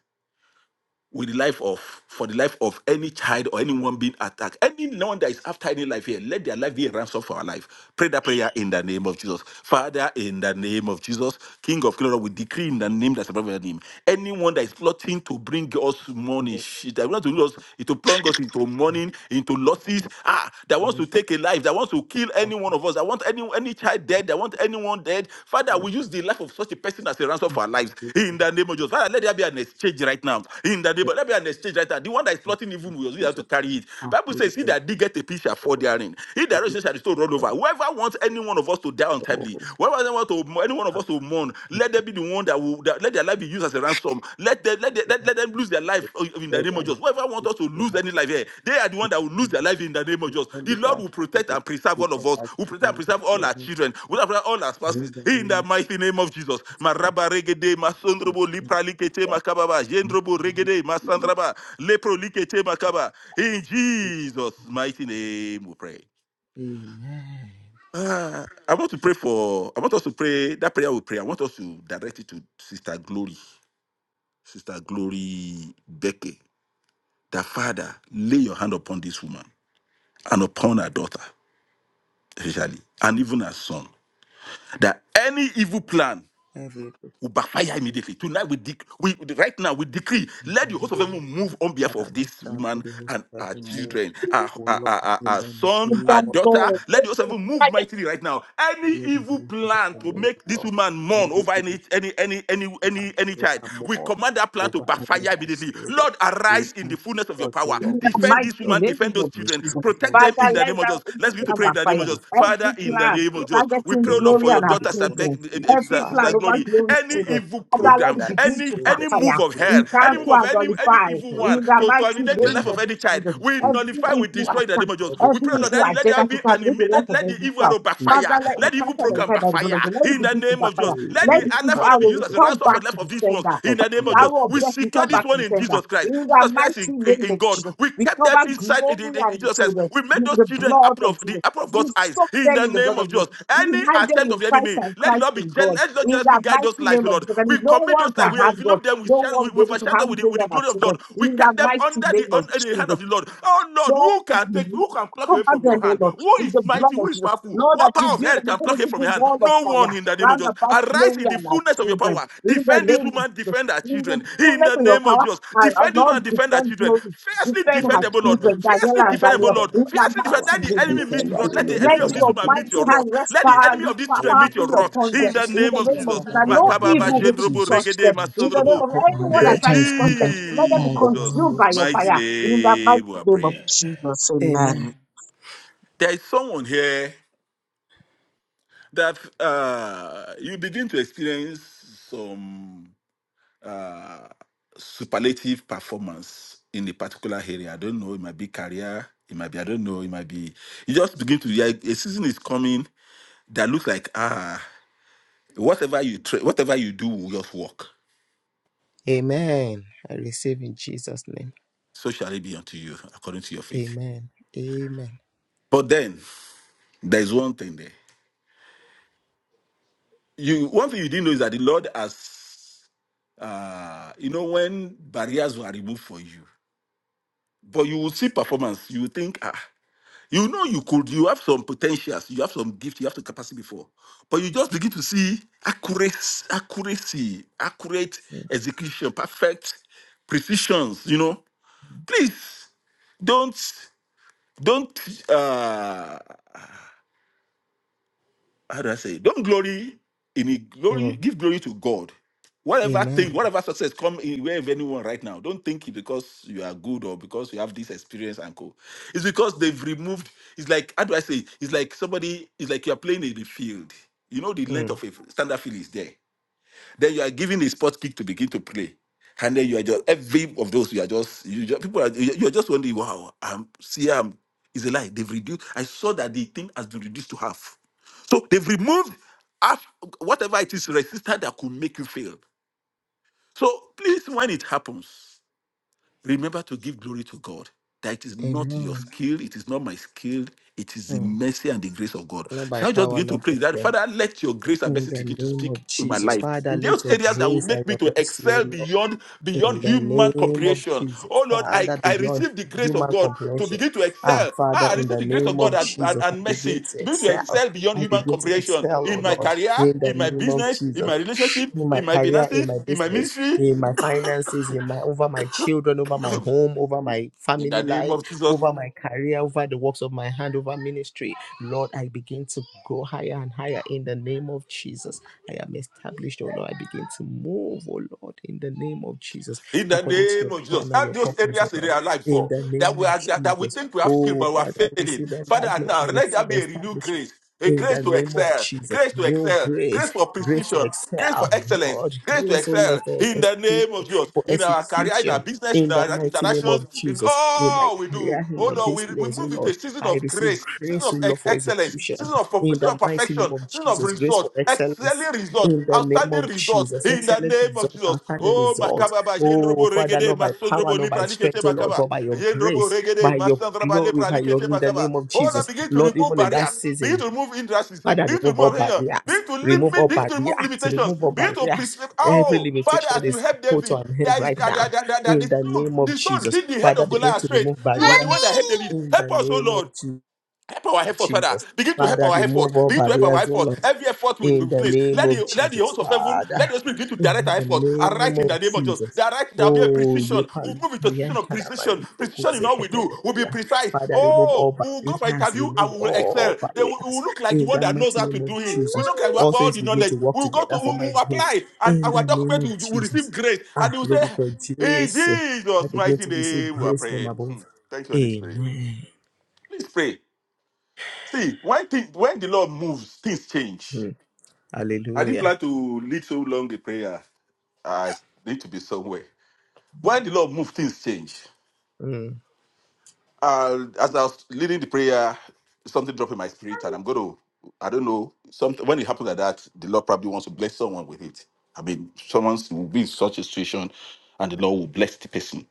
Speaker 7: with the life of for the life of any child or anyone being attacked anyone that is after any life here let their life be a ransom for our life pray that prayer in the name of jesus father in the name of jesus king of glory we decree in the
Speaker 1: In
Speaker 7: name that's above your name anyone that is plotting to bring us money
Speaker 1: the name
Speaker 7: shit that wants to lose to plunge us into money into losses ah that wants to
Speaker 1: of
Speaker 7: take a life that wants to kill
Speaker 1: Lord,
Speaker 7: anyone
Speaker 1: in
Speaker 7: of us. I want any any child dead. I want anyone dead. Father,
Speaker 1: the
Speaker 7: we
Speaker 1: name
Speaker 7: use the life of such a person as a ransom
Speaker 1: of
Speaker 7: for our lives. In the name of Jesus. Father, let there be an exchange right now. In the name of, let there be an exchange right now. The one that is plotting evil will we have to
Speaker 1: Jesus.
Speaker 7: carry it.
Speaker 1: Ah,
Speaker 7: Bible says, he
Speaker 1: beautiful
Speaker 7: that did
Speaker 1: Jesus.
Speaker 7: get a piece shall fall therein. He that
Speaker 1: Thank you
Speaker 7: righteous shall be still run
Speaker 1: for
Speaker 7: over.
Speaker 1: the
Speaker 7: Whoever wants any one of us to die
Speaker 1: soul.
Speaker 7: untimely, whoever wants to, any one of us to mourn, let there be the one that will that, let their life be used as a ransom. Let them, let, them, let,
Speaker 1: Thank
Speaker 7: let them lose their
Speaker 1: you for
Speaker 7: life uh, in
Speaker 1: the
Speaker 7: the
Speaker 1: head
Speaker 7: name of
Speaker 1: and the
Speaker 7: Jesus. Whoever wants
Speaker 1: feet
Speaker 7: us to
Speaker 1: of the
Speaker 7: lose
Speaker 1: house.
Speaker 7: any life here, they are the one that will lose their life in the name of
Speaker 1: We
Speaker 7: Jesus.
Speaker 1: want
Speaker 7: The
Speaker 1: this
Speaker 7: Lord
Speaker 1: our
Speaker 7: will protect
Speaker 1: children
Speaker 7: and preserve all
Speaker 1: because
Speaker 7: of us,
Speaker 1: our
Speaker 7: will protect and
Speaker 1: children will
Speaker 7: preserve all
Speaker 1: love
Speaker 7: our children, will protect all our spouses
Speaker 1: In the
Speaker 7: in
Speaker 1: name
Speaker 7: the
Speaker 1: of
Speaker 7: mighty name of Jesus.
Speaker 1: Jesus, I
Speaker 7: Maraba regede,
Speaker 1: pray.
Speaker 7: masondrobo
Speaker 1: in
Speaker 7: lipralikete
Speaker 1: the
Speaker 7: makababa, jendrobo
Speaker 1: name of
Speaker 7: regede,
Speaker 1: Jesus.
Speaker 7: masandraba, leprolikete makaba. In Jesus' mighty name we pray.
Speaker 1: I pray. Amen.
Speaker 7: Ah, I want to pray for, I want us to pray, that prayer we pray, I want us to direct it to Sister Glory. Sister Glory Becky. that Father, lay your hand upon this woman and upon her daughter, especially, and even her son, that any evil plan
Speaker 1: Every
Speaker 7: will backfire immediately. Tonight we, dec- we right now we decree,
Speaker 1: In
Speaker 7: let the host
Speaker 1: the
Speaker 7: of
Speaker 1: name
Speaker 7: heaven
Speaker 1: of
Speaker 7: move
Speaker 1: Jesus.
Speaker 7: on behalf of
Speaker 1: Father, right
Speaker 7: this
Speaker 1: now,
Speaker 7: woman
Speaker 1: let the host
Speaker 7: and
Speaker 1: of
Speaker 7: our
Speaker 1: heaven move,
Speaker 7: children, our,
Speaker 1: O
Speaker 7: our,
Speaker 1: Lord,
Speaker 7: our, our-
Speaker 1: in
Speaker 7: our
Speaker 1: the
Speaker 7: son,
Speaker 1: name
Speaker 7: our
Speaker 8: Thank
Speaker 1: of
Speaker 7: daughter.
Speaker 8: God.
Speaker 1: Jesus.
Speaker 7: Let the host of heaven move mightily right now. Any
Speaker 1: Let the
Speaker 7: evil
Speaker 1: host of
Speaker 7: plan to
Speaker 1: heaven move,
Speaker 7: make
Speaker 1: O
Speaker 7: this
Speaker 1: Lord.
Speaker 7: woman mourn
Speaker 1: Every
Speaker 7: over
Speaker 1: evil
Speaker 7: any any any any
Speaker 1: plan
Speaker 7: any
Speaker 1: to
Speaker 7: any
Speaker 1: make
Speaker 7: child,
Speaker 1: her
Speaker 7: we
Speaker 1: more
Speaker 7: command that plan to
Speaker 1: over
Speaker 7: backfire
Speaker 1: any of our
Speaker 7: immediately.
Speaker 1: children.
Speaker 7: Lord,
Speaker 1: We
Speaker 7: arise in the
Speaker 1: cancel
Speaker 7: fullness of your
Speaker 1: such, O
Speaker 7: power.
Speaker 4: In
Speaker 1: Lord,
Speaker 4: the
Speaker 1: we
Speaker 7: Defend
Speaker 1: destroy
Speaker 4: mighty
Speaker 7: this
Speaker 1: such.
Speaker 7: woman,
Speaker 4: name
Speaker 7: defend those
Speaker 4: of
Speaker 1: In the
Speaker 7: children,
Speaker 4: Jesus.
Speaker 7: protect
Speaker 1: name of
Speaker 7: Protect them
Speaker 4: Father,
Speaker 7: in
Speaker 1: Jesus,
Speaker 7: the
Speaker 4: let
Speaker 7: name of
Speaker 4: that
Speaker 7: Jesus.
Speaker 4: evil
Speaker 7: Let's begin
Speaker 1: let
Speaker 7: to
Speaker 4: plan
Speaker 7: pray in the name of
Speaker 4: backfire.
Speaker 7: Jesus.
Speaker 1: defend her
Speaker 7: Father,
Speaker 4: Every
Speaker 7: in
Speaker 1: children,
Speaker 7: the
Speaker 4: plan
Speaker 7: name
Speaker 1: O
Speaker 7: of
Speaker 1: Lord.
Speaker 7: Jesus, we
Speaker 4: targeting
Speaker 7: pray,
Speaker 1: In
Speaker 7: Lord,
Speaker 1: the
Speaker 4: glory
Speaker 7: for your
Speaker 4: and our
Speaker 7: daughter,
Speaker 1: mighty name
Speaker 7: Sister
Speaker 1: of
Speaker 7: Beck-
Speaker 4: children.
Speaker 7: eh, eh,
Speaker 1: Jesus,
Speaker 4: Every plan
Speaker 1: Father,
Speaker 4: over
Speaker 7: Glory.
Speaker 1: defend
Speaker 4: glory's
Speaker 1: her, O
Speaker 7: Any
Speaker 1: Lord.
Speaker 4: children.
Speaker 7: evil
Speaker 4: Father, let
Speaker 7: program,
Speaker 1: Defend
Speaker 4: it
Speaker 1: our
Speaker 4: begin
Speaker 7: any
Speaker 4: to
Speaker 1: children.
Speaker 7: any move
Speaker 4: backfire.
Speaker 7: of
Speaker 1: Let it
Speaker 7: hell,
Speaker 4: We
Speaker 1: be
Speaker 7: any move
Speaker 1: well
Speaker 4: cancel
Speaker 7: of
Speaker 4: and
Speaker 7: any any
Speaker 4: nullify.
Speaker 7: evil one
Speaker 4: In the
Speaker 7: to
Speaker 4: mighty
Speaker 7: terminate the
Speaker 1: with
Speaker 4: name
Speaker 7: life of
Speaker 4: of
Speaker 7: any child,
Speaker 4: Jesus.
Speaker 1: her,
Speaker 7: we
Speaker 1: Jesus,
Speaker 7: nullify,
Speaker 4: Every
Speaker 7: we
Speaker 4: evil
Speaker 1: Father.
Speaker 7: destroy in the
Speaker 4: attack,
Speaker 7: name of Jesus. We
Speaker 1: Every
Speaker 4: every
Speaker 7: pray, Lord,
Speaker 4: evil
Speaker 7: that let
Speaker 4: agenda
Speaker 7: there
Speaker 4: to
Speaker 7: be an
Speaker 4: terminate the
Speaker 7: imme-
Speaker 4: life
Speaker 7: let,
Speaker 4: of
Speaker 7: let the
Speaker 4: every
Speaker 7: evil
Speaker 4: child.
Speaker 7: arrow
Speaker 1: in
Speaker 7: backfire.
Speaker 4: Father, let
Speaker 7: Let
Speaker 4: it
Speaker 7: the evil
Speaker 4: cancel
Speaker 1: the
Speaker 4: and
Speaker 7: program
Speaker 4: nullify by the
Speaker 7: backfire
Speaker 4: blood of the Lord. Let it
Speaker 7: in the
Speaker 4: begin to
Speaker 7: name of Jesus.
Speaker 4: backfire.
Speaker 1: name
Speaker 7: Let the
Speaker 4: Let
Speaker 1: of
Speaker 4: the
Speaker 7: life
Speaker 4: evil
Speaker 7: of them be
Speaker 4: arrow
Speaker 1: Jesus,
Speaker 7: used as a
Speaker 4: return
Speaker 7: ransom for
Speaker 4: back
Speaker 7: the life
Speaker 4: to
Speaker 7: of life
Speaker 4: the
Speaker 7: of these ones
Speaker 4: sender.
Speaker 7: in
Speaker 1: of
Speaker 7: the name
Speaker 4: The
Speaker 7: of
Speaker 1: heaven,
Speaker 7: Jesus.
Speaker 4: arrow of
Speaker 7: We
Speaker 4: death
Speaker 7: secure
Speaker 4: return
Speaker 1: in
Speaker 7: this
Speaker 4: back to
Speaker 7: one
Speaker 4: the
Speaker 7: in
Speaker 4: sender.
Speaker 7: Jesus Christ.
Speaker 4: In the
Speaker 7: Jesus Christ in,
Speaker 4: mighty name
Speaker 7: in, in
Speaker 4: of
Speaker 7: God.
Speaker 4: Jesus.
Speaker 7: We
Speaker 4: We
Speaker 7: kept them
Speaker 4: cover
Speaker 7: inside in, in-
Speaker 4: glory
Speaker 7: in
Speaker 4: and the
Speaker 7: Jesus Christ.
Speaker 4: children
Speaker 7: We made
Speaker 4: with
Speaker 7: those
Speaker 4: the
Speaker 7: children
Speaker 4: blood
Speaker 7: apple
Speaker 4: of
Speaker 7: of the
Speaker 4: Jesus.
Speaker 7: apple of
Speaker 4: We
Speaker 7: God's eyes
Speaker 4: soak
Speaker 7: in
Speaker 4: them
Speaker 7: the
Speaker 4: in the
Speaker 7: name
Speaker 4: blood of
Speaker 7: of
Speaker 4: Jesus.
Speaker 7: Jesus.
Speaker 4: We
Speaker 7: Any
Speaker 4: hide
Speaker 7: attempt
Speaker 4: them
Speaker 7: of
Speaker 4: in
Speaker 7: the
Speaker 4: Christ
Speaker 7: enemy,
Speaker 4: and
Speaker 7: let it
Speaker 4: Christ
Speaker 7: not be
Speaker 4: in
Speaker 7: jeal-
Speaker 4: God.
Speaker 7: let it not
Speaker 4: In
Speaker 7: jealously
Speaker 4: the
Speaker 7: guide those
Speaker 4: mighty
Speaker 7: lives,
Speaker 4: name
Speaker 7: O
Speaker 4: of
Speaker 7: Lord.
Speaker 4: Jesus.
Speaker 7: We
Speaker 4: And no
Speaker 7: commit
Speaker 4: one
Speaker 7: those lives,
Speaker 4: can
Speaker 7: we
Speaker 4: have God.
Speaker 7: envelope them, we
Speaker 4: No
Speaker 7: share,
Speaker 4: one
Speaker 7: we,
Speaker 4: will
Speaker 7: we
Speaker 4: be able to
Speaker 7: overshadow them
Speaker 4: have
Speaker 7: with the, with
Speaker 4: glory
Speaker 7: the
Speaker 4: and our
Speaker 7: glory of
Speaker 4: children.
Speaker 7: God. We
Speaker 4: In the
Speaker 7: kept them
Speaker 4: mighty
Speaker 7: under the
Speaker 4: name of
Speaker 7: under the
Speaker 4: Jesus.
Speaker 7: hand of the Lord. Oh Lord,
Speaker 4: Lord,
Speaker 7: who can take
Speaker 4: you
Speaker 7: who can pluck away
Speaker 4: cover
Speaker 7: from your
Speaker 4: them,
Speaker 7: hand?
Speaker 4: O Lord,
Speaker 7: Who
Speaker 4: with
Speaker 7: is
Speaker 4: the
Speaker 7: mighty?
Speaker 4: blood
Speaker 7: Who
Speaker 4: of
Speaker 7: is
Speaker 4: Jesus.
Speaker 7: powerful?
Speaker 4: Know that
Speaker 7: What
Speaker 4: you
Speaker 7: power of
Speaker 4: build
Speaker 7: hell
Speaker 4: an
Speaker 7: can pluck it from
Speaker 4: impenetrable
Speaker 7: your hand?
Speaker 4: wall of
Speaker 7: No one
Speaker 4: fire
Speaker 7: in the name of
Speaker 4: round
Speaker 7: Jesus.
Speaker 4: about
Speaker 7: Arise
Speaker 4: glory
Speaker 7: in the
Speaker 4: and our
Speaker 7: fullness of your
Speaker 4: children.
Speaker 7: power.
Speaker 4: In the
Speaker 7: Defend this
Speaker 4: name of
Speaker 7: woman,
Speaker 4: Jesus,
Speaker 7: defend her
Speaker 4: in the
Speaker 7: children. In
Speaker 4: fullness
Speaker 7: the
Speaker 4: of your
Speaker 7: name of
Speaker 4: power,
Speaker 7: Jesus.
Speaker 4: I
Speaker 7: Defend this
Speaker 4: will not
Speaker 7: woman, defend her
Speaker 4: defend
Speaker 7: children.
Speaker 4: glory.
Speaker 7: Fiercely
Speaker 4: Defend
Speaker 7: defend
Speaker 4: her
Speaker 7: them,
Speaker 1: the
Speaker 7: O Lord.
Speaker 1: name of
Speaker 4: children,
Speaker 1: Jesus,
Speaker 7: Fiercely
Speaker 4: Daniela and
Speaker 1: Father,
Speaker 7: defend them, O
Speaker 4: Daniel,
Speaker 1: defend
Speaker 7: Lord.
Speaker 1: her
Speaker 4: in
Speaker 1: by
Speaker 4: the
Speaker 7: Fiercely
Speaker 1: your
Speaker 7: defend.
Speaker 1: power.
Speaker 7: Let
Speaker 4: mighty
Speaker 7: the
Speaker 4: name of
Speaker 7: enemy meet
Speaker 1: Defend
Speaker 7: your
Speaker 1: her,
Speaker 7: wrath.
Speaker 4: Jesus.
Speaker 1: O
Speaker 7: Let
Speaker 1: Lord,
Speaker 7: the
Speaker 4: Let
Speaker 7: enemy of
Speaker 1: defend her
Speaker 7: this
Speaker 4: your
Speaker 7: woman meet
Speaker 1: home,
Speaker 4: mighty
Speaker 7: your wrath.
Speaker 4: hand rest
Speaker 7: Let the enemy
Speaker 1: children.
Speaker 4: powerfully,
Speaker 7: of these children
Speaker 1: In the
Speaker 7: meet your
Speaker 4: powerfully
Speaker 1: name
Speaker 7: wrath.
Speaker 1: of
Speaker 4: upon
Speaker 7: In
Speaker 4: them.
Speaker 7: the
Speaker 1: Jesus,
Speaker 4: In
Speaker 7: name
Speaker 4: the
Speaker 7: of
Speaker 1: she
Speaker 4: name
Speaker 1: is
Speaker 4: of
Speaker 7: Jesus.
Speaker 4: Jesus,
Speaker 1: covered
Speaker 4: And
Speaker 1: by
Speaker 4: no
Speaker 1: the
Speaker 7: Makababa,
Speaker 1: blood
Speaker 4: evil will be
Speaker 1: of
Speaker 4: able to
Speaker 7: Jendrobo,
Speaker 1: Jesus.
Speaker 4: touch
Speaker 7: Regede,
Speaker 4: them.
Speaker 1: Her
Speaker 4: In the
Speaker 1: children
Speaker 4: name
Speaker 7: Masondrobo.
Speaker 1: are
Speaker 4: of
Speaker 1: covered. Her
Speaker 4: anyone
Speaker 7: In
Speaker 4: that
Speaker 1: daughter
Speaker 4: tries to
Speaker 1: is
Speaker 4: touch them,
Speaker 1: covered
Speaker 4: let them be
Speaker 1: by the
Speaker 7: Jesus'
Speaker 4: consumed
Speaker 1: blood of
Speaker 4: by your
Speaker 7: mighty
Speaker 1: Jesus.
Speaker 4: fire. In the mighty
Speaker 7: name, we are
Speaker 4: name of
Speaker 7: praying.
Speaker 4: Jesus,
Speaker 1: Amen.
Speaker 4: amen.
Speaker 7: There is someone here. that uh, you begin to experience some uh, superlative performance in a particular area. I don't know, it might be career, it might be, I don't know, it might be. You just begin to, yeah, a season is coming that looks like, ah, whatever you tra- whatever you do will just work.
Speaker 1: Amen. I receive in Jesus' name.
Speaker 7: So shall it be unto you according to your faith.
Speaker 1: Amen. Amen.
Speaker 7: But then there is one thing there. You one thing you didn't know is that the Lord has uh you know when barriers were removed for you But you will see performance. You will think, ah, you know you could, you have some potentials, you have some gift, you have the capacity before. But you just begin to see accuracy, accuracy, accurate execution, perfect precisions, you know. Please don't don't uh how do I say? it? Don't glory in it. Glory,
Speaker 1: Mm.
Speaker 7: give glory to God. Whatever
Speaker 1: Amen.
Speaker 7: thing, whatever success come in way of anyone right now, don't think it because you are good or because you have this experience and co. It's because they've removed. It's like how do I say? it? It's like somebody. It's like you are playing in the field. You know the length
Speaker 1: Mm.
Speaker 7: of a standard field is there. Then you are given a sport kick to begin to play. And then you are just every of those you are just you just, people are you you are just wondering, wow, I'm see I'm it's a lie. They've reduced. I saw that the thing has been reduced to half. So they've removed half whatever it is resistance that could make you fail. So please, when it happens. Remember to give glory to God. That it is not your
Speaker 1: Amen.
Speaker 7: skill, it is not my skill, it is the
Speaker 1: Mm.
Speaker 7: mercy and the grace of God.
Speaker 1: Not by
Speaker 7: Shall I just
Speaker 1: power,
Speaker 7: begin to
Speaker 1: not
Speaker 7: pray
Speaker 1: by
Speaker 7: that
Speaker 1: strength.
Speaker 7: Father, let your grace and
Speaker 1: In
Speaker 7: mercy
Speaker 1: the
Speaker 7: begin to
Speaker 1: name
Speaker 7: speak
Speaker 1: of
Speaker 7: in my
Speaker 1: Jesus,
Speaker 7: life.
Speaker 1: Father,
Speaker 7: In
Speaker 1: let
Speaker 7: those
Speaker 1: your
Speaker 7: areas that will
Speaker 1: grace and
Speaker 7: make me
Speaker 1: your
Speaker 7: to
Speaker 1: mercy, O
Speaker 7: excel
Speaker 1: Lord,
Speaker 7: beyond
Speaker 1: in
Speaker 7: beyond
Speaker 1: the
Speaker 7: human
Speaker 1: name of
Speaker 7: comprehension.
Speaker 1: Jesus,
Speaker 7: Oh Lord, I,
Speaker 1: Father,
Speaker 7: I
Speaker 1: beyond
Speaker 7: receive the grace of
Speaker 1: human
Speaker 7: God to
Speaker 1: comprehension.
Speaker 7: begin to
Speaker 1: Ah,
Speaker 7: excel.
Speaker 1: Father,
Speaker 7: Ah, I
Speaker 1: in
Speaker 7: receive
Speaker 1: the
Speaker 7: the grace
Speaker 1: name
Speaker 7: of
Speaker 1: of
Speaker 7: God and, and,
Speaker 1: Jesus, I
Speaker 7: and mercy
Speaker 1: begin to
Speaker 7: to begin to
Speaker 1: excel.
Speaker 7: excel beyond
Speaker 1: I
Speaker 7: human
Speaker 1: begin to
Speaker 7: comprehension
Speaker 1: excel, O
Speaker 7: in my
Speaker 1: Lord,
Speaker 7: career,
Speaker 1: in the
Speaker 7: in my
Speaker 1: name of
Speaker 7: business, in
Speaker 1: Jesus
Speaker 7: my relationship,
Speaker 1: in my
Speaker 7: in my
Speaker 1: career, in
Speaker 7: finances,
Speaker 1: my
Speaker 7: in my
Speaker 1: business,
Speaker 7: ministry.
Speaker 1: in my finances, in my over my children, over my home, over my
Speaker 7: In the
Speaker 1: family
Speaker 7: name
Speaker 1: life,
Speaker 7: of Jesus,
Speaker 1: over my career, over the works of my hand, over ministry. Lord, I begin to go higher and higher in the name of Jesus. I am established, oh Lord. I begin to move, oh Lord, in the name of Jesus,
Speaker 7: In the
Speaker 1: according to
Speaker 7: name
Speaker 1: your
Speaker 7: of Jesus,
Speaker 1: plan and
Speaker 7: help
Speaker 1: your
Speaker 7: those
Speaker 1: purpose, oh
Speaker 7: areas in
Speaker 1: Lord.
Speaker 7: our life
Speaker 1: In
Speaker 7: for
Speaker 1: the
Speaker 7: that
Speaker 1: name
Speaker 7: we
Speaker 1: of
Speaker 7: are that, that we
Speaker 1: Jesus.
Speaker 7: think we have skill
Speaker 1: Oh
Speaker 7: but we are
Speaker 1: Father, I
Speaker 7: failing.
Speaker 1: receive
Speaker 7: Father,
Speaker 1: enlightenment,
Speaker 7: now
Speaker 1: I
Speaker 7: let there
Speaker 1: receive
Speaker 7: be a renewed
Speaker 1: establishment.
Speaker 7: grace, a
Speaker 1: In
Speaker 7: grace
Speaker 1: the
Speaker 7: to
Speaker 1: name of
Speaker 7: excel,
Speaker 1: Jesus,
Speaker 7: grace to
Speaker 1: new
Speaker 7: excel,
Speaker 1: grace,
Speaker 7: grace for
Speaker 1: grace to
Speaker 7: precision, Grace for
Speaker 1: excel,
Speaker 7: excellence.
Speaker 1: Lord.
Speaker 7: Grace to
Speaker 1: Grace, oh Lord,
Speaker 7: excel
Speaker 1: for
Speaker 7: in the
Speaker 1: execution,
Speaker 7: name of Jesus.
Speaker 1: for
Speaker 7: In our career, in our
Speaker 1: execution.
Speaker 7: business, in
Speaker 1: In the
Speaker 7: our
Speaker 1: mighty name
Speaker 7: interactions,
Speaker 1: of
Speaker 7: in
Speaker 1: Jesus, in my
Speaker 7: all we do.
Speaker 1: career, in
Speaker 7: Oh
Speaker 1: my
Speaker 7: no, we, we
Speaker 1: business, oh
Speaker 7: move into a
Speaker 1: Lord,
Speaker 7: season
Speaker 1: I
Speaker 7: of
Speaker 1: receive
Speaker 7: grace, season
Speaker 1: grace, oh
Speaker 7: of
Speaker 1: Lord,
Speaker 7: ex-
Speaker 1: for
Speaker 7: excellence,
Speaker 1: execution.
Speaker 7: season of,
Speaker 1: In
Speaker 7: season
Speaker 1: the
Speaker 7: of
Speaker 1: mighty name
Speaker 7: perfection,
Speaker 1: of
Speaker 7: season of
Speaker 1: Jesus, grace for
Speaker 7: results,
Speaker 1: excellence.
Speaker 7: excelling results,
Speaker 1: In the name of
Speaker 7: outstanding results
Speaker 1: Jesus,
Speaker 7: in the
Speaker 1: excellent
Speaker 7: name of
Speaker 1: result
Speaker 7: Jesus.
Speaker 1: after the
Speaker 7: Oh,
Speaker 1: result.
Speaker 7: Makaba,
Speaker 1: Oh
Speaker 7: Jendrobo,
Speaker 1: Father,
Speaker 7: Regede,
Speaker 1: not by power,
Speaker 7: Masondrobo,
Speaker 1: not by
Speaker 7: Lipra, Likete,
Speaker 1: strength, oh Lord,
Speaker 7: Makaba.
Speaker 1: but by your grace, by your glory, by your in the name of
Speaker 7: Oh, now
Speaker 1: Jesus,
Speaker 7: begin to
Speaker 1: Lord.
Speaker 7: remove
Speaker 1: Even in that
Speaker 7: barriers,
Speaker 1: season,
Speaker 7: begin to remove hindrances,
Speaker 1: Father,
Speaker 7: begin to
Speaker 1: remove
Speaker 7: remove
Speaker 1: all
Speaker 7: oppression,
Speaker 1: barriers,
Speaker 7: begin to
Speaker 1: remove
Speaker 7: limit,
Speaker 1: all
Speaker 7: begin to remove
Speaker 1: barriers,
Speaker 7: limitations,
Speaker 1: remove all
Speaker 7: begin to
Speaker 1: barriers.
Speaker 7: preserve.
Speaker 1: Every
Speaker 7: Oh, Father,
Speaker 1: limitation
Speaker 7: as you
Speaker 1: is
Speaker 7: help
Speaker 1: put
Speaker 7: David,
Speaker 1: on hand
Speaker 7: that is
Speaker 1: right
Speaker 7: that,
Speaker 1: now
Speaker 7: that, that, that, that the
Speaker 1: in the
Speaker 7: stone,
Speaker 1: name of
Speaker 7: the stone
Speaker 1: Jesus.
Speaker 7: hit the head
Speaker 1: Father,
Speaker 7: of
Speaker 1: begin
Speaker 7: Goliath
Speaker 1: to
Speaker 7: straight.
Speaker 1: remove
Speaker 7: You are the
Speaker 1: barriers
Speaker 7: one that helped David.
Speaker 1: in
Speaker 7: Help
Speaker 1: the
Speaker 7: us, oh
Speaker 1: name
Speaker 7: Lord.
Speaker 1: of Jesus.
Speaker 7: Help our efforts, Father.
Speaker 1: Jesus.
Speaker 7: Begin to help
Speaker 1: Father,
Speaker 7: our efforts.
Speaker 1: remove all
Speaker 7: Begin to help our
Speaker 1: barriers, oh
Speaker 7: efforts.
Speaker 1: Lord.
Speaker 7: Every effort we
Speaker 1: In the
Speaker 7: place.
Speaker 1: name
Speaker 7: Let
Speaker 1: of
Speaker 7: the let the
Speaker 1: Jesus,
Speaker 7: host of heaven,
Speaker 1: Father.
Speaker 7: let the Holy Spirit begin to direct
Speaker 1: In
Speaker 7: our
Speaker 1: the
Speaker 7: efforts. And right
Speaker 1: name
Speaker 7: in the
Speaker 1: of
Speaker 7: name of Jesus.
Speaker 1: Jesus.
Speaker 7: That right there'll be a
Speaker 1: Oh, ye
Speaker 7: precision. We'll move into a position of precision. Precision in all we do. We'll be
Speaker 1: palikayantarabaliprokuzeketebebeya.
Speaker 7: precise.
Speaker 1: Father, remove all
Speaker 7: Oh, we will go for
Speaker 1: barriers,
Speaker 7: interview
Speaker 1: remove
Speaker 7: and we will excel.
Speaker 1: all
Speaker 7: They will, we will
Speaker 1: barriers.
Speaker 7: look like the
Speaker 1: In
Speaker 7: one
Speaker 1: the
Speaker 7: that knows
Speaker 1: mighty
Speaker 7: how to
Speaker 1: name of
Speaker 7: do it. We
Speaker 1: Jesus,
Speaker 7: look like we have
Speaker 1: all
Speaker 7: all
Speaker 1: things
Speaker 7: the
Speaker 1: begin to
Speaker 7: knowledge.
Speaker 1: work
Speaker 7: We'll go
Speaker 1: together
Speaker 7: to
Speaker 1: for
Speaker 7: we'll,
Speaker 1: my
Speaker 7: we'll
Speaker 1: good.
Speaker 7: apply and
Speaker 1: In the
Speaker 7: our
Speaker 1: name
Speaker 7: document
Speaker 1: of
Speaker 7: will, will receive
Speaker 1: Jesus.
Speaker 7: grace. And
Speaker 1: Ah,
Speaker 7: they will say,
Speaker 1: Lord God,
Speaker 7: In
Speaker 1: grace. I
Speaker 7: Jesus'
Speaker 1: begin
Speaker 7: mighty
Speaker 1: to receive
Speaker 7: name, we are
Speaker 1: grace from
Speaker 7: praying. Hmm.
Speaker 1: above.
Speaker 7: Thank you, Holy Spirit.
Speaker 1: Amen.
Speaker 7: Please pray. See, when thing, when the Lord moves, things change.
Speaker 1: Hmm.
Speaker 7: I didn't
Speaker 1: Hallelujah.
Speaker 7: plan to lead so long a prayer. I need to be somewhere. When the Lord moves, things change.
Speaker 1: Mm.
Speaker 7: Uh, as I was leading the prayer, something dropped in my spirit, and I'm going to, I don't know, something, when it happens like that, the Lord probably wants to bless someone with it. I mean, someone will be in such a situation, and the Lord will bless the person.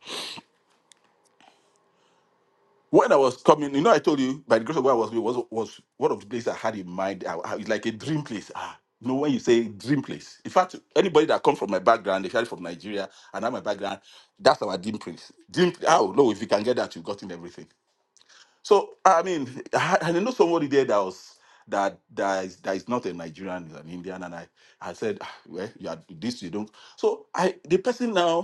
Speaker 7: When I was coming, you know, I told you by the grace of God, I was was was one of the places I had in mind. I, I- it's like a dream place. Ah, you know, when you say dream place, in fact, anybody that comes from my background, especially from Nigeria and have my background, that's our dream place. Dream. Oh no, if you can get that, you've gotten everything. So I mean, I, had- I know somebody there that was that that is, that is not a Nigerian, is an Indian, and I I said, "Ah, well, you are this, you don't. So I the person now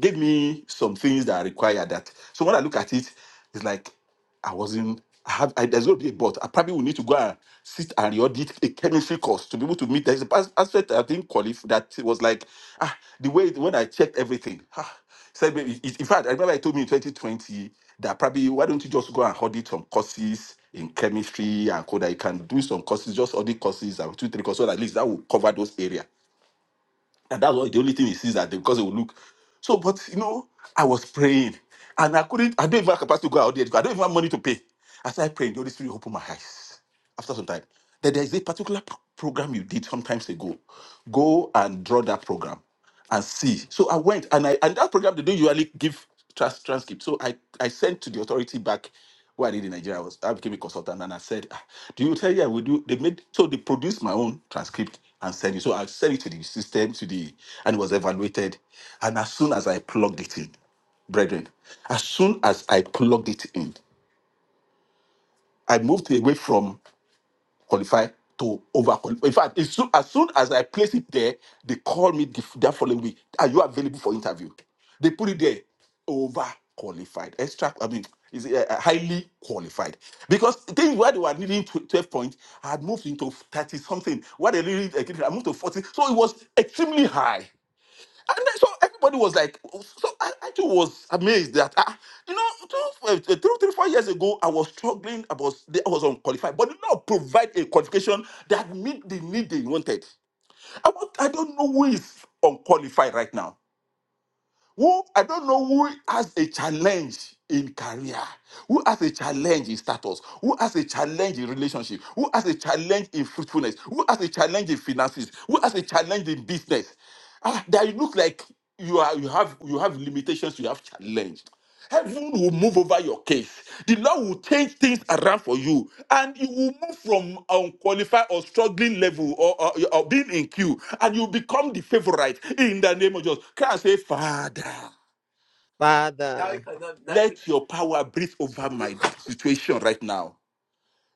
Speaker 7: gave me some things that I require that. So when I look at it, it's like I wasn't. I have. I, there's going to be a but. I probably will need to go and sit and re-audit a chemistry course to be able to meet. There's a pas- aspect I didn't qualify. That it was like ah, the way it- when I checked everything. Ah, said maybe. In in fact, I remember I told me in 2020 that probably why don't you just go and audit some courses in chemistry and code that you can do some courses, just audit courses and two three courses. So that at least that will cover those areas. And that's why the only thing he sees that because it will look. So, but you know, I was praying and I couldn't, I don't even have capacity to go out there. because I don't even have money to pay. As I prayed, the Holy Spirit opened my eyes after some time. That there is a particular pro- program you did some times ago. Go and draw that program and see. So I went and I and that program they don't usually give trans transcript. So I, I sent to the authority back where I did in Nigeria I was I became a consultant and I said, "Ah, Do you tell you I will do? They made so they produced my own transcript and sent it. So I sent it to the system, to the and it was evaluated. And as soon as I plugged it in, brethren, as soon as I plugged it in, I moved away from qualify to over qualify. In fact, as soon, as soon as I place it there, they call me the, that following week. Are you available for interview? They put it there, over qualified, extra. I mean, is uh, highly qualified because things where they were needing tw- twelve points, I had moved into thirty something. Where they needed, uh, I moved to forty, so it was extremely high. And then so everybody was like, so I, I too was amazed that, ah, you know, two, uh, three, three, four years ago, I was struggling, I was, I was unqualified, but did not provide a qualification that meet the need they wanted. I, want, I don't know who is unqualified right now. Who I don't know who has a challenge in career, who has a challenge in status, who has a challenge in relationship, who has a challenge in fruitfulness, who has a challenge in finances, who has a challenge in business. Ah, that you look like you are you have you have limitations, you have challenge. Heaven will move over your case. The Lord will change things around for you, and you will move from unqualified or struggling level or, or, or being in queue, and you become the favorite in the name of Jesus. Can I say, Father,
Speaker 1: Father,
Speaker 7: let your power breathe over my situation right now.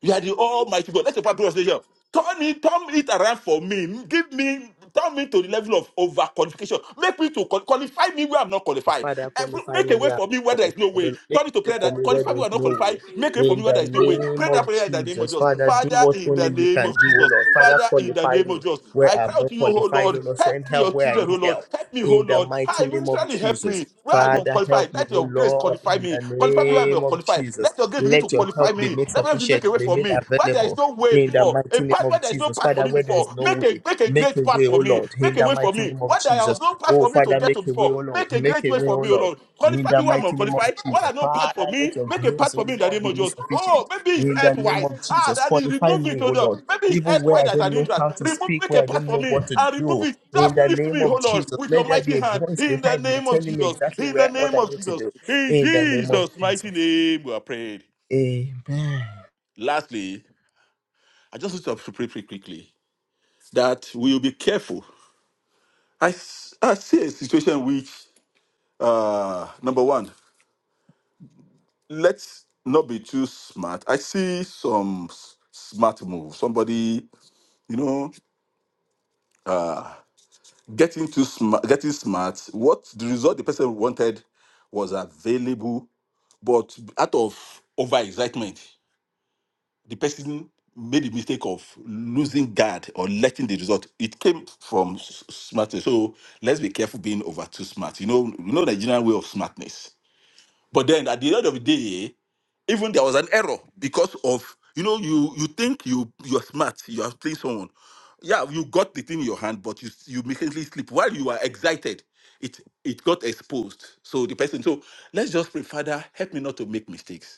Speaker 7: You are the Almighty God. That's the part of here. Turn it, turn it around for me. Give me, turn me to the level of overqualification. Make me to qual- qualify me where I'm not qualified.
Speaker 1: Father,
Speaker 7: Every-
Speaker 1: qualify
Speaker 7: Make
Speaker 1: me
Speaker 7: a way
Speaker 1: where
Speaker 7: for
Speaker 1: I'm
Speaker 7: me where there
Speaker 1: qualified.
Speaker 7: is no
Speaker 1: Oh
Speaker 7: way.
Speaker 1: Lord, Make
Speaker 7: Turn it to
Speaker 1: way
Speaker 7: prayer
Speaker 1: for
Speaker 7: that
Speaker 1: me where
Speaker 7: qualify me where
Speaker 1: there's
Speaker 7: I'm not
Speaker 1: no
Speaker 7: qualified.
Speaker 1: way.
Speaker 7: Make a way for me
Speaker 1: In
Speaker 7: where
Speaker 1: the
Speaker 7: there is no way.
Speaker 1: name
Speaker 7: Pray that
Speaker 1: of
Speaker 7: prayer in the name of
Speaker 1: Jesus,
Speaker 7: Jesus.
Speaker 1: Father, do
Speaker 7: Father,
Speaker 1: what
Speaker 7: in
Speaker 1: only
Speaker 7: the
Speaker 1: you
Speaker 7: name
Speaker 1: can do,
Speaker 7: of
Speaker 1: oh
Speaker 7: Jesus.
Speaker 1: Lord. Father,
Speaker 7: Father, in the
Speaker 1: qualify
Speaker 7: name of
Speaker 1: me
Speaker 7: Jesus.
Speaker 1: where
Speaker 7: I cry
Speaker 1: I'm
Speaker 7: out to
Speaker 1: not
Speaker 7: you, oh
Speaker 1: qualified,
Speaker 7: Lord.
Speaker 1: oh Lord.
Speaker 7: Help
Speaker 1: Send
Speaker 7: me,
Speaker 1: help
Speaker 7: your
Speaker 1: where I
Speaker 7: children, oh
Speaker 1: need
Speaker 7: Lord.
Speaker 1: help.
Speaker 7: Help me, oh
Speaker 1: In the
Speaker 7: Lord.
Speaker 1: mighty
Speaker 7: I
Speaker 1: name of
Speaker 7: ministry help
Speaker 1: Jesus.
Speaker 7: me. Where I'm
Speaker 1: Father,
Speaker 7: unqualified,
Speaker 1: help me,
Speaker 7: let
Speaker 1: O
Speaker 7: your grace
Speaker 1: Lord,
Speaker 7: qualify
Speaker 1: in
Speaker 7: me.
Speaker 1: the
Speaker 7: Qualify me where I'm
Speaker 1: name of
Speaker 7: unqualified.
Speaker 1: Jesus.
Speaker 7: Let your grace begin to
Speaker 1: Let your help
Speaker 7: qualify me
Speaker 1: be
Speaker 7: me.
Speaker 1: made
Speaker 7: Let me make a
Speaker 1: sufficient,
Speaker 7: way
Speaker 1: be
Speaker 7: for
Speaker 1: made
Speaker 7: me. Where there is
Speaker 1: available.
Speaker 7: no way
Speaker 1: In the
Speaker 7: before, a
Speaker 1: mighty name
Speaker 7: path where
Speaker 1: of
Speaker 7: there is no
Speaker 1: Jesus.
Speaker 7: path for
Speaker 1: Father,
Speaker 7: me
Speaker 1: where there is
Speaker 7: before,
Speaker 1: no
Speaker 7: make a
Speaker 1: way,
Speaker 7: make a
Speaker 1: make
Speaker 7: great
Speaker 1: a
Speaker 7: path
Speaker 1: way, O
Speaker 7: for me.
Speaker 1: Lord. In
Speaker 7: Make a
Speaker 1: the
Speaker 7: way for
Speaker 1: mighty
Speaker 7: me.
Speaker 1: name of
Speaker 7: Where there was
Speaker 1: Jesus.
Speaker 7: no path
Speaker 1: Oh,
Speaker 7: for me to
Speaker 1: Father,
Speaker 7: get to
Speaker 1: make a way,
Speaker 7: before,
Speaker 1: O Lord.
Speaker 7: make a
Speaker 1: Make
Speaker 7: great
Speaker 1: a
Speaker 7: way
Speaker 1: way,
Speaker 7: for
Speaker 1: O
Speaker 7: me, O
Speaker 1: Lord.
Speaker 7: Lord.
Speaker 1: In
Speaker 7: Qualify
Speaker 1: the
Speaker 7: me where I'm
Speaker 1: mighty
Speaker 7: not
Speaker 1: name of
Speaker 7: qualified. Where there
Speaker 1: Jesus.
Speaker 7: no path for
Speaker 1: Father, let
Speaker 7: me,
Speaker 1: your
Speaker 7: make a path
Speaker 1: grace, O
Speaker 7: for me in the
Speaker 1: Lord,
Speaker 7: name
Speaker 1: be
Speaker 7: of Jesus.
Speaker 1: insufficient.
Speaker 7: Oh, maybe it's
Speaker 1: In the name
Speaker 7: earthwise.
Speaker 1: of
Speaker 7: Ah,
Speaker 1: Jesus.
Speaker 7: that is
Speaker 1: Qualify
Speaker 7: remove it,
Speaker 1: me,
Speaker 7: O
Speaker 1: O
Speaker 7: Lord.
Speaker 1: Lord.
Speaker 7: Maybe it's
Speaker 1: Even where
Speaker 7: earthwise
Speaker 1: I
Speaker 7: that's an
Speaker 1: don't know
Speaker 7: interest.
Speaker 1: how to
Speaker 7: Remove,
Speaker 1: speak,
Speaker 7: make
Speaker 1: where
Speaker 7: a
Speaker 1: I
Speaker 7: path
Speaker 1: don't
Speaker 7: for
Speaker 1: know
Speaker 7: me
Speaker 1: what to
Speaker 7: and remove
Speaker 1: do.
Speaker 7: it.
Speaker 1: In
Speaker 7: Just
Speaker 1: the
Speaker 7: lift
Speaker 1: name
Speaker 7: me,
Speaker 1: of
Speaker 7: O Lord,
Speaker 1: Jesus.
Speaker 7: with your
Speaker 1: Let there
Speaker 7: mighty
Speaker 1: be a
Speaker 7: hand
Speaker 1: voice
Speaker 7: in the
Speaker 1: behind me
Speaker 7: name of
Speaker 1: telling me
Speaker 7: Jesus.
Speaker 1: exactly
Speaker 7: In the
Speaker 1: where what
Speaker 7: name
Speaker 1: I
Speaker 7: of
Speaker 1: need to
Speaker 7: Jesus.
Speaker 1: do.
Speaker 7: In
Speaker 1: In the name of
Speaker 7: Jesus' mighty
Speaker 1: Jesus.
Speaker 7: name, we are prayed.
Speaker 1: Amen.
Speaker 7: Lastly, I just want to pray pretty quickly that we will be careful. I, s- I see a situation which, uh, number one, let's not be too smart. I see some s- smart move. Somebody, you know, getting too smart, getting smart. What the result the person wanted was available, but out of overexcitement. the person made the mistake of losing guard or letting the result. It came from s- smartness. So let's be careful being over too smart. You know, you know the general way of smartness. But then at the end of the day, even there was an error because of you know you you think you you're smart. You are playing someone. Yeah, you got the thing in your hand, but you s- you mistakenly slip while you are excited. It it got exposed. So the person. So let's just pray, Father, help me not to make mistakes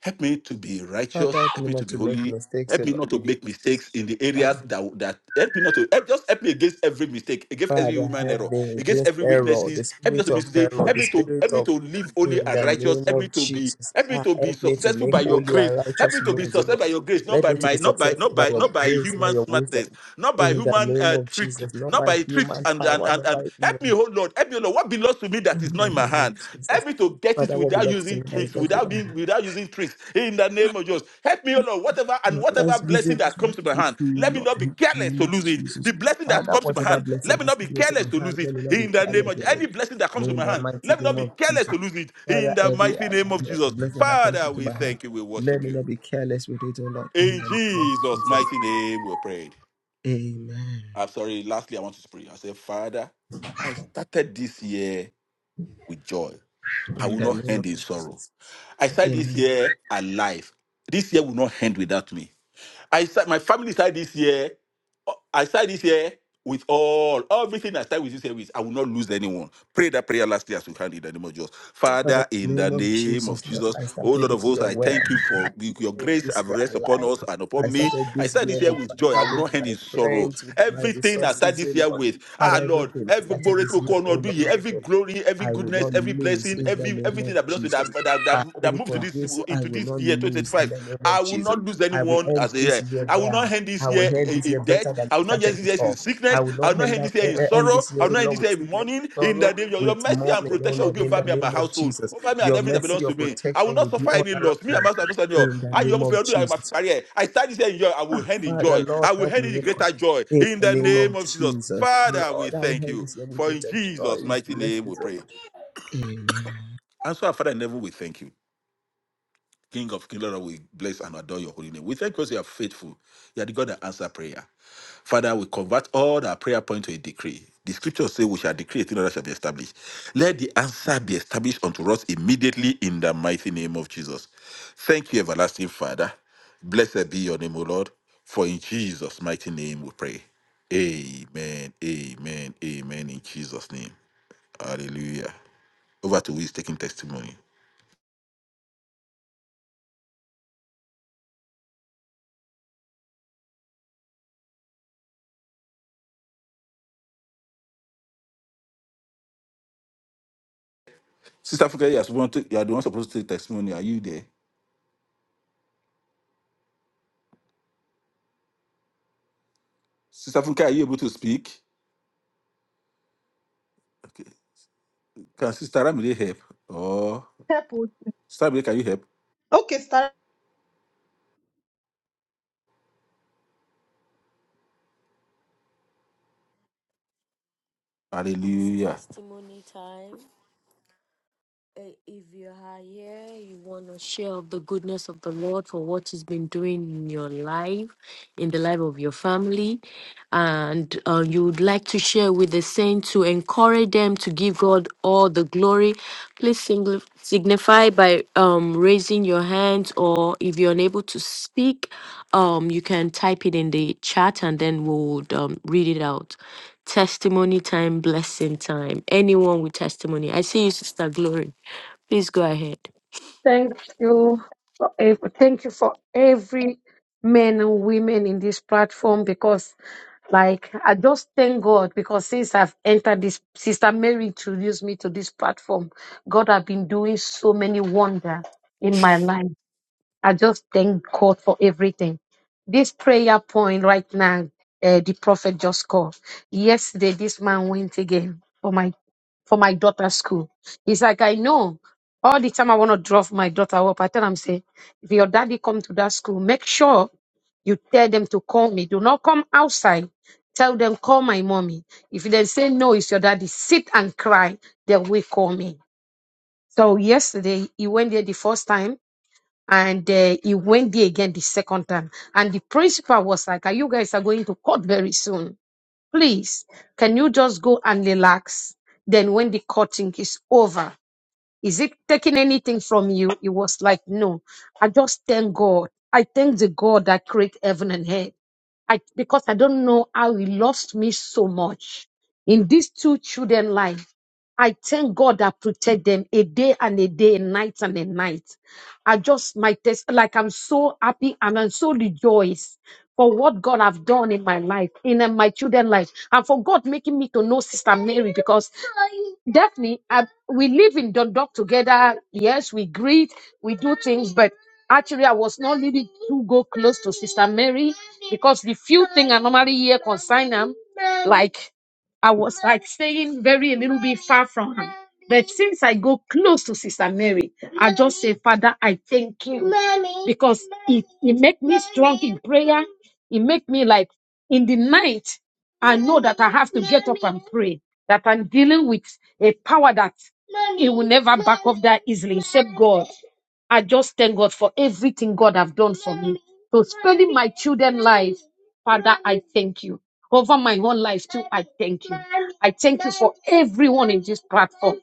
Speaker 7: Help me to be
Speaker 1: Father,
Speaker 7: righteous.
Speaker 1: help
Speaker 7: Help
Speaker 1: me
Speaker 7: me to
Speaker 1: not
Speaker 7: be
Speaker 1: to make
Speaker 7: holy.
Speaker 1: mistakes,
Speaker 7: Help me
Speaker 1: O
Speaker 7: not to make mistakes in the
Speaker 1: Lord.
Speaker 7: areas that that help me not to help, just help me against every mistake, against every
Speaker 1: Father,
Speaker 7: human
Speaker 1: help
Speaker 7: error,
Speaker 1: them
Speaker 7: against
Speaker 1: against
Speaker 7: every
Speaker 1: error, the
Speaker 7: weaknesses. Help me not
Speaker 1: spirit
Speaker 7: to be
Speaker 1: of
Speaker 7: today.
Speaker 1: error,
Speaker 7: Help
Speaker 1: the
Speaker 7: me to help
Speaker 1: spirit
Speaker 7: me
Speaker 1: of
Speaker 7: to live holy
Speaker 1: in
Speaker 7: and
Speaker 1: the
Speaker 7: righteous.
Speaker 1: name
Speaker 7: Help me
Speaker 1: of
Speaker 7: to be
Speaker 1: Jesus.
Speaker 7: help me
Speaker 1: Ah,
Speaker 7: to be
Speaker 1: help me to
Speaker 7: successful
Speaker 1: make
Speaker 7: by your
Speaker 1: holy
Speaker 7: grace.
Speaker 1: and
Speaker 7: Help
Speaker 1: righteous
Speaker 7: me to be
Speaker 1: moves, O
Speaker 7: successful by
Speaker 1: Lord.
Speaker 7: your grace, not
Speaker 1: Let
Speaker 7: by
Speaker 1: me to be
Speaker 7: my not by
Speaker 1: successful
Speaker 7: not
Speaker 1: by
Speaker 7: by
Speaker 1: your
Speaker 7: not by
Speaker 1: grace, by
Speaker 7: human
Speaker 1: your
Speaker 7: smartness,
Speaker 1: wisdom.
Speaker 7: not by
Speaker 1: In the
Speaker 7: human
Speaker 1: name
Speaker 7: uh,
Speaker 1: of
Speaker 7: trick,
Speaker 1: Jesus, not
Speaker 7: not
Speaker 1: by
Speaker 7: by tricks
Speaker 1: human
Speaker 7: and and
Speaker 1: power,
Speaker 7: and,
Speaker 1: not
Speaker 7: and
Speaker 1: by
Speaker 7: help me,
Speaker 1: human.
Speaker 7: oh Lord help me, Lord. What belongs to me that is
Speaker 1: In the
Speaker 7: not in my
Speaker 1: name of
Speaker 7: hand?
Speaker 1: Jesus.
Speaker 7: Help me to get it
Speaker 1: Father, what
Speaker 7: without
Speaker 1: belongs to
Speaker 7: using
Speaker 1: me that is
Speaker 7: tricks,
Speaker 1: that
Speaker 7: without being
Speaker 1: Lord.
Speaker 7: without using tricks. In the name of Jesus. Help me, O Lord, whatever and whatever
Speaker 1: Let's visit
Speaker 7: blessing that comes
Speaker 1: it
Speaker 7: to my
Speaker 1: to
Speaker 7: hand,
Speaker 1: you,
Speaker 7: let me
Speaker 1: Lord.
Speaker 7: not be
Speaker 1: In the
Speaker 7: careless
Speaker 1: name
Speaker 7: to
Speaker 1: of
Speaker 7: lose it.
Speaker 1: Jesus.
Speaker 7: The blessing that
Speaker 1: Father,
Speaker 7: comes to my
Speaker 1: whatever
Speaker 7: hand, let
Speaker 1: blessing
Speaker 7: me
Speaker 1: has
Speaker 7: not be
Speaker 1: come into
Speaker 7: careless
Speaker 1: my
Speaker 7: to
Speaker 1: hand,
Speaker 7: lose it.
Speaker 1: let me not be
Speaker 7: In the name
Speaker 1: careless
Speaker 7: of
Speaker 1: with
Speaker 7: any
Speaker 1: it.
Speaker 7: blessing that comes to
Speaker 1: In
Speaker 7: my
Speaker 1: the
Speaker 7: hand,
Speaker 1: mighty
Speaker 7: let me not
Speaker 1: name
Speaker 7: be
Speaker 1: of
Speaker 7: careless
Speaker 1: Jesus.
Speaker 7: to lose it. In
Speaker 1: Father,
Speaker 7: the
Speaker 1: every
Speaker 7: mighty name of
Speaker 1: uh,
Speaker 7: Jesus.
Speaker 1: blessing that comes
Speaker 7: Father,
Speaker 1: into
Speaker 7: we
Speaker 1: my hand,
Speaker 7: thank you. We
Speaker 1: let
Speaker 7: worship
Speaker 1: me
Speaker 7: you.
Speaker 1: not be careless with it, O Lord, in the
Speaker 7: In
Speaker 1: name of
Speaker 7: Jesus' mighty name, we prayed.
Speaker 1: Jesus.
Speaker 7: I'm sorry. Lastly, I want to pray. I say, Father, I started this year with joy.
Speaker 1: Amen.
Speaker 7: I
Speaker 1: In
Speaker 7: will
Speaker 1: the
Speaker 7: not
Speaker 1: name of
Speaker 7: end in sorrow.
Speaker 1: Jesus.
Speaker 7: I said this
Speaker 1: Amen.
Speaker 7: year alive. This year will not end without me. I start, my family started this year. uh, I started this year with all everything I start with this year with. I will not lose anyone. Pray that prayer last year as we can in the name of Jesus. Father,
Speaker 1: Father, in the
Speaker 7: in the
Speaker 1: name of
Speaker 7: name of
Speaker 1: Jesus, Lord,
Speaker 7: Jesus,
Speaker 1: I
Speaker 7: oh
Speaker 1: started
Speaker 7: Lord of
Speaker 1: this
Speaker 7: hosts,
Speaker 1: year
Speaker 7: I
Speaker 1: well.
Speaker 7: thank you
Speaker 1: I
Speaker 7: for your
Speaker 1: started
Speaker 7: grace
Speaker 1: this
Speaker 7: have
Speaker 1: year
Speaker 7: rest upon
Speaker 1: alive.
Speaker 7: us and upon
Speaker 1: I
Speaker 7: me.
Speaker 1: started
Speaker 7: I
Speaker 1: this
Speaker 7: start
Speaker 1: year
Speaker 7: this year
Speaker 1: with
Speaker 7: with joy. I
Speaker 1: my
Speaker 7: will
Speaker 1: family,
Speaker 7: not end in
Speaker 1: my
Speaker 7: sorrow.
Speaker 1: friends, with my
Speaker 7: Everything I start
Speaker 1: resources, O
Speaker 7: this year
Speaker 1: Lord.
Speaker 7: with, ah
Speaker 1: Father,
Speaker 7: Lord,
Speaker 1: everything I
Speaker 7: every
Speaker 1: started
Speaker 7: glory
Speaker 1: this year, Oh Lord,
Speaker 7: every
Speaker 1: with,
Speaker 7: glory, every
Speaker 1: I will
Speaker 7: goodness,
Speaker 1: not
Speaker 7: every
Speaker 1: lose
Speaker 7: blessing,
Speaker 1: in the
Speaker 7: every
Speaker 1: name of
Speaker 7: everything that belongs to
Speaker 1: Jesus.
Speaker 7: that that,
Speaker 1: I
Speaker 7: that, that
Speaker 1: pray
Speaker 7: moved to
Speaker 1: for
Speaker 7: this
Speaker 1: this. I
Speaker 7: into
Speaker 1: will
Speaker 7: this
Speaker 1: not
Speaker 7: year
Speaker 1: lose in the
Speaker 7: 2025.
Speaker 1: name
Speaker 7: I
Speaker 1: of
Speaker 7: will
Speaker 1: Jesus.
Speaker 7: not lose
Speaker 1: I will
Speaker 7: anyone
Speaker 1: end
Speaker 7: as a year.
Speaker 1: this year
Speaker 7: I will not
Speaker 1: well.
Speaker 7: end this
Speaker 1: I will
Speaker 7: year
Speaker 1: end
Speaker 7: in,
Speaker 1: this
Speaker 7: in
Speaker 1: year
Speaker 7: debt.
Speaker 1: better than
Speaker 7: I will
Speaker 1: I
Speaker 7: not end
Speaker 1: started it
Speaker 7: this year in
Speaker 1: off. I
Speaker 7: sickness.
Speaker 1: will
Speaker 7: I
Speaker 1: not
Speaker 7: will not
Speaker 1: end,
Speaker 7: end
Speaker 1: that,
Speaker 7: this year in
Speaker 1: eh, eh, end
Speaker 7: sorrow.
Speaker 1: this
Speaker 7: I
Speaker 1: year,
Speaker 7: will
Speaker 1: oh
Speaker 7: not end
Speaker 1: Lord,
Speaker 7: this
Speaker 1: with
Speaker 7: year in
Speaker 1: sickness,
Speaker 7: mourning. In
Speaker 1: sorrow,
Speaker 7: the name of your
Speaker 1: with
Speaker 7: mercy and
Speaker 1: mourning, oh
Speaker 7: protection will be
Speaker 1: Lord, in
Speaker 7: over
Speaker 1: the
Speaker 7: me and my
Speaker 1: name of
Speaker 7: household,
Speaker 1: Jesus.
Speaker 7: over me and
Speaker 1: Your
Speaker 7: everything that
Speaker 1: mercy,
Speaker 7: belongs
Speaker 1: your
Speaker 7: to me. I will
Speaker 1: protection
Speaker 7: not
Speaker 1: will be
Speaker 7: suffer
Speaker 1: all
Speaker 7: any
Speaker 1: around
Speaker 7: loss. Me
Speaker 1: me
Speaker 7: and my household, I do
Speaker 1: in the
Speaker 7: I you
Speaker 1: name
Speaker 7: almost
Speaker 1: of
Speaker 7: do I must
Speaker 1: Jesus.
Speaker 7: carry I start this year in joy. I will end in
Speaker 1: Father,
Speaker 7: joy.
Speaker 1: Lord,
Speaker 7: I will
Speaker 1: help
Speaker 7: end
Speaker 1: me,
Speaker 7: in
Speaker 1: oh
Speaker 7: greater
Speaker 1: Lord.
Speaker 7: joy.
Speaker 1: In
Speaker 7: In
Speaker 1: the
Speaker 7: the
Speaker 1: name
Speaker 7: name
Speaker 1: of
Speaker 7: of Jesus.
Speaker 1: Jesus,
Speaker 7: Father, we
Speaker 1: Lord, I will
Speaker 7: thank
Speaker 1: end
Speaker 7: you.
Speaker 1: this year with
Speaker 7: For in
Speaker 1: greater joy,
Speaker 7: Jesus'
Speaker 1: with
Speaker 7: mighty name we
Speaker 1: blessings. oh Lord.
Speaker 7: pray. And so, our Father in heaven, we thank you. King of Kings, Lord, we bless and adore your holy name. We thank you because you are faithful. You are the God that answers prayer. Father, we convert all our prayer point to a decree. The scriptures say we shall decree a thing that shall be established. Let the answer be established unto us immediately in the mighty name of Jesus. Thank you, everlasting Father. Blessed be your name, O Lord. For in Jesus' mighty name we pray. Amen. Amen. Amen. In Jesus' name. Hallelujah. Over to who is taking testimony. Sister Funke, you are, supposed to- you are the one supposed to take testimony. Are you there? Sister Funke, are you able to speak? Okay. Can Sister Ramide help? Oh,
Speaker 5: Help us.
Speaker 7: Sister Ramide, can you help?
Speaker 5: Okay, start.
Speaker 2: It's
Speaker 7: Hallelujah.
Speaker 2: testimony time. Eh, If you are here, you want to share of the goodness of the Lord for what He's been doing in your life, in the life of your family, and uh, you would like to share with the saints to encourage them to give God all the glory, please singl- signify by um, raising your hand, or if you're unable to speak, um, you can type it in the chat and then we'll um, read it out. Testimony time, blessing time. Anyone with testimony. I see you, Sister Glory. Please go ahead.
Speaker 8: Thank you. For ev- thank you for every men and women in this platform because like I just thank God because since I've entered this sister Mary introduced me to this platform, God have been doing so many wonder in my life. I just thank God for everything. This prayer point right now, uh, the prophet just called. Yesterday, this man went again for my for my daughter's school. He's like, I know. All the time I want to drop my daughter up. I tell him, say, if your daddy come to that school, make sure you tell them to call me. Do not come outside. Tell them call my mommy. If they say no, it's your daddy. Sit and cry. They will call me. So yesterday he went there the first time and uh, he went there again the second time and the principal was like "Ah, you guys are going to court very soon please can you just go and relax then when the courting is over is it taking anything from you? It was like, no. I just thank God. I thank the God that created heaven and earth. I because I don't know how he lost me so much in these two children life. I thank God that protect them a day and a day, a night and a night. I just my test like I'm so happy and I'm so rejoiced for what God have done in my life, in uh, my children life, and for God making me to know Sister Mary because Daphne, I, we live in Dundalk together. Yes, we greet, we do things, but actually, I was not really to go close to Sister Mary because the few thing I normally hear concern them, like I was like staying very a little bit far from her. But since I go close to Sister Mary, I just say, Father, I thank you because it it make me strong in prayer. It make me like in the night. I know that I have to get up and pray, that I'm dealing with a power that it will never back off that easily, except God. I just thank God for everything God have done for me. So spending my children's life, Father, I thank you. Over my own life too, I thank you. I thank you for everyone in this platform.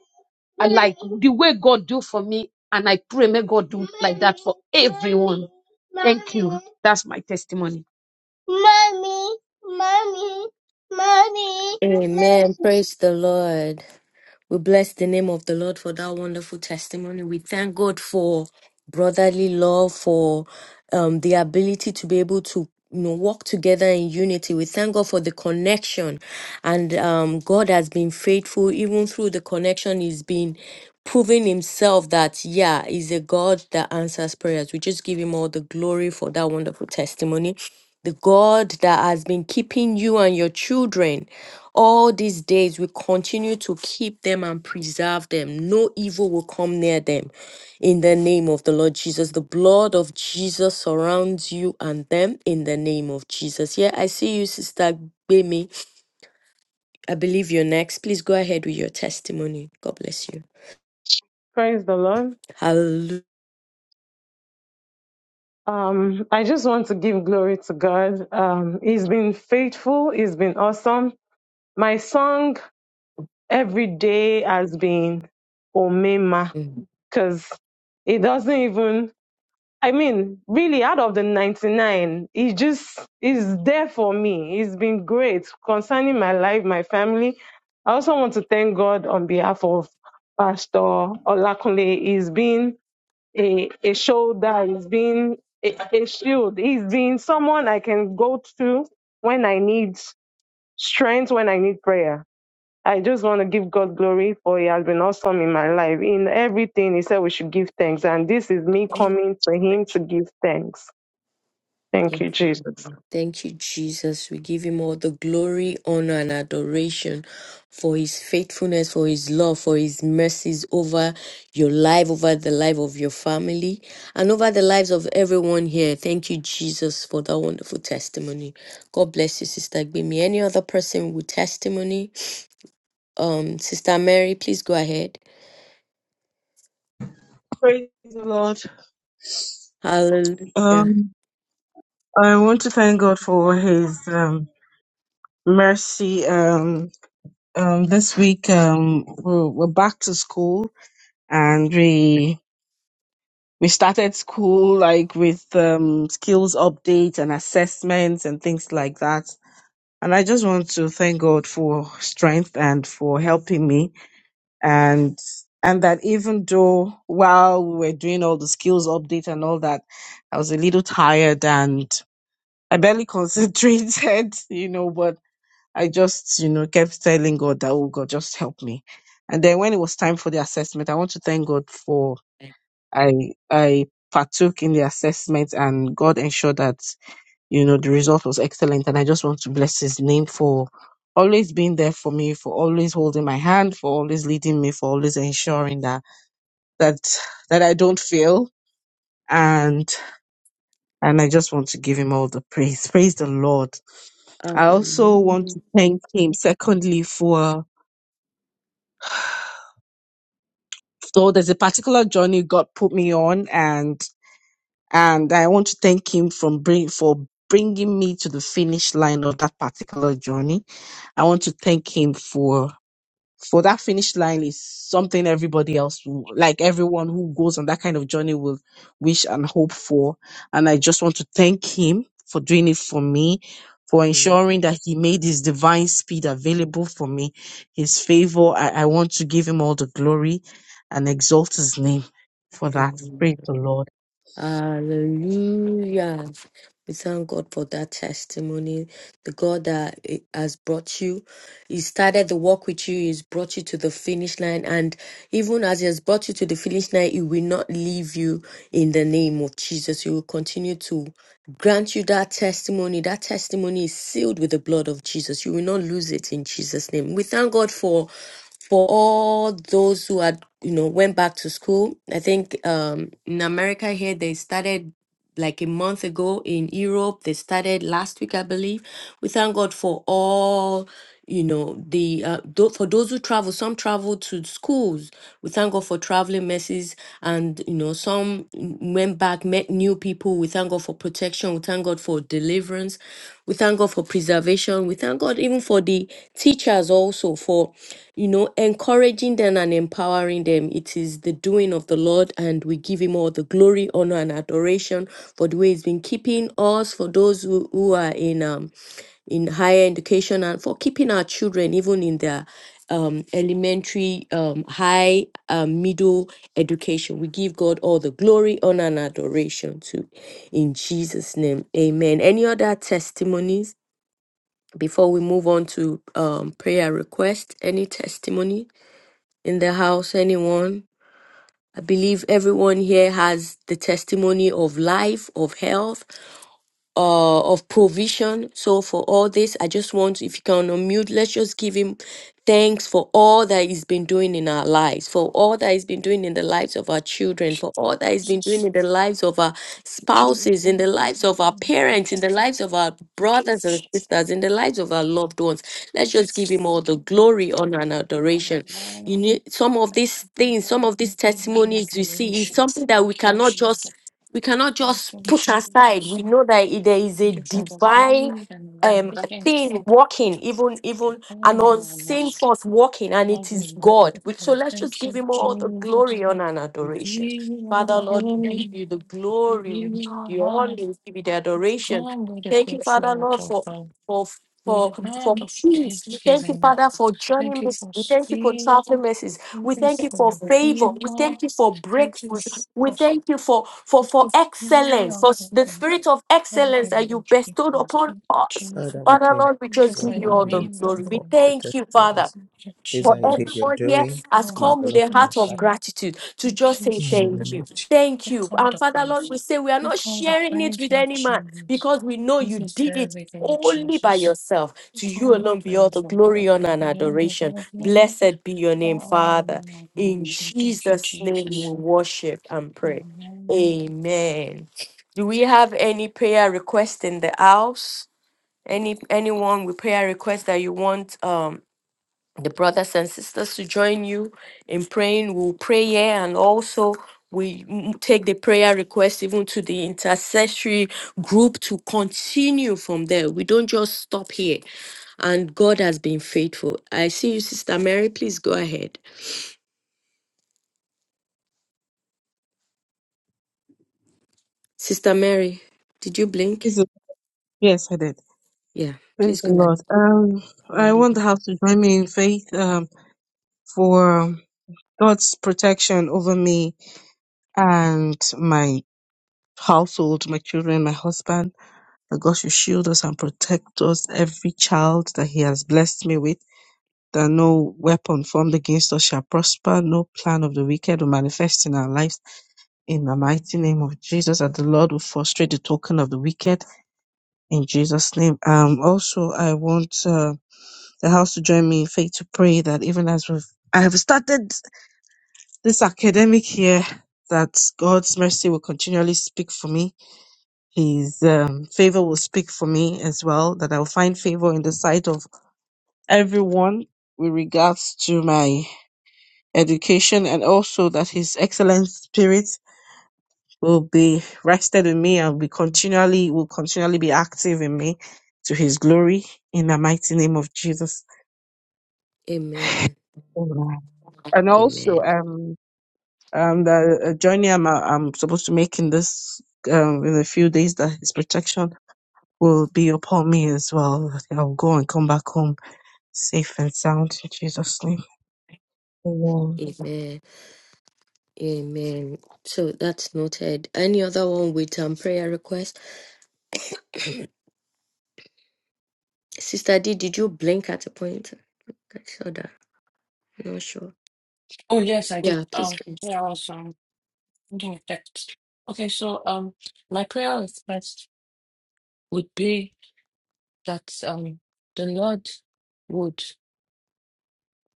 Speaker 8: I like the way God do for me, and I pray may God do like that for everyone. Thank you. That's my testimony. Mommy, mommy, mommy, mommy.
Speaker 2: Amen. Praise the Lord. We bless the name of the Lord for that wonderful testimony. We thank God for brotherly love, for um, the ability to be able to you know walk together in unity. We thank God for the connection, and um, God has been faithful even through the connection. He's been proving himself that yeah, he's a God that answers prayers. We just give him all the glory for that wonderful testimony. the God that has been keeping you and your children all these days will continue to keep them and preserve them. No evil will come near them. In the name of the Lord Jesus, the blood of Jesus surrounds you and them in the name of Jesus. Yeah, I see you, Sister Bemi. I believe you're next. Please go ahead with your testimony. God bless you.
Speaker 9: Praise the Lord.
Speaker 2: Hallelujah.
Speaker 9: Um, I just want to give glory to God. Um, he's been faithful. He's been awesome. My song every day has been Omema
Speaker 2: Mhm.
Speaker 9: because it doesn't even, I mean, really out of the 99, he just is there for me. He's been great concerning my life, my family. I also want to thank God on behalf of Pastor Olakunle. He's been a, a shoulder, he's being a, a shield, he's being someone I can go to when I need strength, when I need prayer. I just want to give God glory for He has been awesome in my life. In everything, He said we should give thanks. And this is me coming to Him to give thanks. Thank
Speaker 2: Amen.
Speaker 9: you, Jesus.
Speaker 2: Thank you, Jesus. We give him all the glory, honor, and adoration for his faithfulness, for his love, for his mercies over your life, over the life of your family, and over the lives of everyone here. Thank you, Jesus, for that wonderful testimony. God bless you, Sister Gbimi. Any other person with testimony? Um, Sister Mary, please go ahead.
Speaker 4: Praise the Lord.
Speaker 2: Hallelujah.
Speaker 4: Um, I want to thank God for His um, mercy. Um, um, this week um, we're, we're back to school, and we we started school like with um, skills updates and assessments and things like that. And I just want to thank God for strength and for helping me and and that even though while we were doing all the skills update and all that, I was a little tired and I barely concentrated, you know, but I just, you know, kept telling God that, oh God, just help me. And then when it was time for the assessment, I want to thank God for I I partook in the assessment and God ensured that, you know, the result was excellent. And I just want to bless his name for always being there for me, for always holding my hand, for always leading me, for always ensuring that that that I don't feel and and I just want to give him all the praise. Praise the Lord. I
Speaker 2: Hallelujah.
Speaker 4: also want to thank him secondly for so there's a particular journey God put me on and and I want to thank him from bring for bringing me to the finish line of that particular journey. I want to thank him for for that finish line is something everybody else will- like everyone who goes on that kind of journey will wish and hope for and i just want to thank him for doing it for me for ensuring that he made his divine speed available for me his favor i, I want to give him all the glory and exalt his name for that praise the lord
Speaker 2: Hallelujah. We thank God for that testimony. The God that eh, has brought you, He started the work with you, He's brought you to the finish line. And even as He has brought you to the finish line, He will not leave you in the name of Jesus. He will continue to grant you that testimony. That testimony is sealed with the blood of Jesus. You will not lose it in Jesus' name. We thank God for for all those who had you know went back to school i think um in america here they started like a month ago in Europe. They started last week, I believe. We thank God for all, you know, the uh, tho- for those who travel. Some travel to schools. We thank God for traveling mercies and you know some went back met new people we thank god for protection we thank god for deliverance we thank god for preservation we thank god even for the teachers also for you know encouraging them and empowering them it is the doing of the lord and we give him all the glory honor and adoration for the way he's been keeping us for those who, who are in um in higher education and for keeping our children even in their um, elementary, um, high, um, middle education. We give God all the glory, honor, and adoration to. In Jesus' name, amen. Any other testimonies before we move on to um, prayer request? Any testimony in the house? Anyone? I believe everyone here has the testimony of life, of health, uh, of provision. So for all this, I just want, if you can unmute, let's just give him thanks for all that he's been doing in our lives, for all that he's been doing in the lives of our children, for all that he's been doing
Speaker 6: Jesus.
Speaker 2: in the lives of our spouses, in the lives of our parents, in
Speaker 6: Okay.
Speaker 2: the lives of our brothers and sisters, in the lives of our loved ones. Let's just give him all the glory, honor, and adoration.
Speaker 6: Okay.
Speaker 2: You need some of these things, some of these
Speaker 6: Amen.
Speaker 2: testimonies you see is
Speaker 6: Adoration.
Speaker 2: something that we
Speaker 6: Thank you,
Speaker 2: cannot just
Speaker 6: Jesus.
Speaker 2: we cannot
Speaker 6: Thank
Speaker 2: just
Speaker 6: you,
Speaker 2: put aside
Speaker 6: Jesus.
Speaker 2: we know that i- there is a
Speaker 6: Thank you for the
Speaker 2: divine
Speaker 6: great and mighty
Speaker 2: um
Speaker 6: things.
Speaker 2: thing working even even an
Speaker 6: Oh, your
Speaker 2: unseen
Speaker 6: next.
Speaker 2: force working and it is
Speaker 6: Okay.
Speaker 2: god which so let's just
Speaker 6: Thank
Speaker 2: give
Speaker 6: you,
Speaker 2: him all the
Speaker 6: Jesus.
Speaker 2: glory honor and
Speaker 6: We give
Speaker 2: adoration
Speaker 6: you all
Speaker 2: father
Speaker 6: the
Speaker 2: lord we give
Speaker 6: glory.
Speaker 2: you the
Speaker 6: We
Speaker 2: glory we
Speaker 6: give you
Speaker 2: give
Speaker 6: all
Speaker 2: you honor
Speaker 6: honor.
Speaker 2: we give you the
Speaker 6: we
Speaker 2: adoration
Speaker 6: come with a
Speaker 2: thank you
Speaker 6: grateful
Speaker 2: father
Speaker 6: heart
Speaker 2: lord
Speaker 6: of
Speaker 2: for
Speaker 6: God,
Speaker 2: for
Speaker 6: with
Speaker 2: for
Speaker 6: a
Speaker 2: for
Speaker 6: heart of
Speaker 2: peace we thank you
Speaker 6: thanksgiving.
Speaker 2: father for journey
Speaker 6: Thank you
Speaker 2: mercy
Speaker 6: for
Speaker 2: we thank you for
Speaker 6: speed.
Speaker 2: traveling mercies
Speaker 6: Thank
Speaker 2: we
Speaker 6: you
Speaker 2: thank you
Speaker 6: for
Speaker 2: for
Speaker 6: your
Speaker 2: favor we
Speaker 6: favor.
Speaker 2: thank you for
Speaker 6: Thank you
Speaker 2: breakthrough we
Speaker 6: for
Speaker 2: thank you for, for, for excellence, for s- the
Speaker 6: speaking.
Speaker 2: spirit of
Speaker 6: Holy Lord,
Speaker 2: excellence
Speaker 6: in the
Speaker 2: that you bestowed upon
Speaker 6: Jesus,
Speaker 2: us.
Speaker 1: Father,
Speaker 6: Jesus,
Speaker 1: we
Speaker 2: Father,
Speaker 1: thank you,
Speaker 2: Lord, we
Speaker 6: thank you
Speaker 2: just give
Speaker 6: for
Speaker 2: you
Speaker 1: worship
Speaker 6: your
Speaker 2: all the
Speaker 1: you,
Speaker 2: glory.
Speaker 1: Lord,
Speaker 2: We
Speaker 6: miracle.
Speaker 1: for the
Speaker 2: thank you, Father
Speaker 1: testimonies.
Speaker 6: Thank you,
Speaker 1: These
Speaker 2: for
Speaker 1: are indeed your
Speaker 6: Jesus.
Speaker 2: everyone here
Speaker 1: doing,
Speaker 2: has
Speaker 6: Lord,
Speaker 2: come with
Speaker 1: marvelous
Speaker 2: a
Speaker 6: thank
Speaker 1: and
Speaker 2: heart of
Speaker 1: unsearchable
Speaker 6: you.
Speaker 2: gratitude to
Speaker 6: Thank
Speaker 2: just
Speaker 6: you,
Speaker 2: say
Speaker 1: in the
Speaker 2: thank
Speaker 6: Jesus.
Speaker 1: name
Speaker 2: you.
Speaker 1: of Jesus.
Speaker 2: Thank you.
Speaker 6: Take all
Speaker 2: And
Speaker 6: the
Speaker 2: Father Lord,
Speaker 6: praise.
Speaker 2: we say we are not
Speaker 6: Take all the
Speaker 2: sharing it
Speaker 6: praise,
Speaker 2: with
Speaker 6: Lord
Speaker 2: any man
Speaker 6: Jesus.
Speaker 2: because we know you
Speaker 6: This is
Speaker 2: did it
Speaker 6: very Lord
Speaker 2: only by
Speaker 6: Jesus.
Speaker 2: yourself. To
Speaker 6: Take
Speaker 2: you
Speaker 6: all the
Speaker 2: alone be all
Speaker 6: praise,
Speaker 2: the
Speaker 6: Lord
Speaker 2: glory,
Speaker 6: God.
Speaker 2: honor, and
Speaker 6: And you be
Speaker 2: adoration.
Speaker 6: all glory,
Speaker 2: Blessed be your name,
Speaker 6: all honor,
Speaker 2: Father.
Speaker 6: and all
Speaker 2: In
Speaker 6: adoration. Thank you,
Speaker 2: Jesus' name we
Speaker 6: Jesus.
Speaker 2: worship and pray.
Speaker 6: Amen.
Speaker 2: Amen. Do we have any prayer request in the house? Any anyone with prayer request that you want um the brothers and sisters to join you in praying. We'll pray here and also we m- take the prayer request even to the intercessory group to continue from there. We don't just stop here. And God has been faithful. I see you, Sister Mary. Please go ahead. Sister Mary, did you blink?
Speaker 4: Is it- yes i did
Speaker 2: Yeah, please
Speaker 4: praise the
Speaker 2: go
Speaker 4: lord um i
Speaker 2: ahead.
Speaker 4: want the house to join me in faith um, for god's protection over me and my household, my children, my husband, that God should shield us and protect us, every child that He has blessed me with, that no weapon formed against us shall prosper, no plan of the wicked will manifest in our lives. In the mighty name of Jesus, that the Lord will frustrate the token of the wicked. In Jesus' name. Um, also, I want uh, the house to join me in faith to pray that even as we've I have started this academic year, that God's mercy will continually speak for me His um, favor will speak for me as well, that I'll find favor in the sight of everyone with regards to my education, and also that His excellent spirit will be rested in me and be continually will continually be active in me to His glory in the mighty name of Jesus.
Speaker 2: Amen.
Speaker 4: Amen. And also,
Speaker 2: Amen.
Speaker 4: um, um, the uh, journey I'm, uh, I'm supposed to make in this um, in a few days, that His protection will be upon me as well. I'll go and come back home safe and sound in Jesus' name. Amen.
Speaker 2: Amen. Amen. So that's noted. Any other one with um prayer request? Sister D, did you blink at a point? I saw that. I'm not sure.
Speaker 6: Oh, yes, I did.
Speaker 2: Yeah, please.
Speaker 6: Um,
Speaker 2: go.
Speaker 6: yeah, I was, um, Okay, thanks. Okay, so um, my prayer request would be that um, the Lord would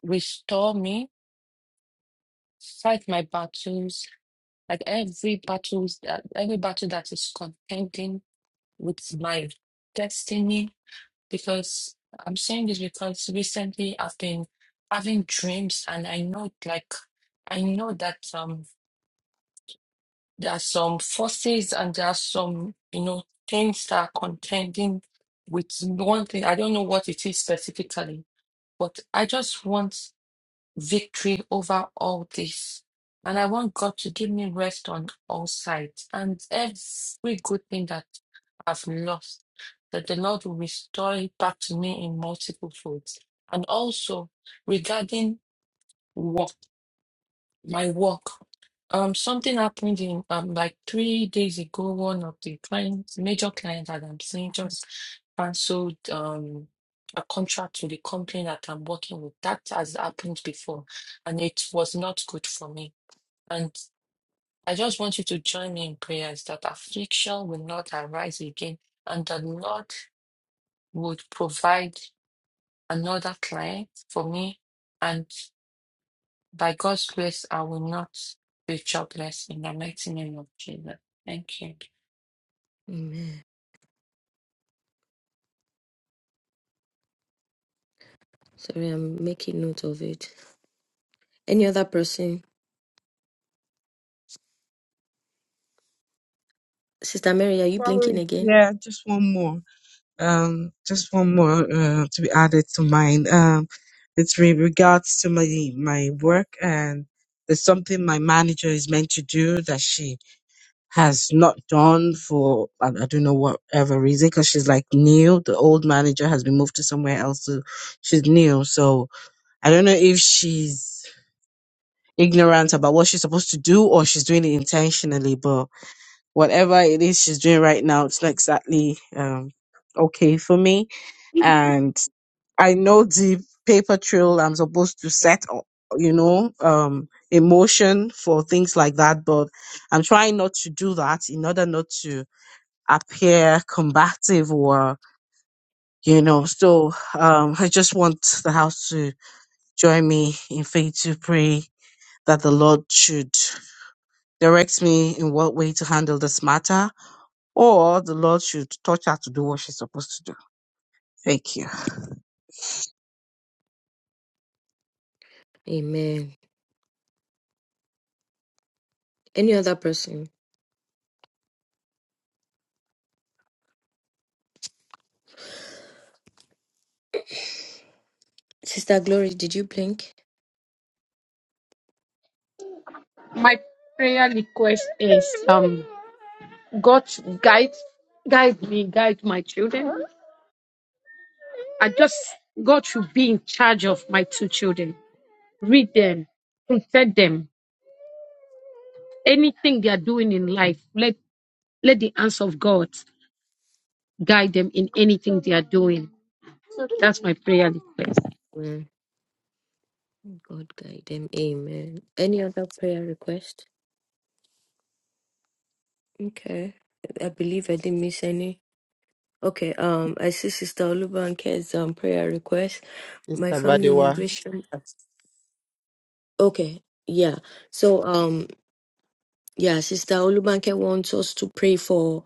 Speaker 6: restore me, fight my battles, like every battles that every battle that is contending with my destiny. Because I'm saying this because recently I've been having dreams, and I know, like, I know that um. There are some forces and there are some, you know, things that are contending with one thing. I don't know what it is specifically, but I just want victory over all this. And I want God to give me rest on all sides and every good thing that I've lost, that the Lord will restore it back to me in multiple folds. And also regarding work my work. Um, something happened in um like three days ago. One of the clients, major client that I'm seeing, just canceled um a contract with the company that I'm working with. That has happened before, and it was not good for me. And I just want you to join me in prayers that affliction will not arise again, and that Lord would provide another client for me By God's grace, I will not be jobless in the mighty name of Jesus. Thank you.
Speaker 2: Amen. Sorry, I'm making note of it. Any other person? Sister Mary, are you blinking
Speaker 4: Sorry,
Speaker 2: again?
Speaker 4: yeah, just one more. Um, just one more uh, to be added to mine. Um, it's with regards to my my work and there's something my manager is meant to do that she has not done for I, I don't know whatever reason because she's like new. The old manager has been moved to somewhere else, so she's new. So I don't know if she's ignorant about what she's supposed to do or she's doing it intentionally, but whatever it is she's doing right now, it's not exactly um, okay for me. And I know the paper trail I'm supposed to set, o- you know, um, emotion for things like that, but I'm trying not to do that in order not to appear combative or, you know, so um, I just want the house to join me in faith to pray that the Lord should. directs me in what way to handle this matter, or the Lord should touch her to do what she's supposed to do. Thank you.
Speaker 2: Amen. Any other person? Sister Glory, did you blink?
Speaker 8: My prayer request is um God to guide guide me, guide my children. I just God should be in charge of my two children. Read them, protect them. Anything they are doing in life, let let the answer of God guide them in anything they are doing. That's my prayer request.
Speaker 2: Mm, God guide them. Amen. Any other prayer request? Okay. I believe I didn't miss any. Okay. Um, I see Sister Olubanke's um prayer request. My
Speaker 1: Sister
Speaker 2: family
Speaker 1: Badiwa,
Speaker 2: immigration. Okay. Yeah. So um yeah, Sister Olubanke wants us to pray for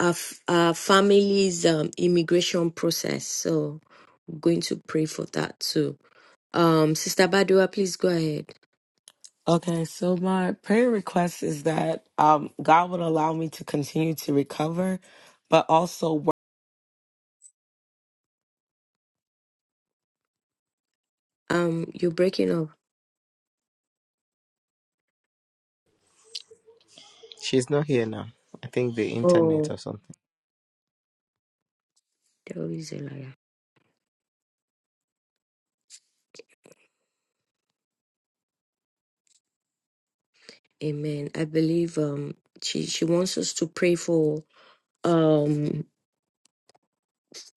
Speaker 2: our, f- our family's um immigration process. So I'm going to pray for that too. Um, Sister Badua, please go ahead.
Speaker 10: Okay, so my prayer request is that um, God would allow me to continue to recover, but also, work.
Speaker 2: Um, you're breaking up.
Speaker 1: she's not here now. I think the internet
Speaker 2: Oh,
Speaker 1: or something.
Speaker 2: there is a liar. Amen. I believe um she she wants us to pray for um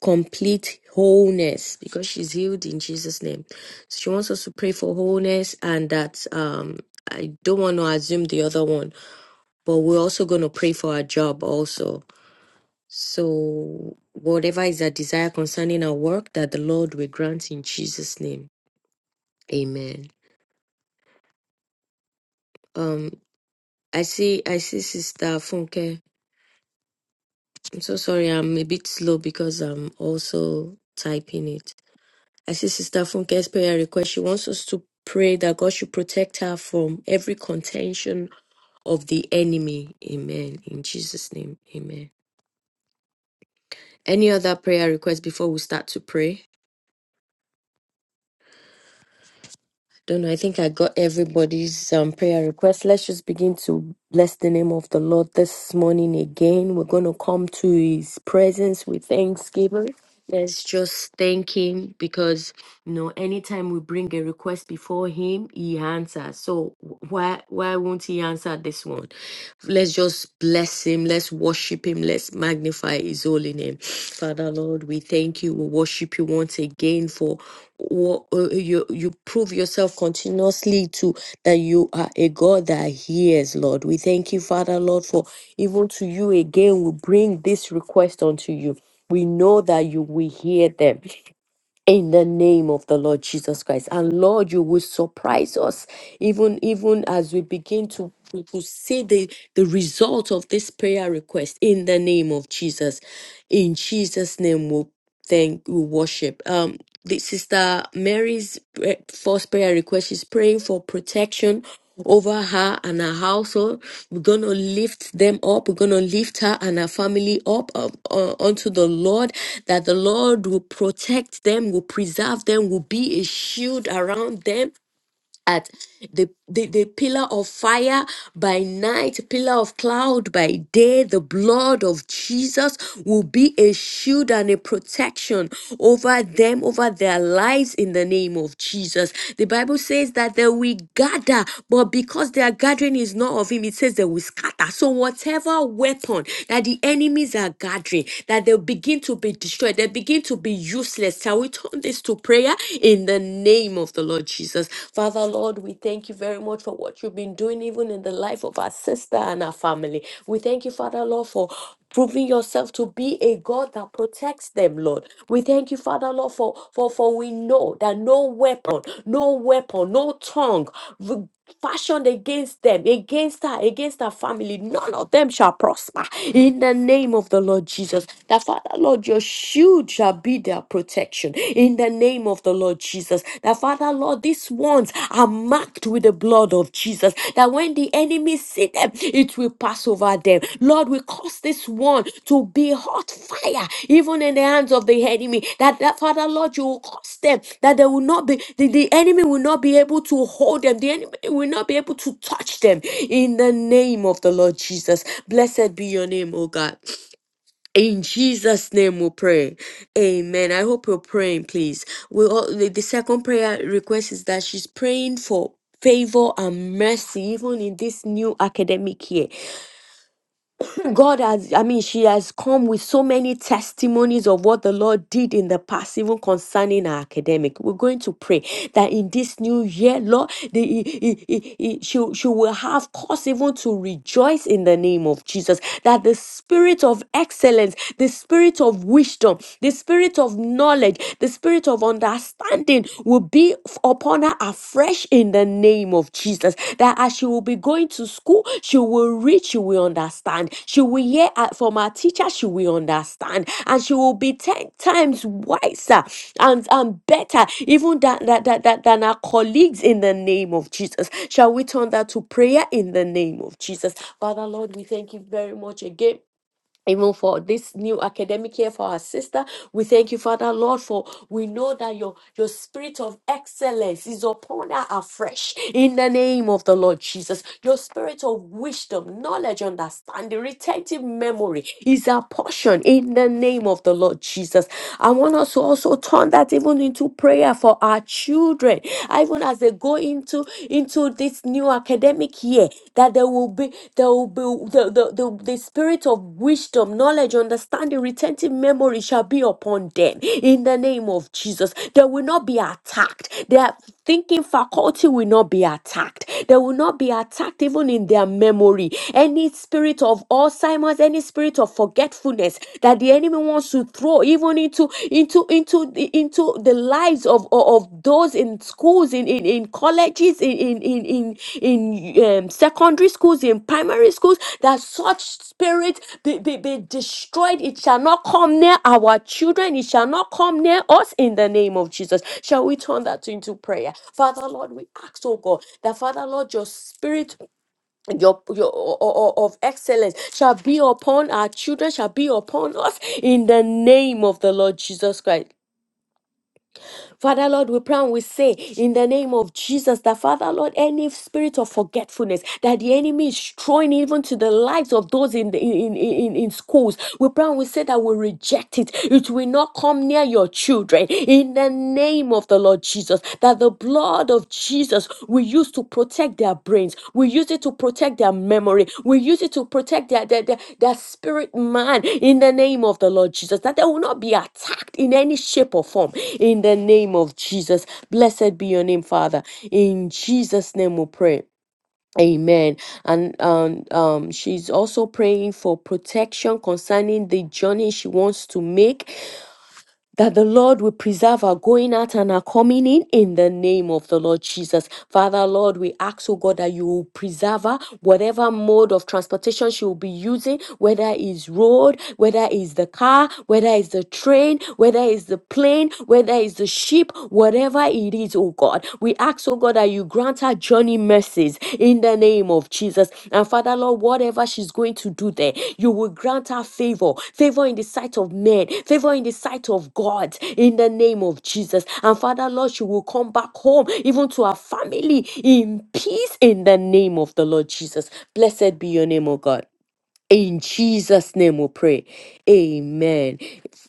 Speaker 2: complete wholeness because she's healed in Jesus' name. She wants us to pray for wholeness and that um I don't want to assume the other one, but we're also gonna pray for our job also. So whatever is our desire concerning our work that the Lord will grant in Jesus' name. Amen. Um I see I see Sister Funke. I'm so sorry, I'm a bit slow because I'm also typing it. I see Sister Funke's prayer request. She wants us to pray that God should protect her from every contention of the enemy. Amen. In Jesus' name, amen. Any other prayer request before we start to pray? Don't know. I think I got everybody's um, prayer request. Let's just begin to bless the name of the Lord this morning again. We're going to come to His presence with thanksgiving. Let's just thank Him because you know anytime we bring a request before Him, He answers. So why why won't He answer this one? Let's just bless Him. Let's worship Him. Let's magnify His holy name. Father Lord, we thank you. We worship you once again for wo- uh, you you prove yourself continuously to that you are a God that hears, Lord. We thank you, Father, Lord, for even to you again we bring this request unto you. We know that you will hear them in the name of the Lord Jesus Christ. And Lord, you will surprise us even even as we begin to to to see the, the result of this prayer request in the name of Jesus. In Jesus' name we thank we worship. Um the sister Mary's pre- first prayer request. She's praying for protection over her and her household. We're gonna lift them up. We're gonna lift her and her family up uh, uh, unto the Lord. That the Lord will protect them, will preserve them, will be a shield around them at the, the the pillar of fire by night pillar of cloud by day the blood of jesus will be a shield and a protection over them over their lives in the name of jesus the bible says that they will gather but because their gathering is not of him it says they will scatter so whatever weapon that the enemies are gathering that they'll begin to be destroyed they begin to be useless shall we turn this to prayer prayer in the name of the Lord Jesus. Father, Lord, we thank you very much for what you've been doing, even in the life of our sister and our family. We thank you, Father, Lord, for proving yourself to be a God that protects them, Lord. We thank you, Father, Lord, for, for, for we know that no weapon, no weapon, no tongue fashioned against them, against her, against her family, none of them shall prosper. In the name of the Lord Jesus, that Father, Lord, your shield shall be their protection. In the name of the Lord Jesus, that Father, Lord, these ones are marked with the blood of Jesus. That when the enemy see them, it will pass over them. Lord, we cause this one to be hot fire, even in the hands of the enemy. That, that Father, Lord, you will cause them that they will not be, the, the enemy will not be able to hold them, the enemy will not be able to touch them. In the name of the Lord Jesus, blessed be your name, oh God. In Jesus' name we pray. Amen. I hope you're praying, please. We all, the, the second prayer request is that she's praying for favor and mercy even in this new academic year God has, I mean, she has come with so many testimonies of what the Lord did in the past, even concerning our academic. We're going to pray that in this new year, Lord, the, i- i- i- i- she, she will have cause even to rejoice in the name of Jesus. That the spirit of excellence, the spirit of wisdom, the spirit of knowledge, the spirit of understanding will be be f- upon her afresh in the name of Jesus. That as she will be going to school, she will read, she will understand. She will hear uh, from her teacher, she will understand. And she will be 10 times wiser and, and better, even than, than, than, than than her colleagues in the name of Jesus. Shall we turn that to prayer in the name of Jesus? Father, Lord, we thank you very much again even for this new academic year for our sister. We thank you, Father Lord, for we know that your, your spirit of excellence is upon her afresh in the name of the Lord Jesus. Your spirit of wisdom, knowledge, understanding, retentive memory is our portion in the name of the Lord Jesus. I want us to also turn that even into prayer for our children, even as they go into into into this new academic year that there will be there will be the the, the, the spirit of wisdom knowledge understanding retentive memory shall be upon them in the name of jesus they will not be attacked their thinking faculty will not be attacked they will not be attacked even in their memory any spirit of alzheimer's any spirit of forgetfulness that the enemy wants to to throw even into into into the- into the lives of of of those in schools in in, in colleges in in in in, in um, secondary schools in primary schools that such spirit be, be, be destroyed it shall not come near our children it shall not come near us in the name of jesus shall we turn that into prayer father lord we ask oh god that father lord your spirit your, your o- o- o- of excellence shall be upon our children, shall be upon us in the name of the Lord Jesus Christ. Father Lord, we pray and we say in the name of Jesus that Father Lord, any spirit of forgetfulness that the enemy is throwing even to the lives of those in the, in, in, in in schools, we pray and we say that we reject it. It will not come near your children in the name of the Lord Jesus. That the blood of of Jesus, we use to protect their brains. We use it to protect their memory. We use it to protect their, their, their, their spirit man in the name of the Lord Jesus, that they will not be attacked in any shape or form in the name of Jesus. Blessed be your name, Father. In Jesus' name we pray. Amen. And um, um, she's also praying for protection concerning the journey she wants to make that the Lord will preserve our going out and our coming in in the name of the Lord Jesus. Father, Lord, we ask, oh God, that you will preserve her, whatever mode of transportation she will be using, whether it's road, whether it's the car, whether it's the train, whether it's the plane, whether it's the ship, whatever it is, oh God. We ask, oh God, that that you grant her journey mercies in the name of Jesus. And Father, Lord, whatever she's going to do there, you will grant her favor, favor in the sight of men, favor in the sight of God, in the name of Jesus. And Father, Lord, she will come back home, even to her family, in peace, in the name of the Lord Jesus. Blessed be your name, O God. In Jesus' name we pray. Amen.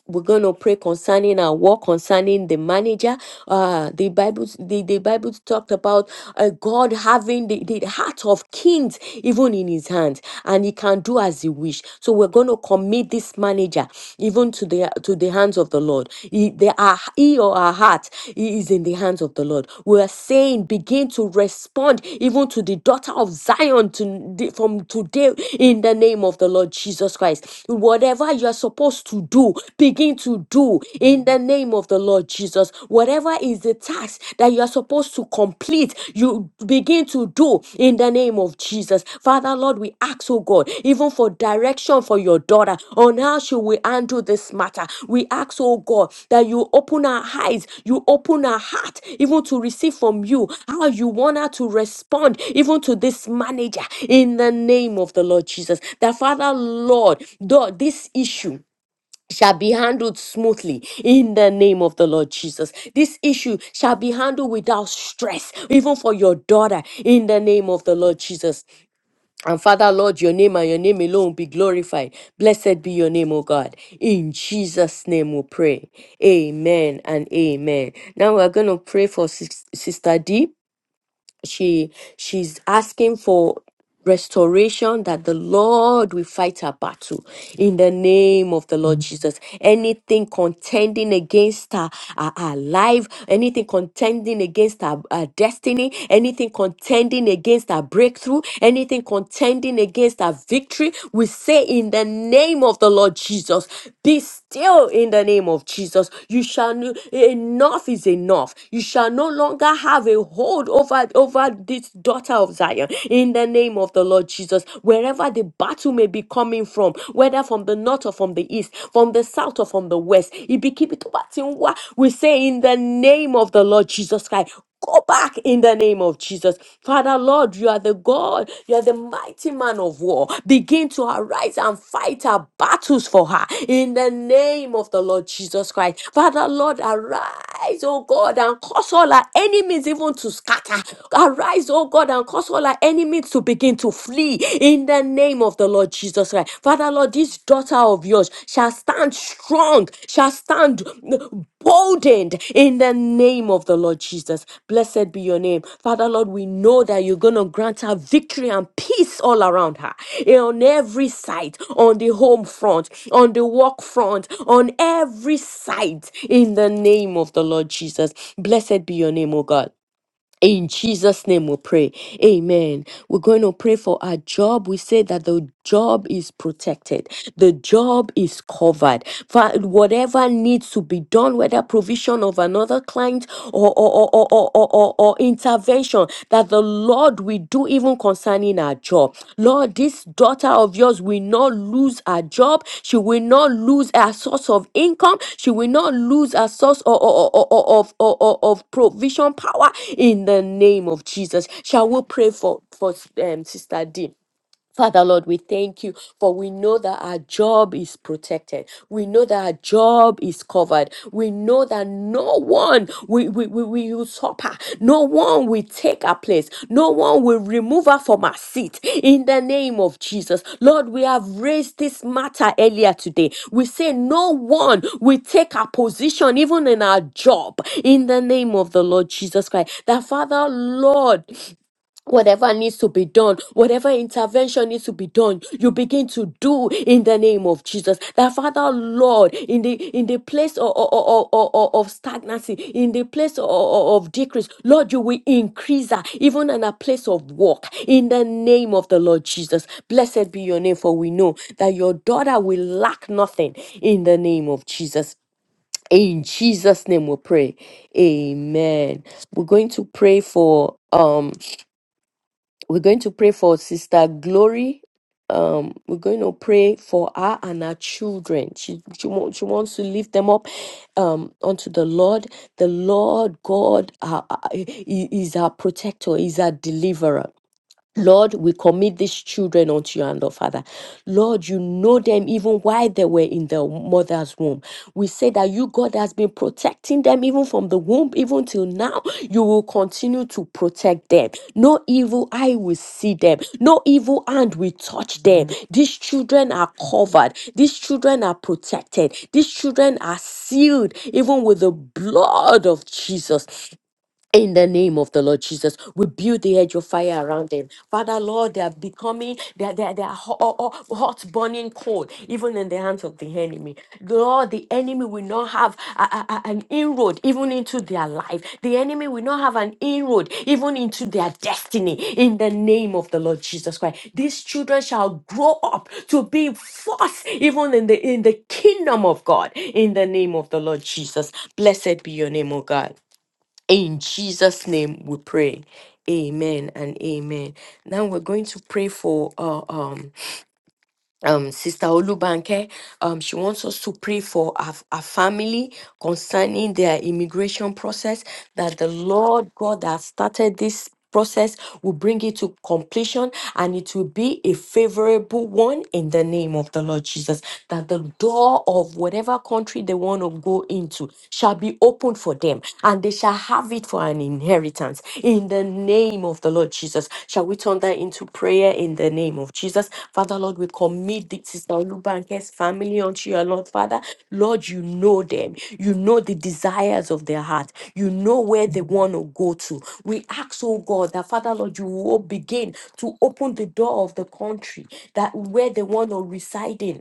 Speaker 2: We're gonna pray concerning our work, concerning the manager. Uh the Bible the, the Bible talked about uh, God having the, the heart of kings even in his hand, and he can do as he wish. So we're gonna commit this manager even to the to the hands of the Lord. He- They are ear or our heart it is in the hands of the Lord. We are saying, begin to respond even to the daughter of Zion to, from today in the name of the Lord Jesus Christ. Whatever you are supposed to do, begin to do in the name of the Lord Jesus. Whatever is the task that you are supposed to complete, you begin to do in in the name of Jesus. Father, Lord, we ask, oh God, even for direction for your daughter on how she will handle this matter. We ask, oh God, that you open her eyes, you open her heart, even to receive from you how you want her to respond, even to this manager, in the name of the Lord Jesus. That, Father, Lord, though this issue, shall be handled smoothly in the name of the Lord Jesus. This issue shall be handled without stress, even for your daughter, in the name of the Lord Jesus. And Father, Lord, your name and your name alone be glorified. Blessed be your name, O God. In Jesus' name we pray. Amen and amen. Now we're going to pray for Sis- Sister D she she's asking for restoration that the lord will fight her battle in the name of the lord jesus anything contending against her, her, her life anything contending against her, her destiny anything contending against her breakthrough anything contending against her victory we say in the name of the lord jesus be still in the name of jesus you shall know enough is enough you shall no longer have a hold over, over this daughter of Zion in the name of the Lord Jesus. Wherever the battle may be coming from, whether from the north or from the east, from the south or from the west, Ibikibitobatinwa, we say in the name of the Lord Jesus Christ, Go back in the name of Jesus. Father, Lord, you are the God. You are the mighty man of war. Begin to arise and fight our battles for her in the name of the Lord Jesus Christ. Father, Lord, arise, oh God, and cause all our enemies even to to scatter. Arise, oh God, and cause all our enemies to begin to flee in the name of the Lord Jesus Christ. Father, Lord, this daughter of yours shall stand strong, shall stand boldened in the name of the Lord Jesus. Blessed be your name. Father, Lord, we know that you're going to grant her victory and peace all around her eh, on every side, on the home front, on the work front, on every side in the name of the Lord Jesus. Blessed be your name, oh God. In Jesus' name we pray. Amen. We're going to pray for our job. We say that the job is protected, the job is covered. For whatever needs to be done, whether provision of another client or, or, or, or, or, or, or or intervention, that the Lord we do even concerning our job. Lord, this daughter of yours will not lose her job. She will not lose her source of income. She will not lose her source o- o- o- o- o- of, o- o- of provision power in the name of Jesus. Shall we pray for, for um, Sister D? Father Lord, we thank you for we know that our job is protected. We know that our job is covered. We know that no one will, will, will, will usurp her. No one will take our place. No one will remove her from her seat. In the name of Jesus. Lord, we have raised this matter earlier today. We say no one will take our position, even in our job. In the name of the Lord Jesus Christ. That Father, Lord, Whatever needs to be done, whatever intervention needs to be done, you begin to do in the name of Jesus. That Father Lord, in the in the place of, of, of stagnancy, in the place of, of decrease, Lord, you will increase her, even in a place of work. In the name of the Lord Jesus, blessed be your name, for we know that your daughter will lack nothing. In the name of Jesus. In Jesus' name we pray. Amen. We're going to pray for um we're going to pray for Sister Glory. Um, we're going to pray for her and her children. She she, wa- she wants to lift them up um unto the Lord. The Lord God uh, uh, i- is our protector, is our deliverer. Lord, we commit these children unto your hand, O Father. Lord, you know them even while they were in their mother's womb. We say that you, God, has been protecting them even from the womb, even till now. You will continue to protect them. No evil eye will see them, no evil hand will touch them. These children are covered, these children are protected, these children are sealed even with the blood of Jesus in the name of the Lord Jesus, we build the edge of fire around them. Father, Lord, they are becoming, they are, they are, they are ho- ho- ho- hot, burning cold, even in the hands of the enemy. Lord, the enemy will not have a- a- a- an inroad even into their life. The enemy will not have an inroad even into their destiny. In the name of the Lord Jesus Christ, these children shall grow up to be force even in the in the kingdom of God. In the name of the Lord Jesus, blessed be your name, O God. In Jesus' name we pray. Amen and amen. Now we're going to pray for uh, um, um, Sister Olubanke. Um, she wants us to pray for our, our family concerning their immigration process, that the Lord God that started this process will bring it to completion and it will be a favorable one in the name of the Lord Jesus. That the door of whatever country they want to go into shall be opened for them and they shall have it for an inheritance in the name of the Lord Jesus. Shall we turn that into prayer in the name of Jesus? Father, Lord, we commit this Sister Olubanke's family unto your Lord, Father. Lord, you know them. You know the desires of their heart. You know where they want to go to. We ask, oh God, that Father, Lord, you will begin to open the door of the country that where they want to reside in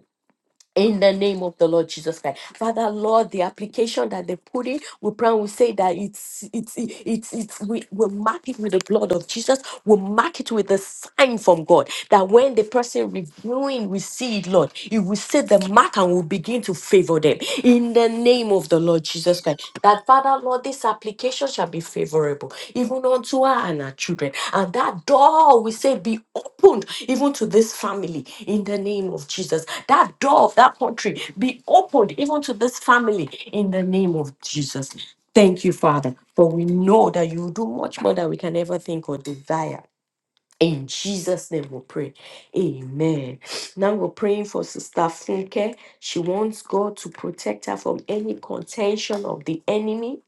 Speaker 2: in the name of the Lord Jesus Christ. Father, Lord, the application that they put in, we pray and we say that it's it's it's it's we will mark it with the blood of Jesus, we'll mark it with a sign from God that when the person reviewing we see it, Lord, it will see the mark and will begin to favor them. In in the name of the Lord Jesus Christ. That Father, Lord, this application shall be favorable, even unto her and her children. And that door, we say, be opened even to this family in the name of Jesus. That door of that country be opened even to this family in the name of Jesus. Thank you, Father, for we know that you do much more than we can ever think or desire. In Jesus' name we pray. Amen. Now we're praying for Sister Funke. She wants God to protect her from any contention of the enemy.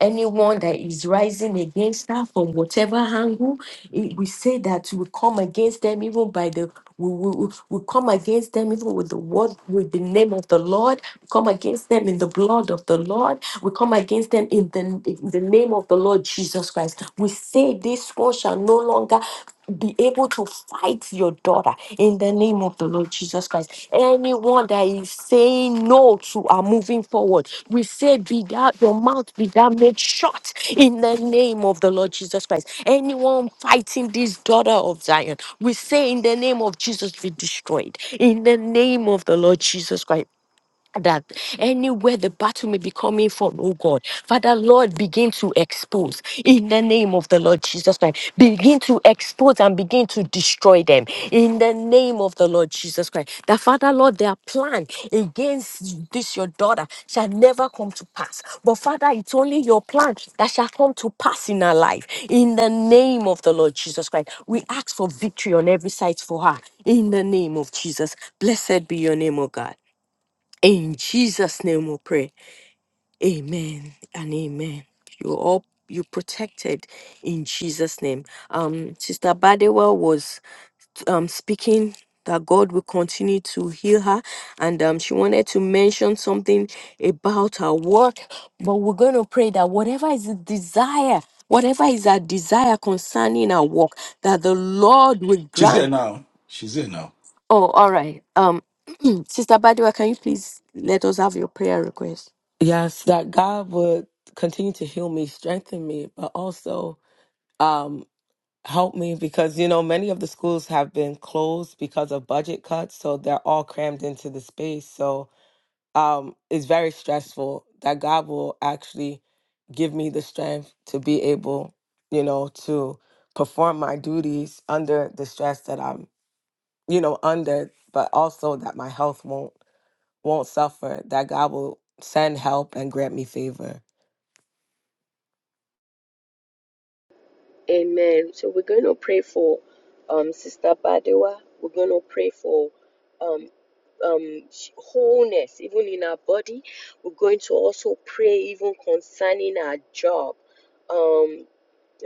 Speaker 2: Anyone that is rising against her from whatever angle, it- we say that we come against them even by the we, we, we we come against them even with the word with the name of the Lord. We come against them in the blood of the Lord. We come against them in the in the name of the Lord Jesus Christ. We say this one shall no longer be able to fight your daughter in the name of the Lord Jesus Christ. Anyone that is saying no to our moving forward, we say, Be that your mouth be that made shut in the name of the Lord Jesus Christ. Anyone fighting this daughter of Zion, we say, In the name of Jesus, be destroyed in the name of the Lord Jesus Christ that anywhere the battle may be coming from, oh God, Father Lord, begin to expose in the name of the Lord Jesus Christ. Begin to expose and begin to destroy them in the name of the Lord Jesus Christ. That Father Lord, their plan against this your daughter shall never come to pass. But Father, it's only your plan that shall come to pass in her life in the name of the Lord Jesus Christ. We ask for victory on every side for her in the name of Jesus. Blessed be your name, O God. In Jesus' name we pray. Amen and amen. You're all you protected in Jesus' name. Um, Sister Badewa was um speaking that God will continue to heal her, and um, she wanted to mention something about her work. But we're gonna pray that whatever is the desire, whatever is our desire concerning our work, that the Lord will
Speaker 7: She's here
Speaker 2: grant.
Speaker 7: now. She's here now.
Speaker 2: Oh, all right. Um, Sister Badewa, can you please let us have your prayer request?
Speaker 10: yes, that God would continue to heal me, strengthen me, but also um, help me because, you know, many of the schools have been closed because of budget cuts. So they're all crammed into the space. So um, it's very stressful that God will actually give me the strength to be able, you know, to perform my duties under the stress that I'm you know, under, but also that my health won't won't suffer, that God will send help and grant me favor.
Speaker 2: Amen. So we're going to pray for um, Sister Badewa. We're going to pray for um, um, wholeness, even in our body. We're going to also pray even concerning our job. Um,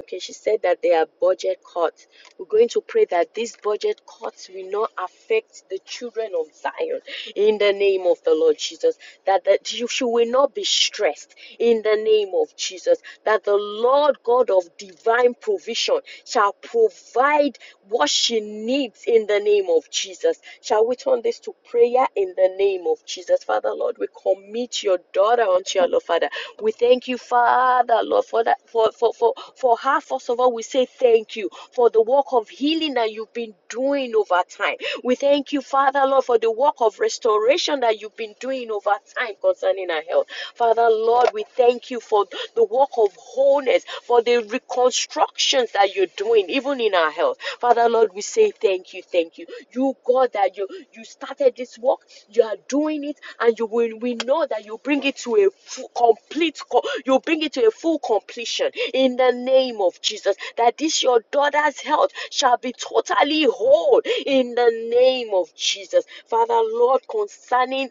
Speaker 2: Okay, she said that there are budget cuts. We're going to pray that these budget cuts will not affect the children of Zion in the name of the Lord Jesus. That, that you, she will not be stressed in the name of Jesus. That the Lord God of divine provision shall provide what she needs in the name of Jesus. Shall we turn this to prayer in the the name of Jesus. Father, Lord, we commit your daughter unto your Lord, Father. We thank you, Father, Lord, for that for for for, for her. First of all, we say thank you for the work of healing that you've been doing over time. We thank you, Father, Lord, for the work of restoration that you've been doing over time concerning her health. Father, Lord, we thank you for the work of wholeness, for the reconstruction actions that you're doing, even in our health. Father Lord, we say thank you, thank you. You God that you you started this work, you are doing it, and you will we know that you bring it to a full, complete you bring it to a full completion in the name of Jesus. That this your daughter's health shall be totally whole in the name of Jesus. Father Lord, concerning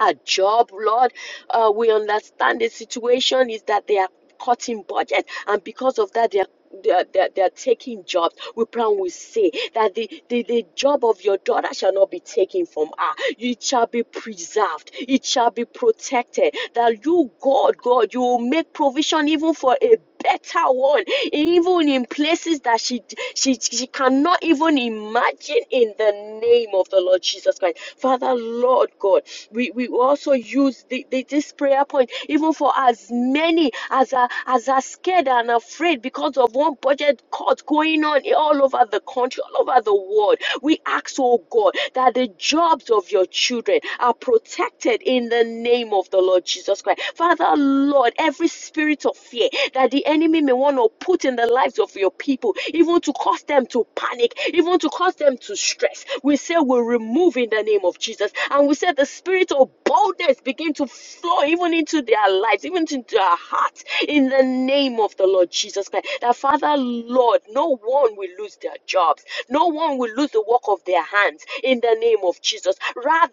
Speaker 2: a job, Lord, uh, we understand the situation is that they are cutting budget and because of that they're they're, they're, they're taking jobs. We pray and we say that the, the, the job of your daughter shall not be taken from her. It shall be preserved. It shall be protected. That you, God, God, you will make provision even for a better one, even in places that she, she, she cannot even imagine in the name of the Lord Jesus Christ. Father, Lord God, we, we also use the, the, this prayer point even for as many many as are as are scared and afraid because of one budget cut going on all over the country, all over the world. We ask, oh God, that the jobs of your children are protected in the name of the Lord Jesus Christ. Father, Lord, every spirit of fear that the enemy may want to put in the lives of your people, even to cause them to panic, even to cause them to stress, we say we remove in the name of Jesus. And we say the spirit of boldness boldness begin to flow even into their lives, even into their hearts, in the name of the Lord Jesus Christ. That Father, Lord, no one will lose their jobs, no one will lose the work of their hands in the name of Jesus. Rather,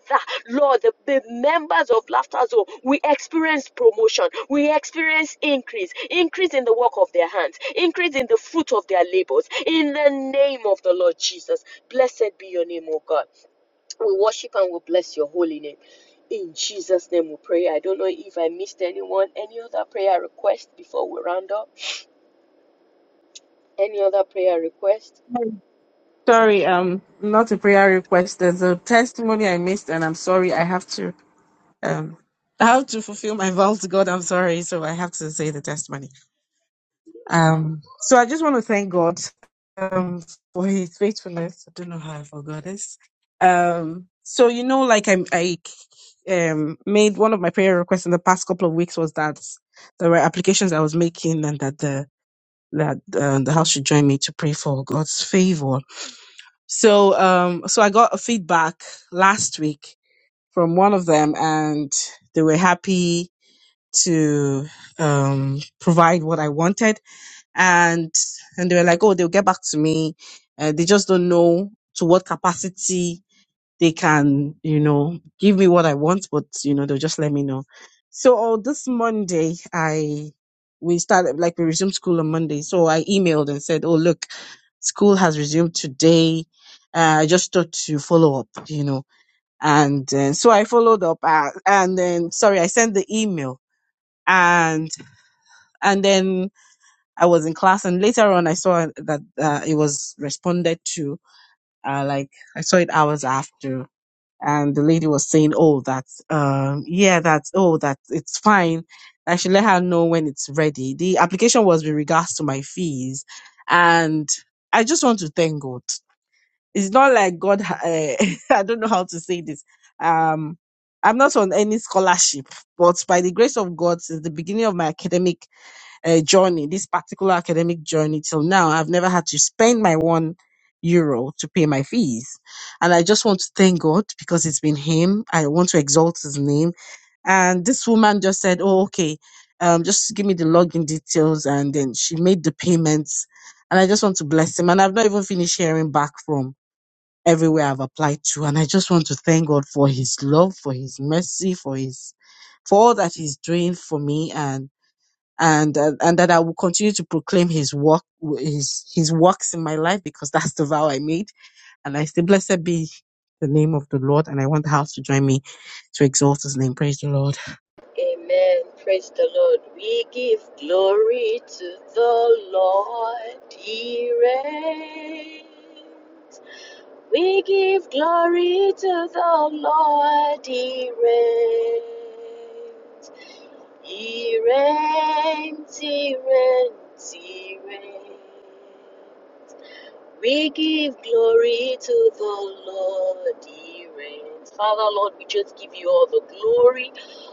Speaker 2: Lord, the, the members of Laughter Zone, we experience promotion, we experience increase, increase in the work of their hands, increase in the fruit of their labors, in the name of the Lord Jesus. Blessed be your name, O God. We worship and we bless your holy name. In Jesus' name we pray. I don't know if I missed anyone. Any other prayer request before we round up? Any other prayer request?
Speaker 4: Sorry, um, not a prayer request. There's a testimony I missed, and I'm sorry. I have to, um, I have to fulfill my vow to God. I'm sorry, so I have to say the testimony. Um, so I just want to thank God um, for His faithfulness. I don't know how I forgot this. Um, so you know, like I, I um, made one of my prayer requests in the past couple of weeks was that there were applications I was making and that the that uh, the house should join me to pray for God's favor. So um, so I got a feedback last week from one of them, and they were happy to um, provide what I wanted and and they were like, oh, they'll get back to me. Uh, they just don't know to what capacity they can, you know, give me what I want, but you know, they'll just let me know. So on this Monday, I we started like we resumed school on Monday. So I emailed and said, oh look, school has resumed today. Uh, I just thought to follow up, you know, and uh, so I followed up, uh, and then sorry, I sent the email, and and then I was in class and later on I saw that uh, it was responded to uh, like I saw it hours after and the lady was saying oh that's um yeah that's oh that it's fine I should let her know when it's ready the application was with regards to my fees and I just want to thank God it's not like God uh, I don't know how to say this um I'm not on any scholarship but by the grace of God since the beginning of my academic uh, journey, this particular academic journey till now, I've never had to spend my one euro to pay my fees. And I just want to thank God because it's been Him. I want to exalt His name. And this woman just said, Oh, okay, um, just give me the login details. And then she made the payments. And I just want to bless Him. And I've not even finished hearing back from everywhere I've applied to. And I just want to thank God for His love, for His mercy, for His for all that He's doing for me. And and uh, and that I will continue to proclaim His work, His His works in my life because that's the vow I made. And I say, blessed be the name of the Lord. And I want the house to join me to exalt His name. Praise the Lord.
Speaker 2: Amen. Praise the Lord. We give glory to the Lord. He reigns. We give glory to the Lord. He reigns. He reigns, he reigns, he reigns. We give glory to the Lord, he reigns. Father, Lord, we just give you all the glory,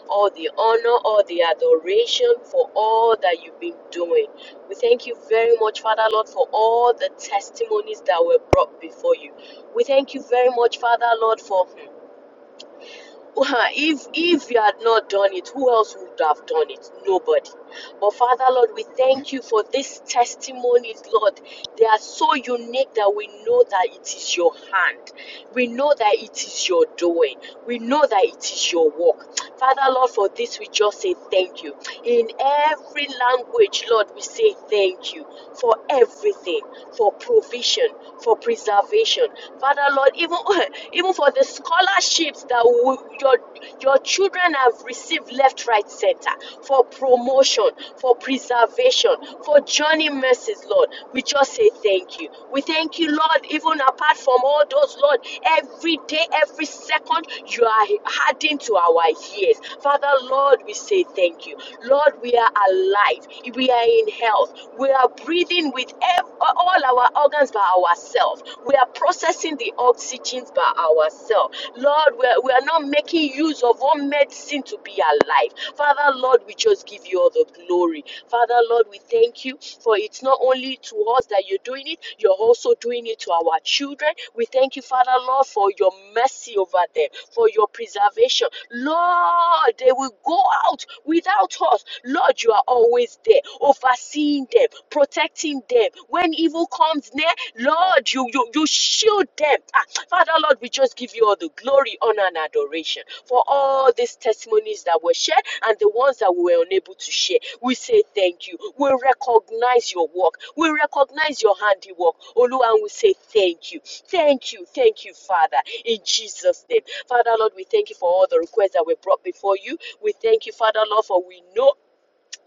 Speaker 2: all the honor, all the adoration for all that you've been doing. We thank you very much, Father, Lord, for all the testimonies that were brought before you. We thank you very much, Father, Lord, for hmm, well, if if you had not done it, who else would have done it? Nobody. But Father Lord, we thank you for these testimonies, Lord. They are so unique that we know that it is your hand. We know that it is your doing. We know that it is your work. Father Lord, for this we just say thank you. In every language, Lord, we say thank you for everything, for provision, for preservation. Father, Lord, even, even for the scholarships that we, your, your children have received left, right, center, for promotion, for preservation, for journey mercies, Lord, we just say thank you. We thank you, Lord, even apart from all those, Lord, every day, every second, you are adding to our ears, Father, Lord, we say thank you. Lord, we are alive. We are in health. We are breathing with ev- all our organs by ourselves. We are processing the oxygen by ourselves. Lord, we are, we are not making use of one medicine to be alive. Father, Lord, we just give you all the glory. Father, Lord, we thank you for it's not only to us that you're doing it, you're also doing it to our children. We thank you, Father, Lord, for your mercy over them, for your preservation. Lord, they will go out without us us. Lord, you are always there, overseeing them, protecting them. When evil comes near, Lord, you you, you shield them. Ah, Father, Lord, we just give you all the glory, honor, and adoration for all these testimonies that were shared and the ones that we were unable to share. We say thank you. We recognize your work. We recognize your handiwork. Oluwa, and we say thank you. Thank you. Thank you, Father, in Jesus' name. Father, Lord, we thank you for all the requests that were brought before you. We thank you, Father, Lord, for we know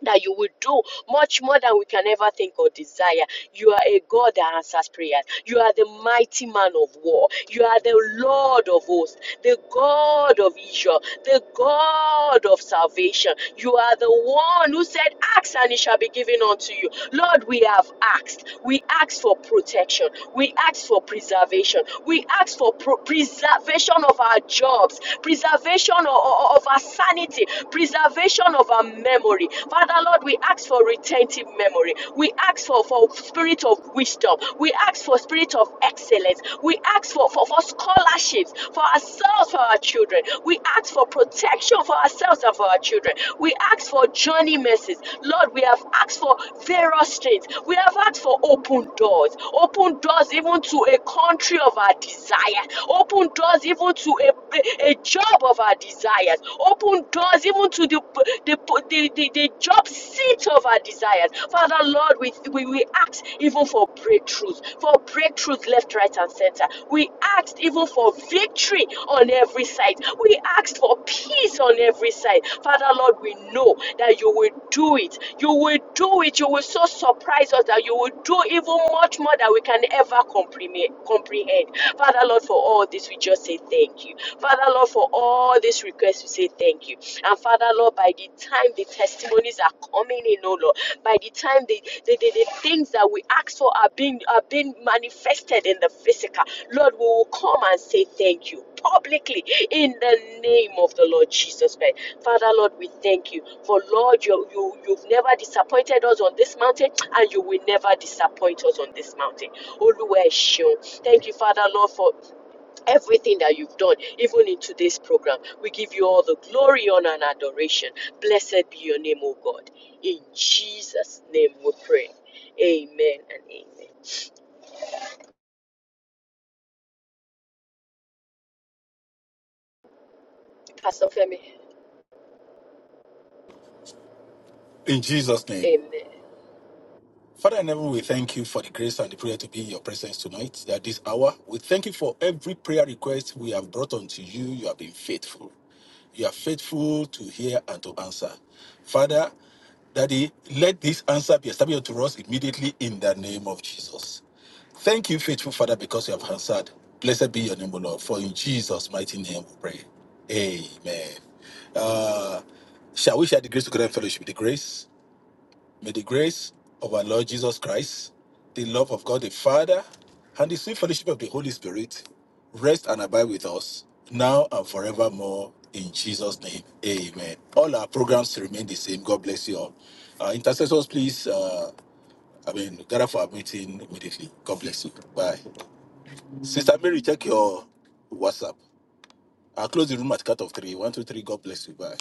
Speaker 2: that you will do much more than we can ever think or desire. You are a God that answers prayers. You are the mighty man of war. You are the Lord of hosts, the God of Israel, the God of salvation. You are the one who said, Ask and it shall be given unto you. Lord, we have asked. We ask for protection. We ask for preservation. We ask for pro- preservation of our jobs, preservation of, of our sanity, preservation of our memory. Father, Lord, we ask ask for retentive memory. We ask for, for spirit of wisdom. We ask for spirit of excellence. We ask for, for, for scholarships for ourselves, for our children. We ask for protection for ourselves and for our children. We ask for journey mercies. Lord, we have asked for various things. We have asked for open doors. Open doors even to a country of our desire. Open doors even to a, a a job of our desires. Open doors even to to the, the, the, the, the job seat of our desires. Father, Lord, we, we, we ask even for breakthroughs, for breakthroughs left, right, and center. We asked even for victory on every side. We asked for peace on every side. Father, Lord, we know that you will do it. You will do it. You will so surprise us that you will do even much more than we can ever comprehend. comprehend. Father, Lord, for all this, we just say thank you. Father, Lord, for for all these requests. We say thank you. And Father, Lord, by the time the testimonies are coming in, oh Lord, by the time the, the, the, the things that we ask for are being are being manifested in the physical, Lord, we will come and say thank you publicly in the name of the Lord Jesus Christ. Father, Lord, we thank you for Lord, you, you you've never disappointed us on this mountain, and you will never disappoint us on this mountain. Oluwa Eshion. Thank you, Father, Lord, for everything that you've done, even in today's program. We give you all the glory, honor, and adoration. Blessed be your name, O God. In Jesus' name we pray. Amen and amen. Pastor Femi,
Speaker 7: In Jesus' name.
Speaker 2: amen.
Speaker 7: Father in heaven, we thank you for the grace and the prayer to be in your presence tonight at this hour. We thank you for every prayer request we have brought unto you. You have been faithful. You are faithful to hear and to answer. Father, Daddy, let this answer be established to us immediately in the name of Jesus. Thank you, faithful Father, because you have answered. Blessed be your name, O Lord, for in Jesus' mighty name we pray. Amen. Uh, shall we share the grace together in fellowship? The grace, may the grace of our Lord Jesus Christ, the love of God the Father, and the sweet fellowship of the Holy Spirit rest and abide with us now and forevermore in Jesus' name. Amen. All our programs remain the same. God bless you all. Uh, intercessors, please, uh, I mean, gather for our meeting immediately. God bless you. Bye. Sister Mary, check your WhatsApp. I'll close the room at cut of three. One, two, three. God bless you. Bye.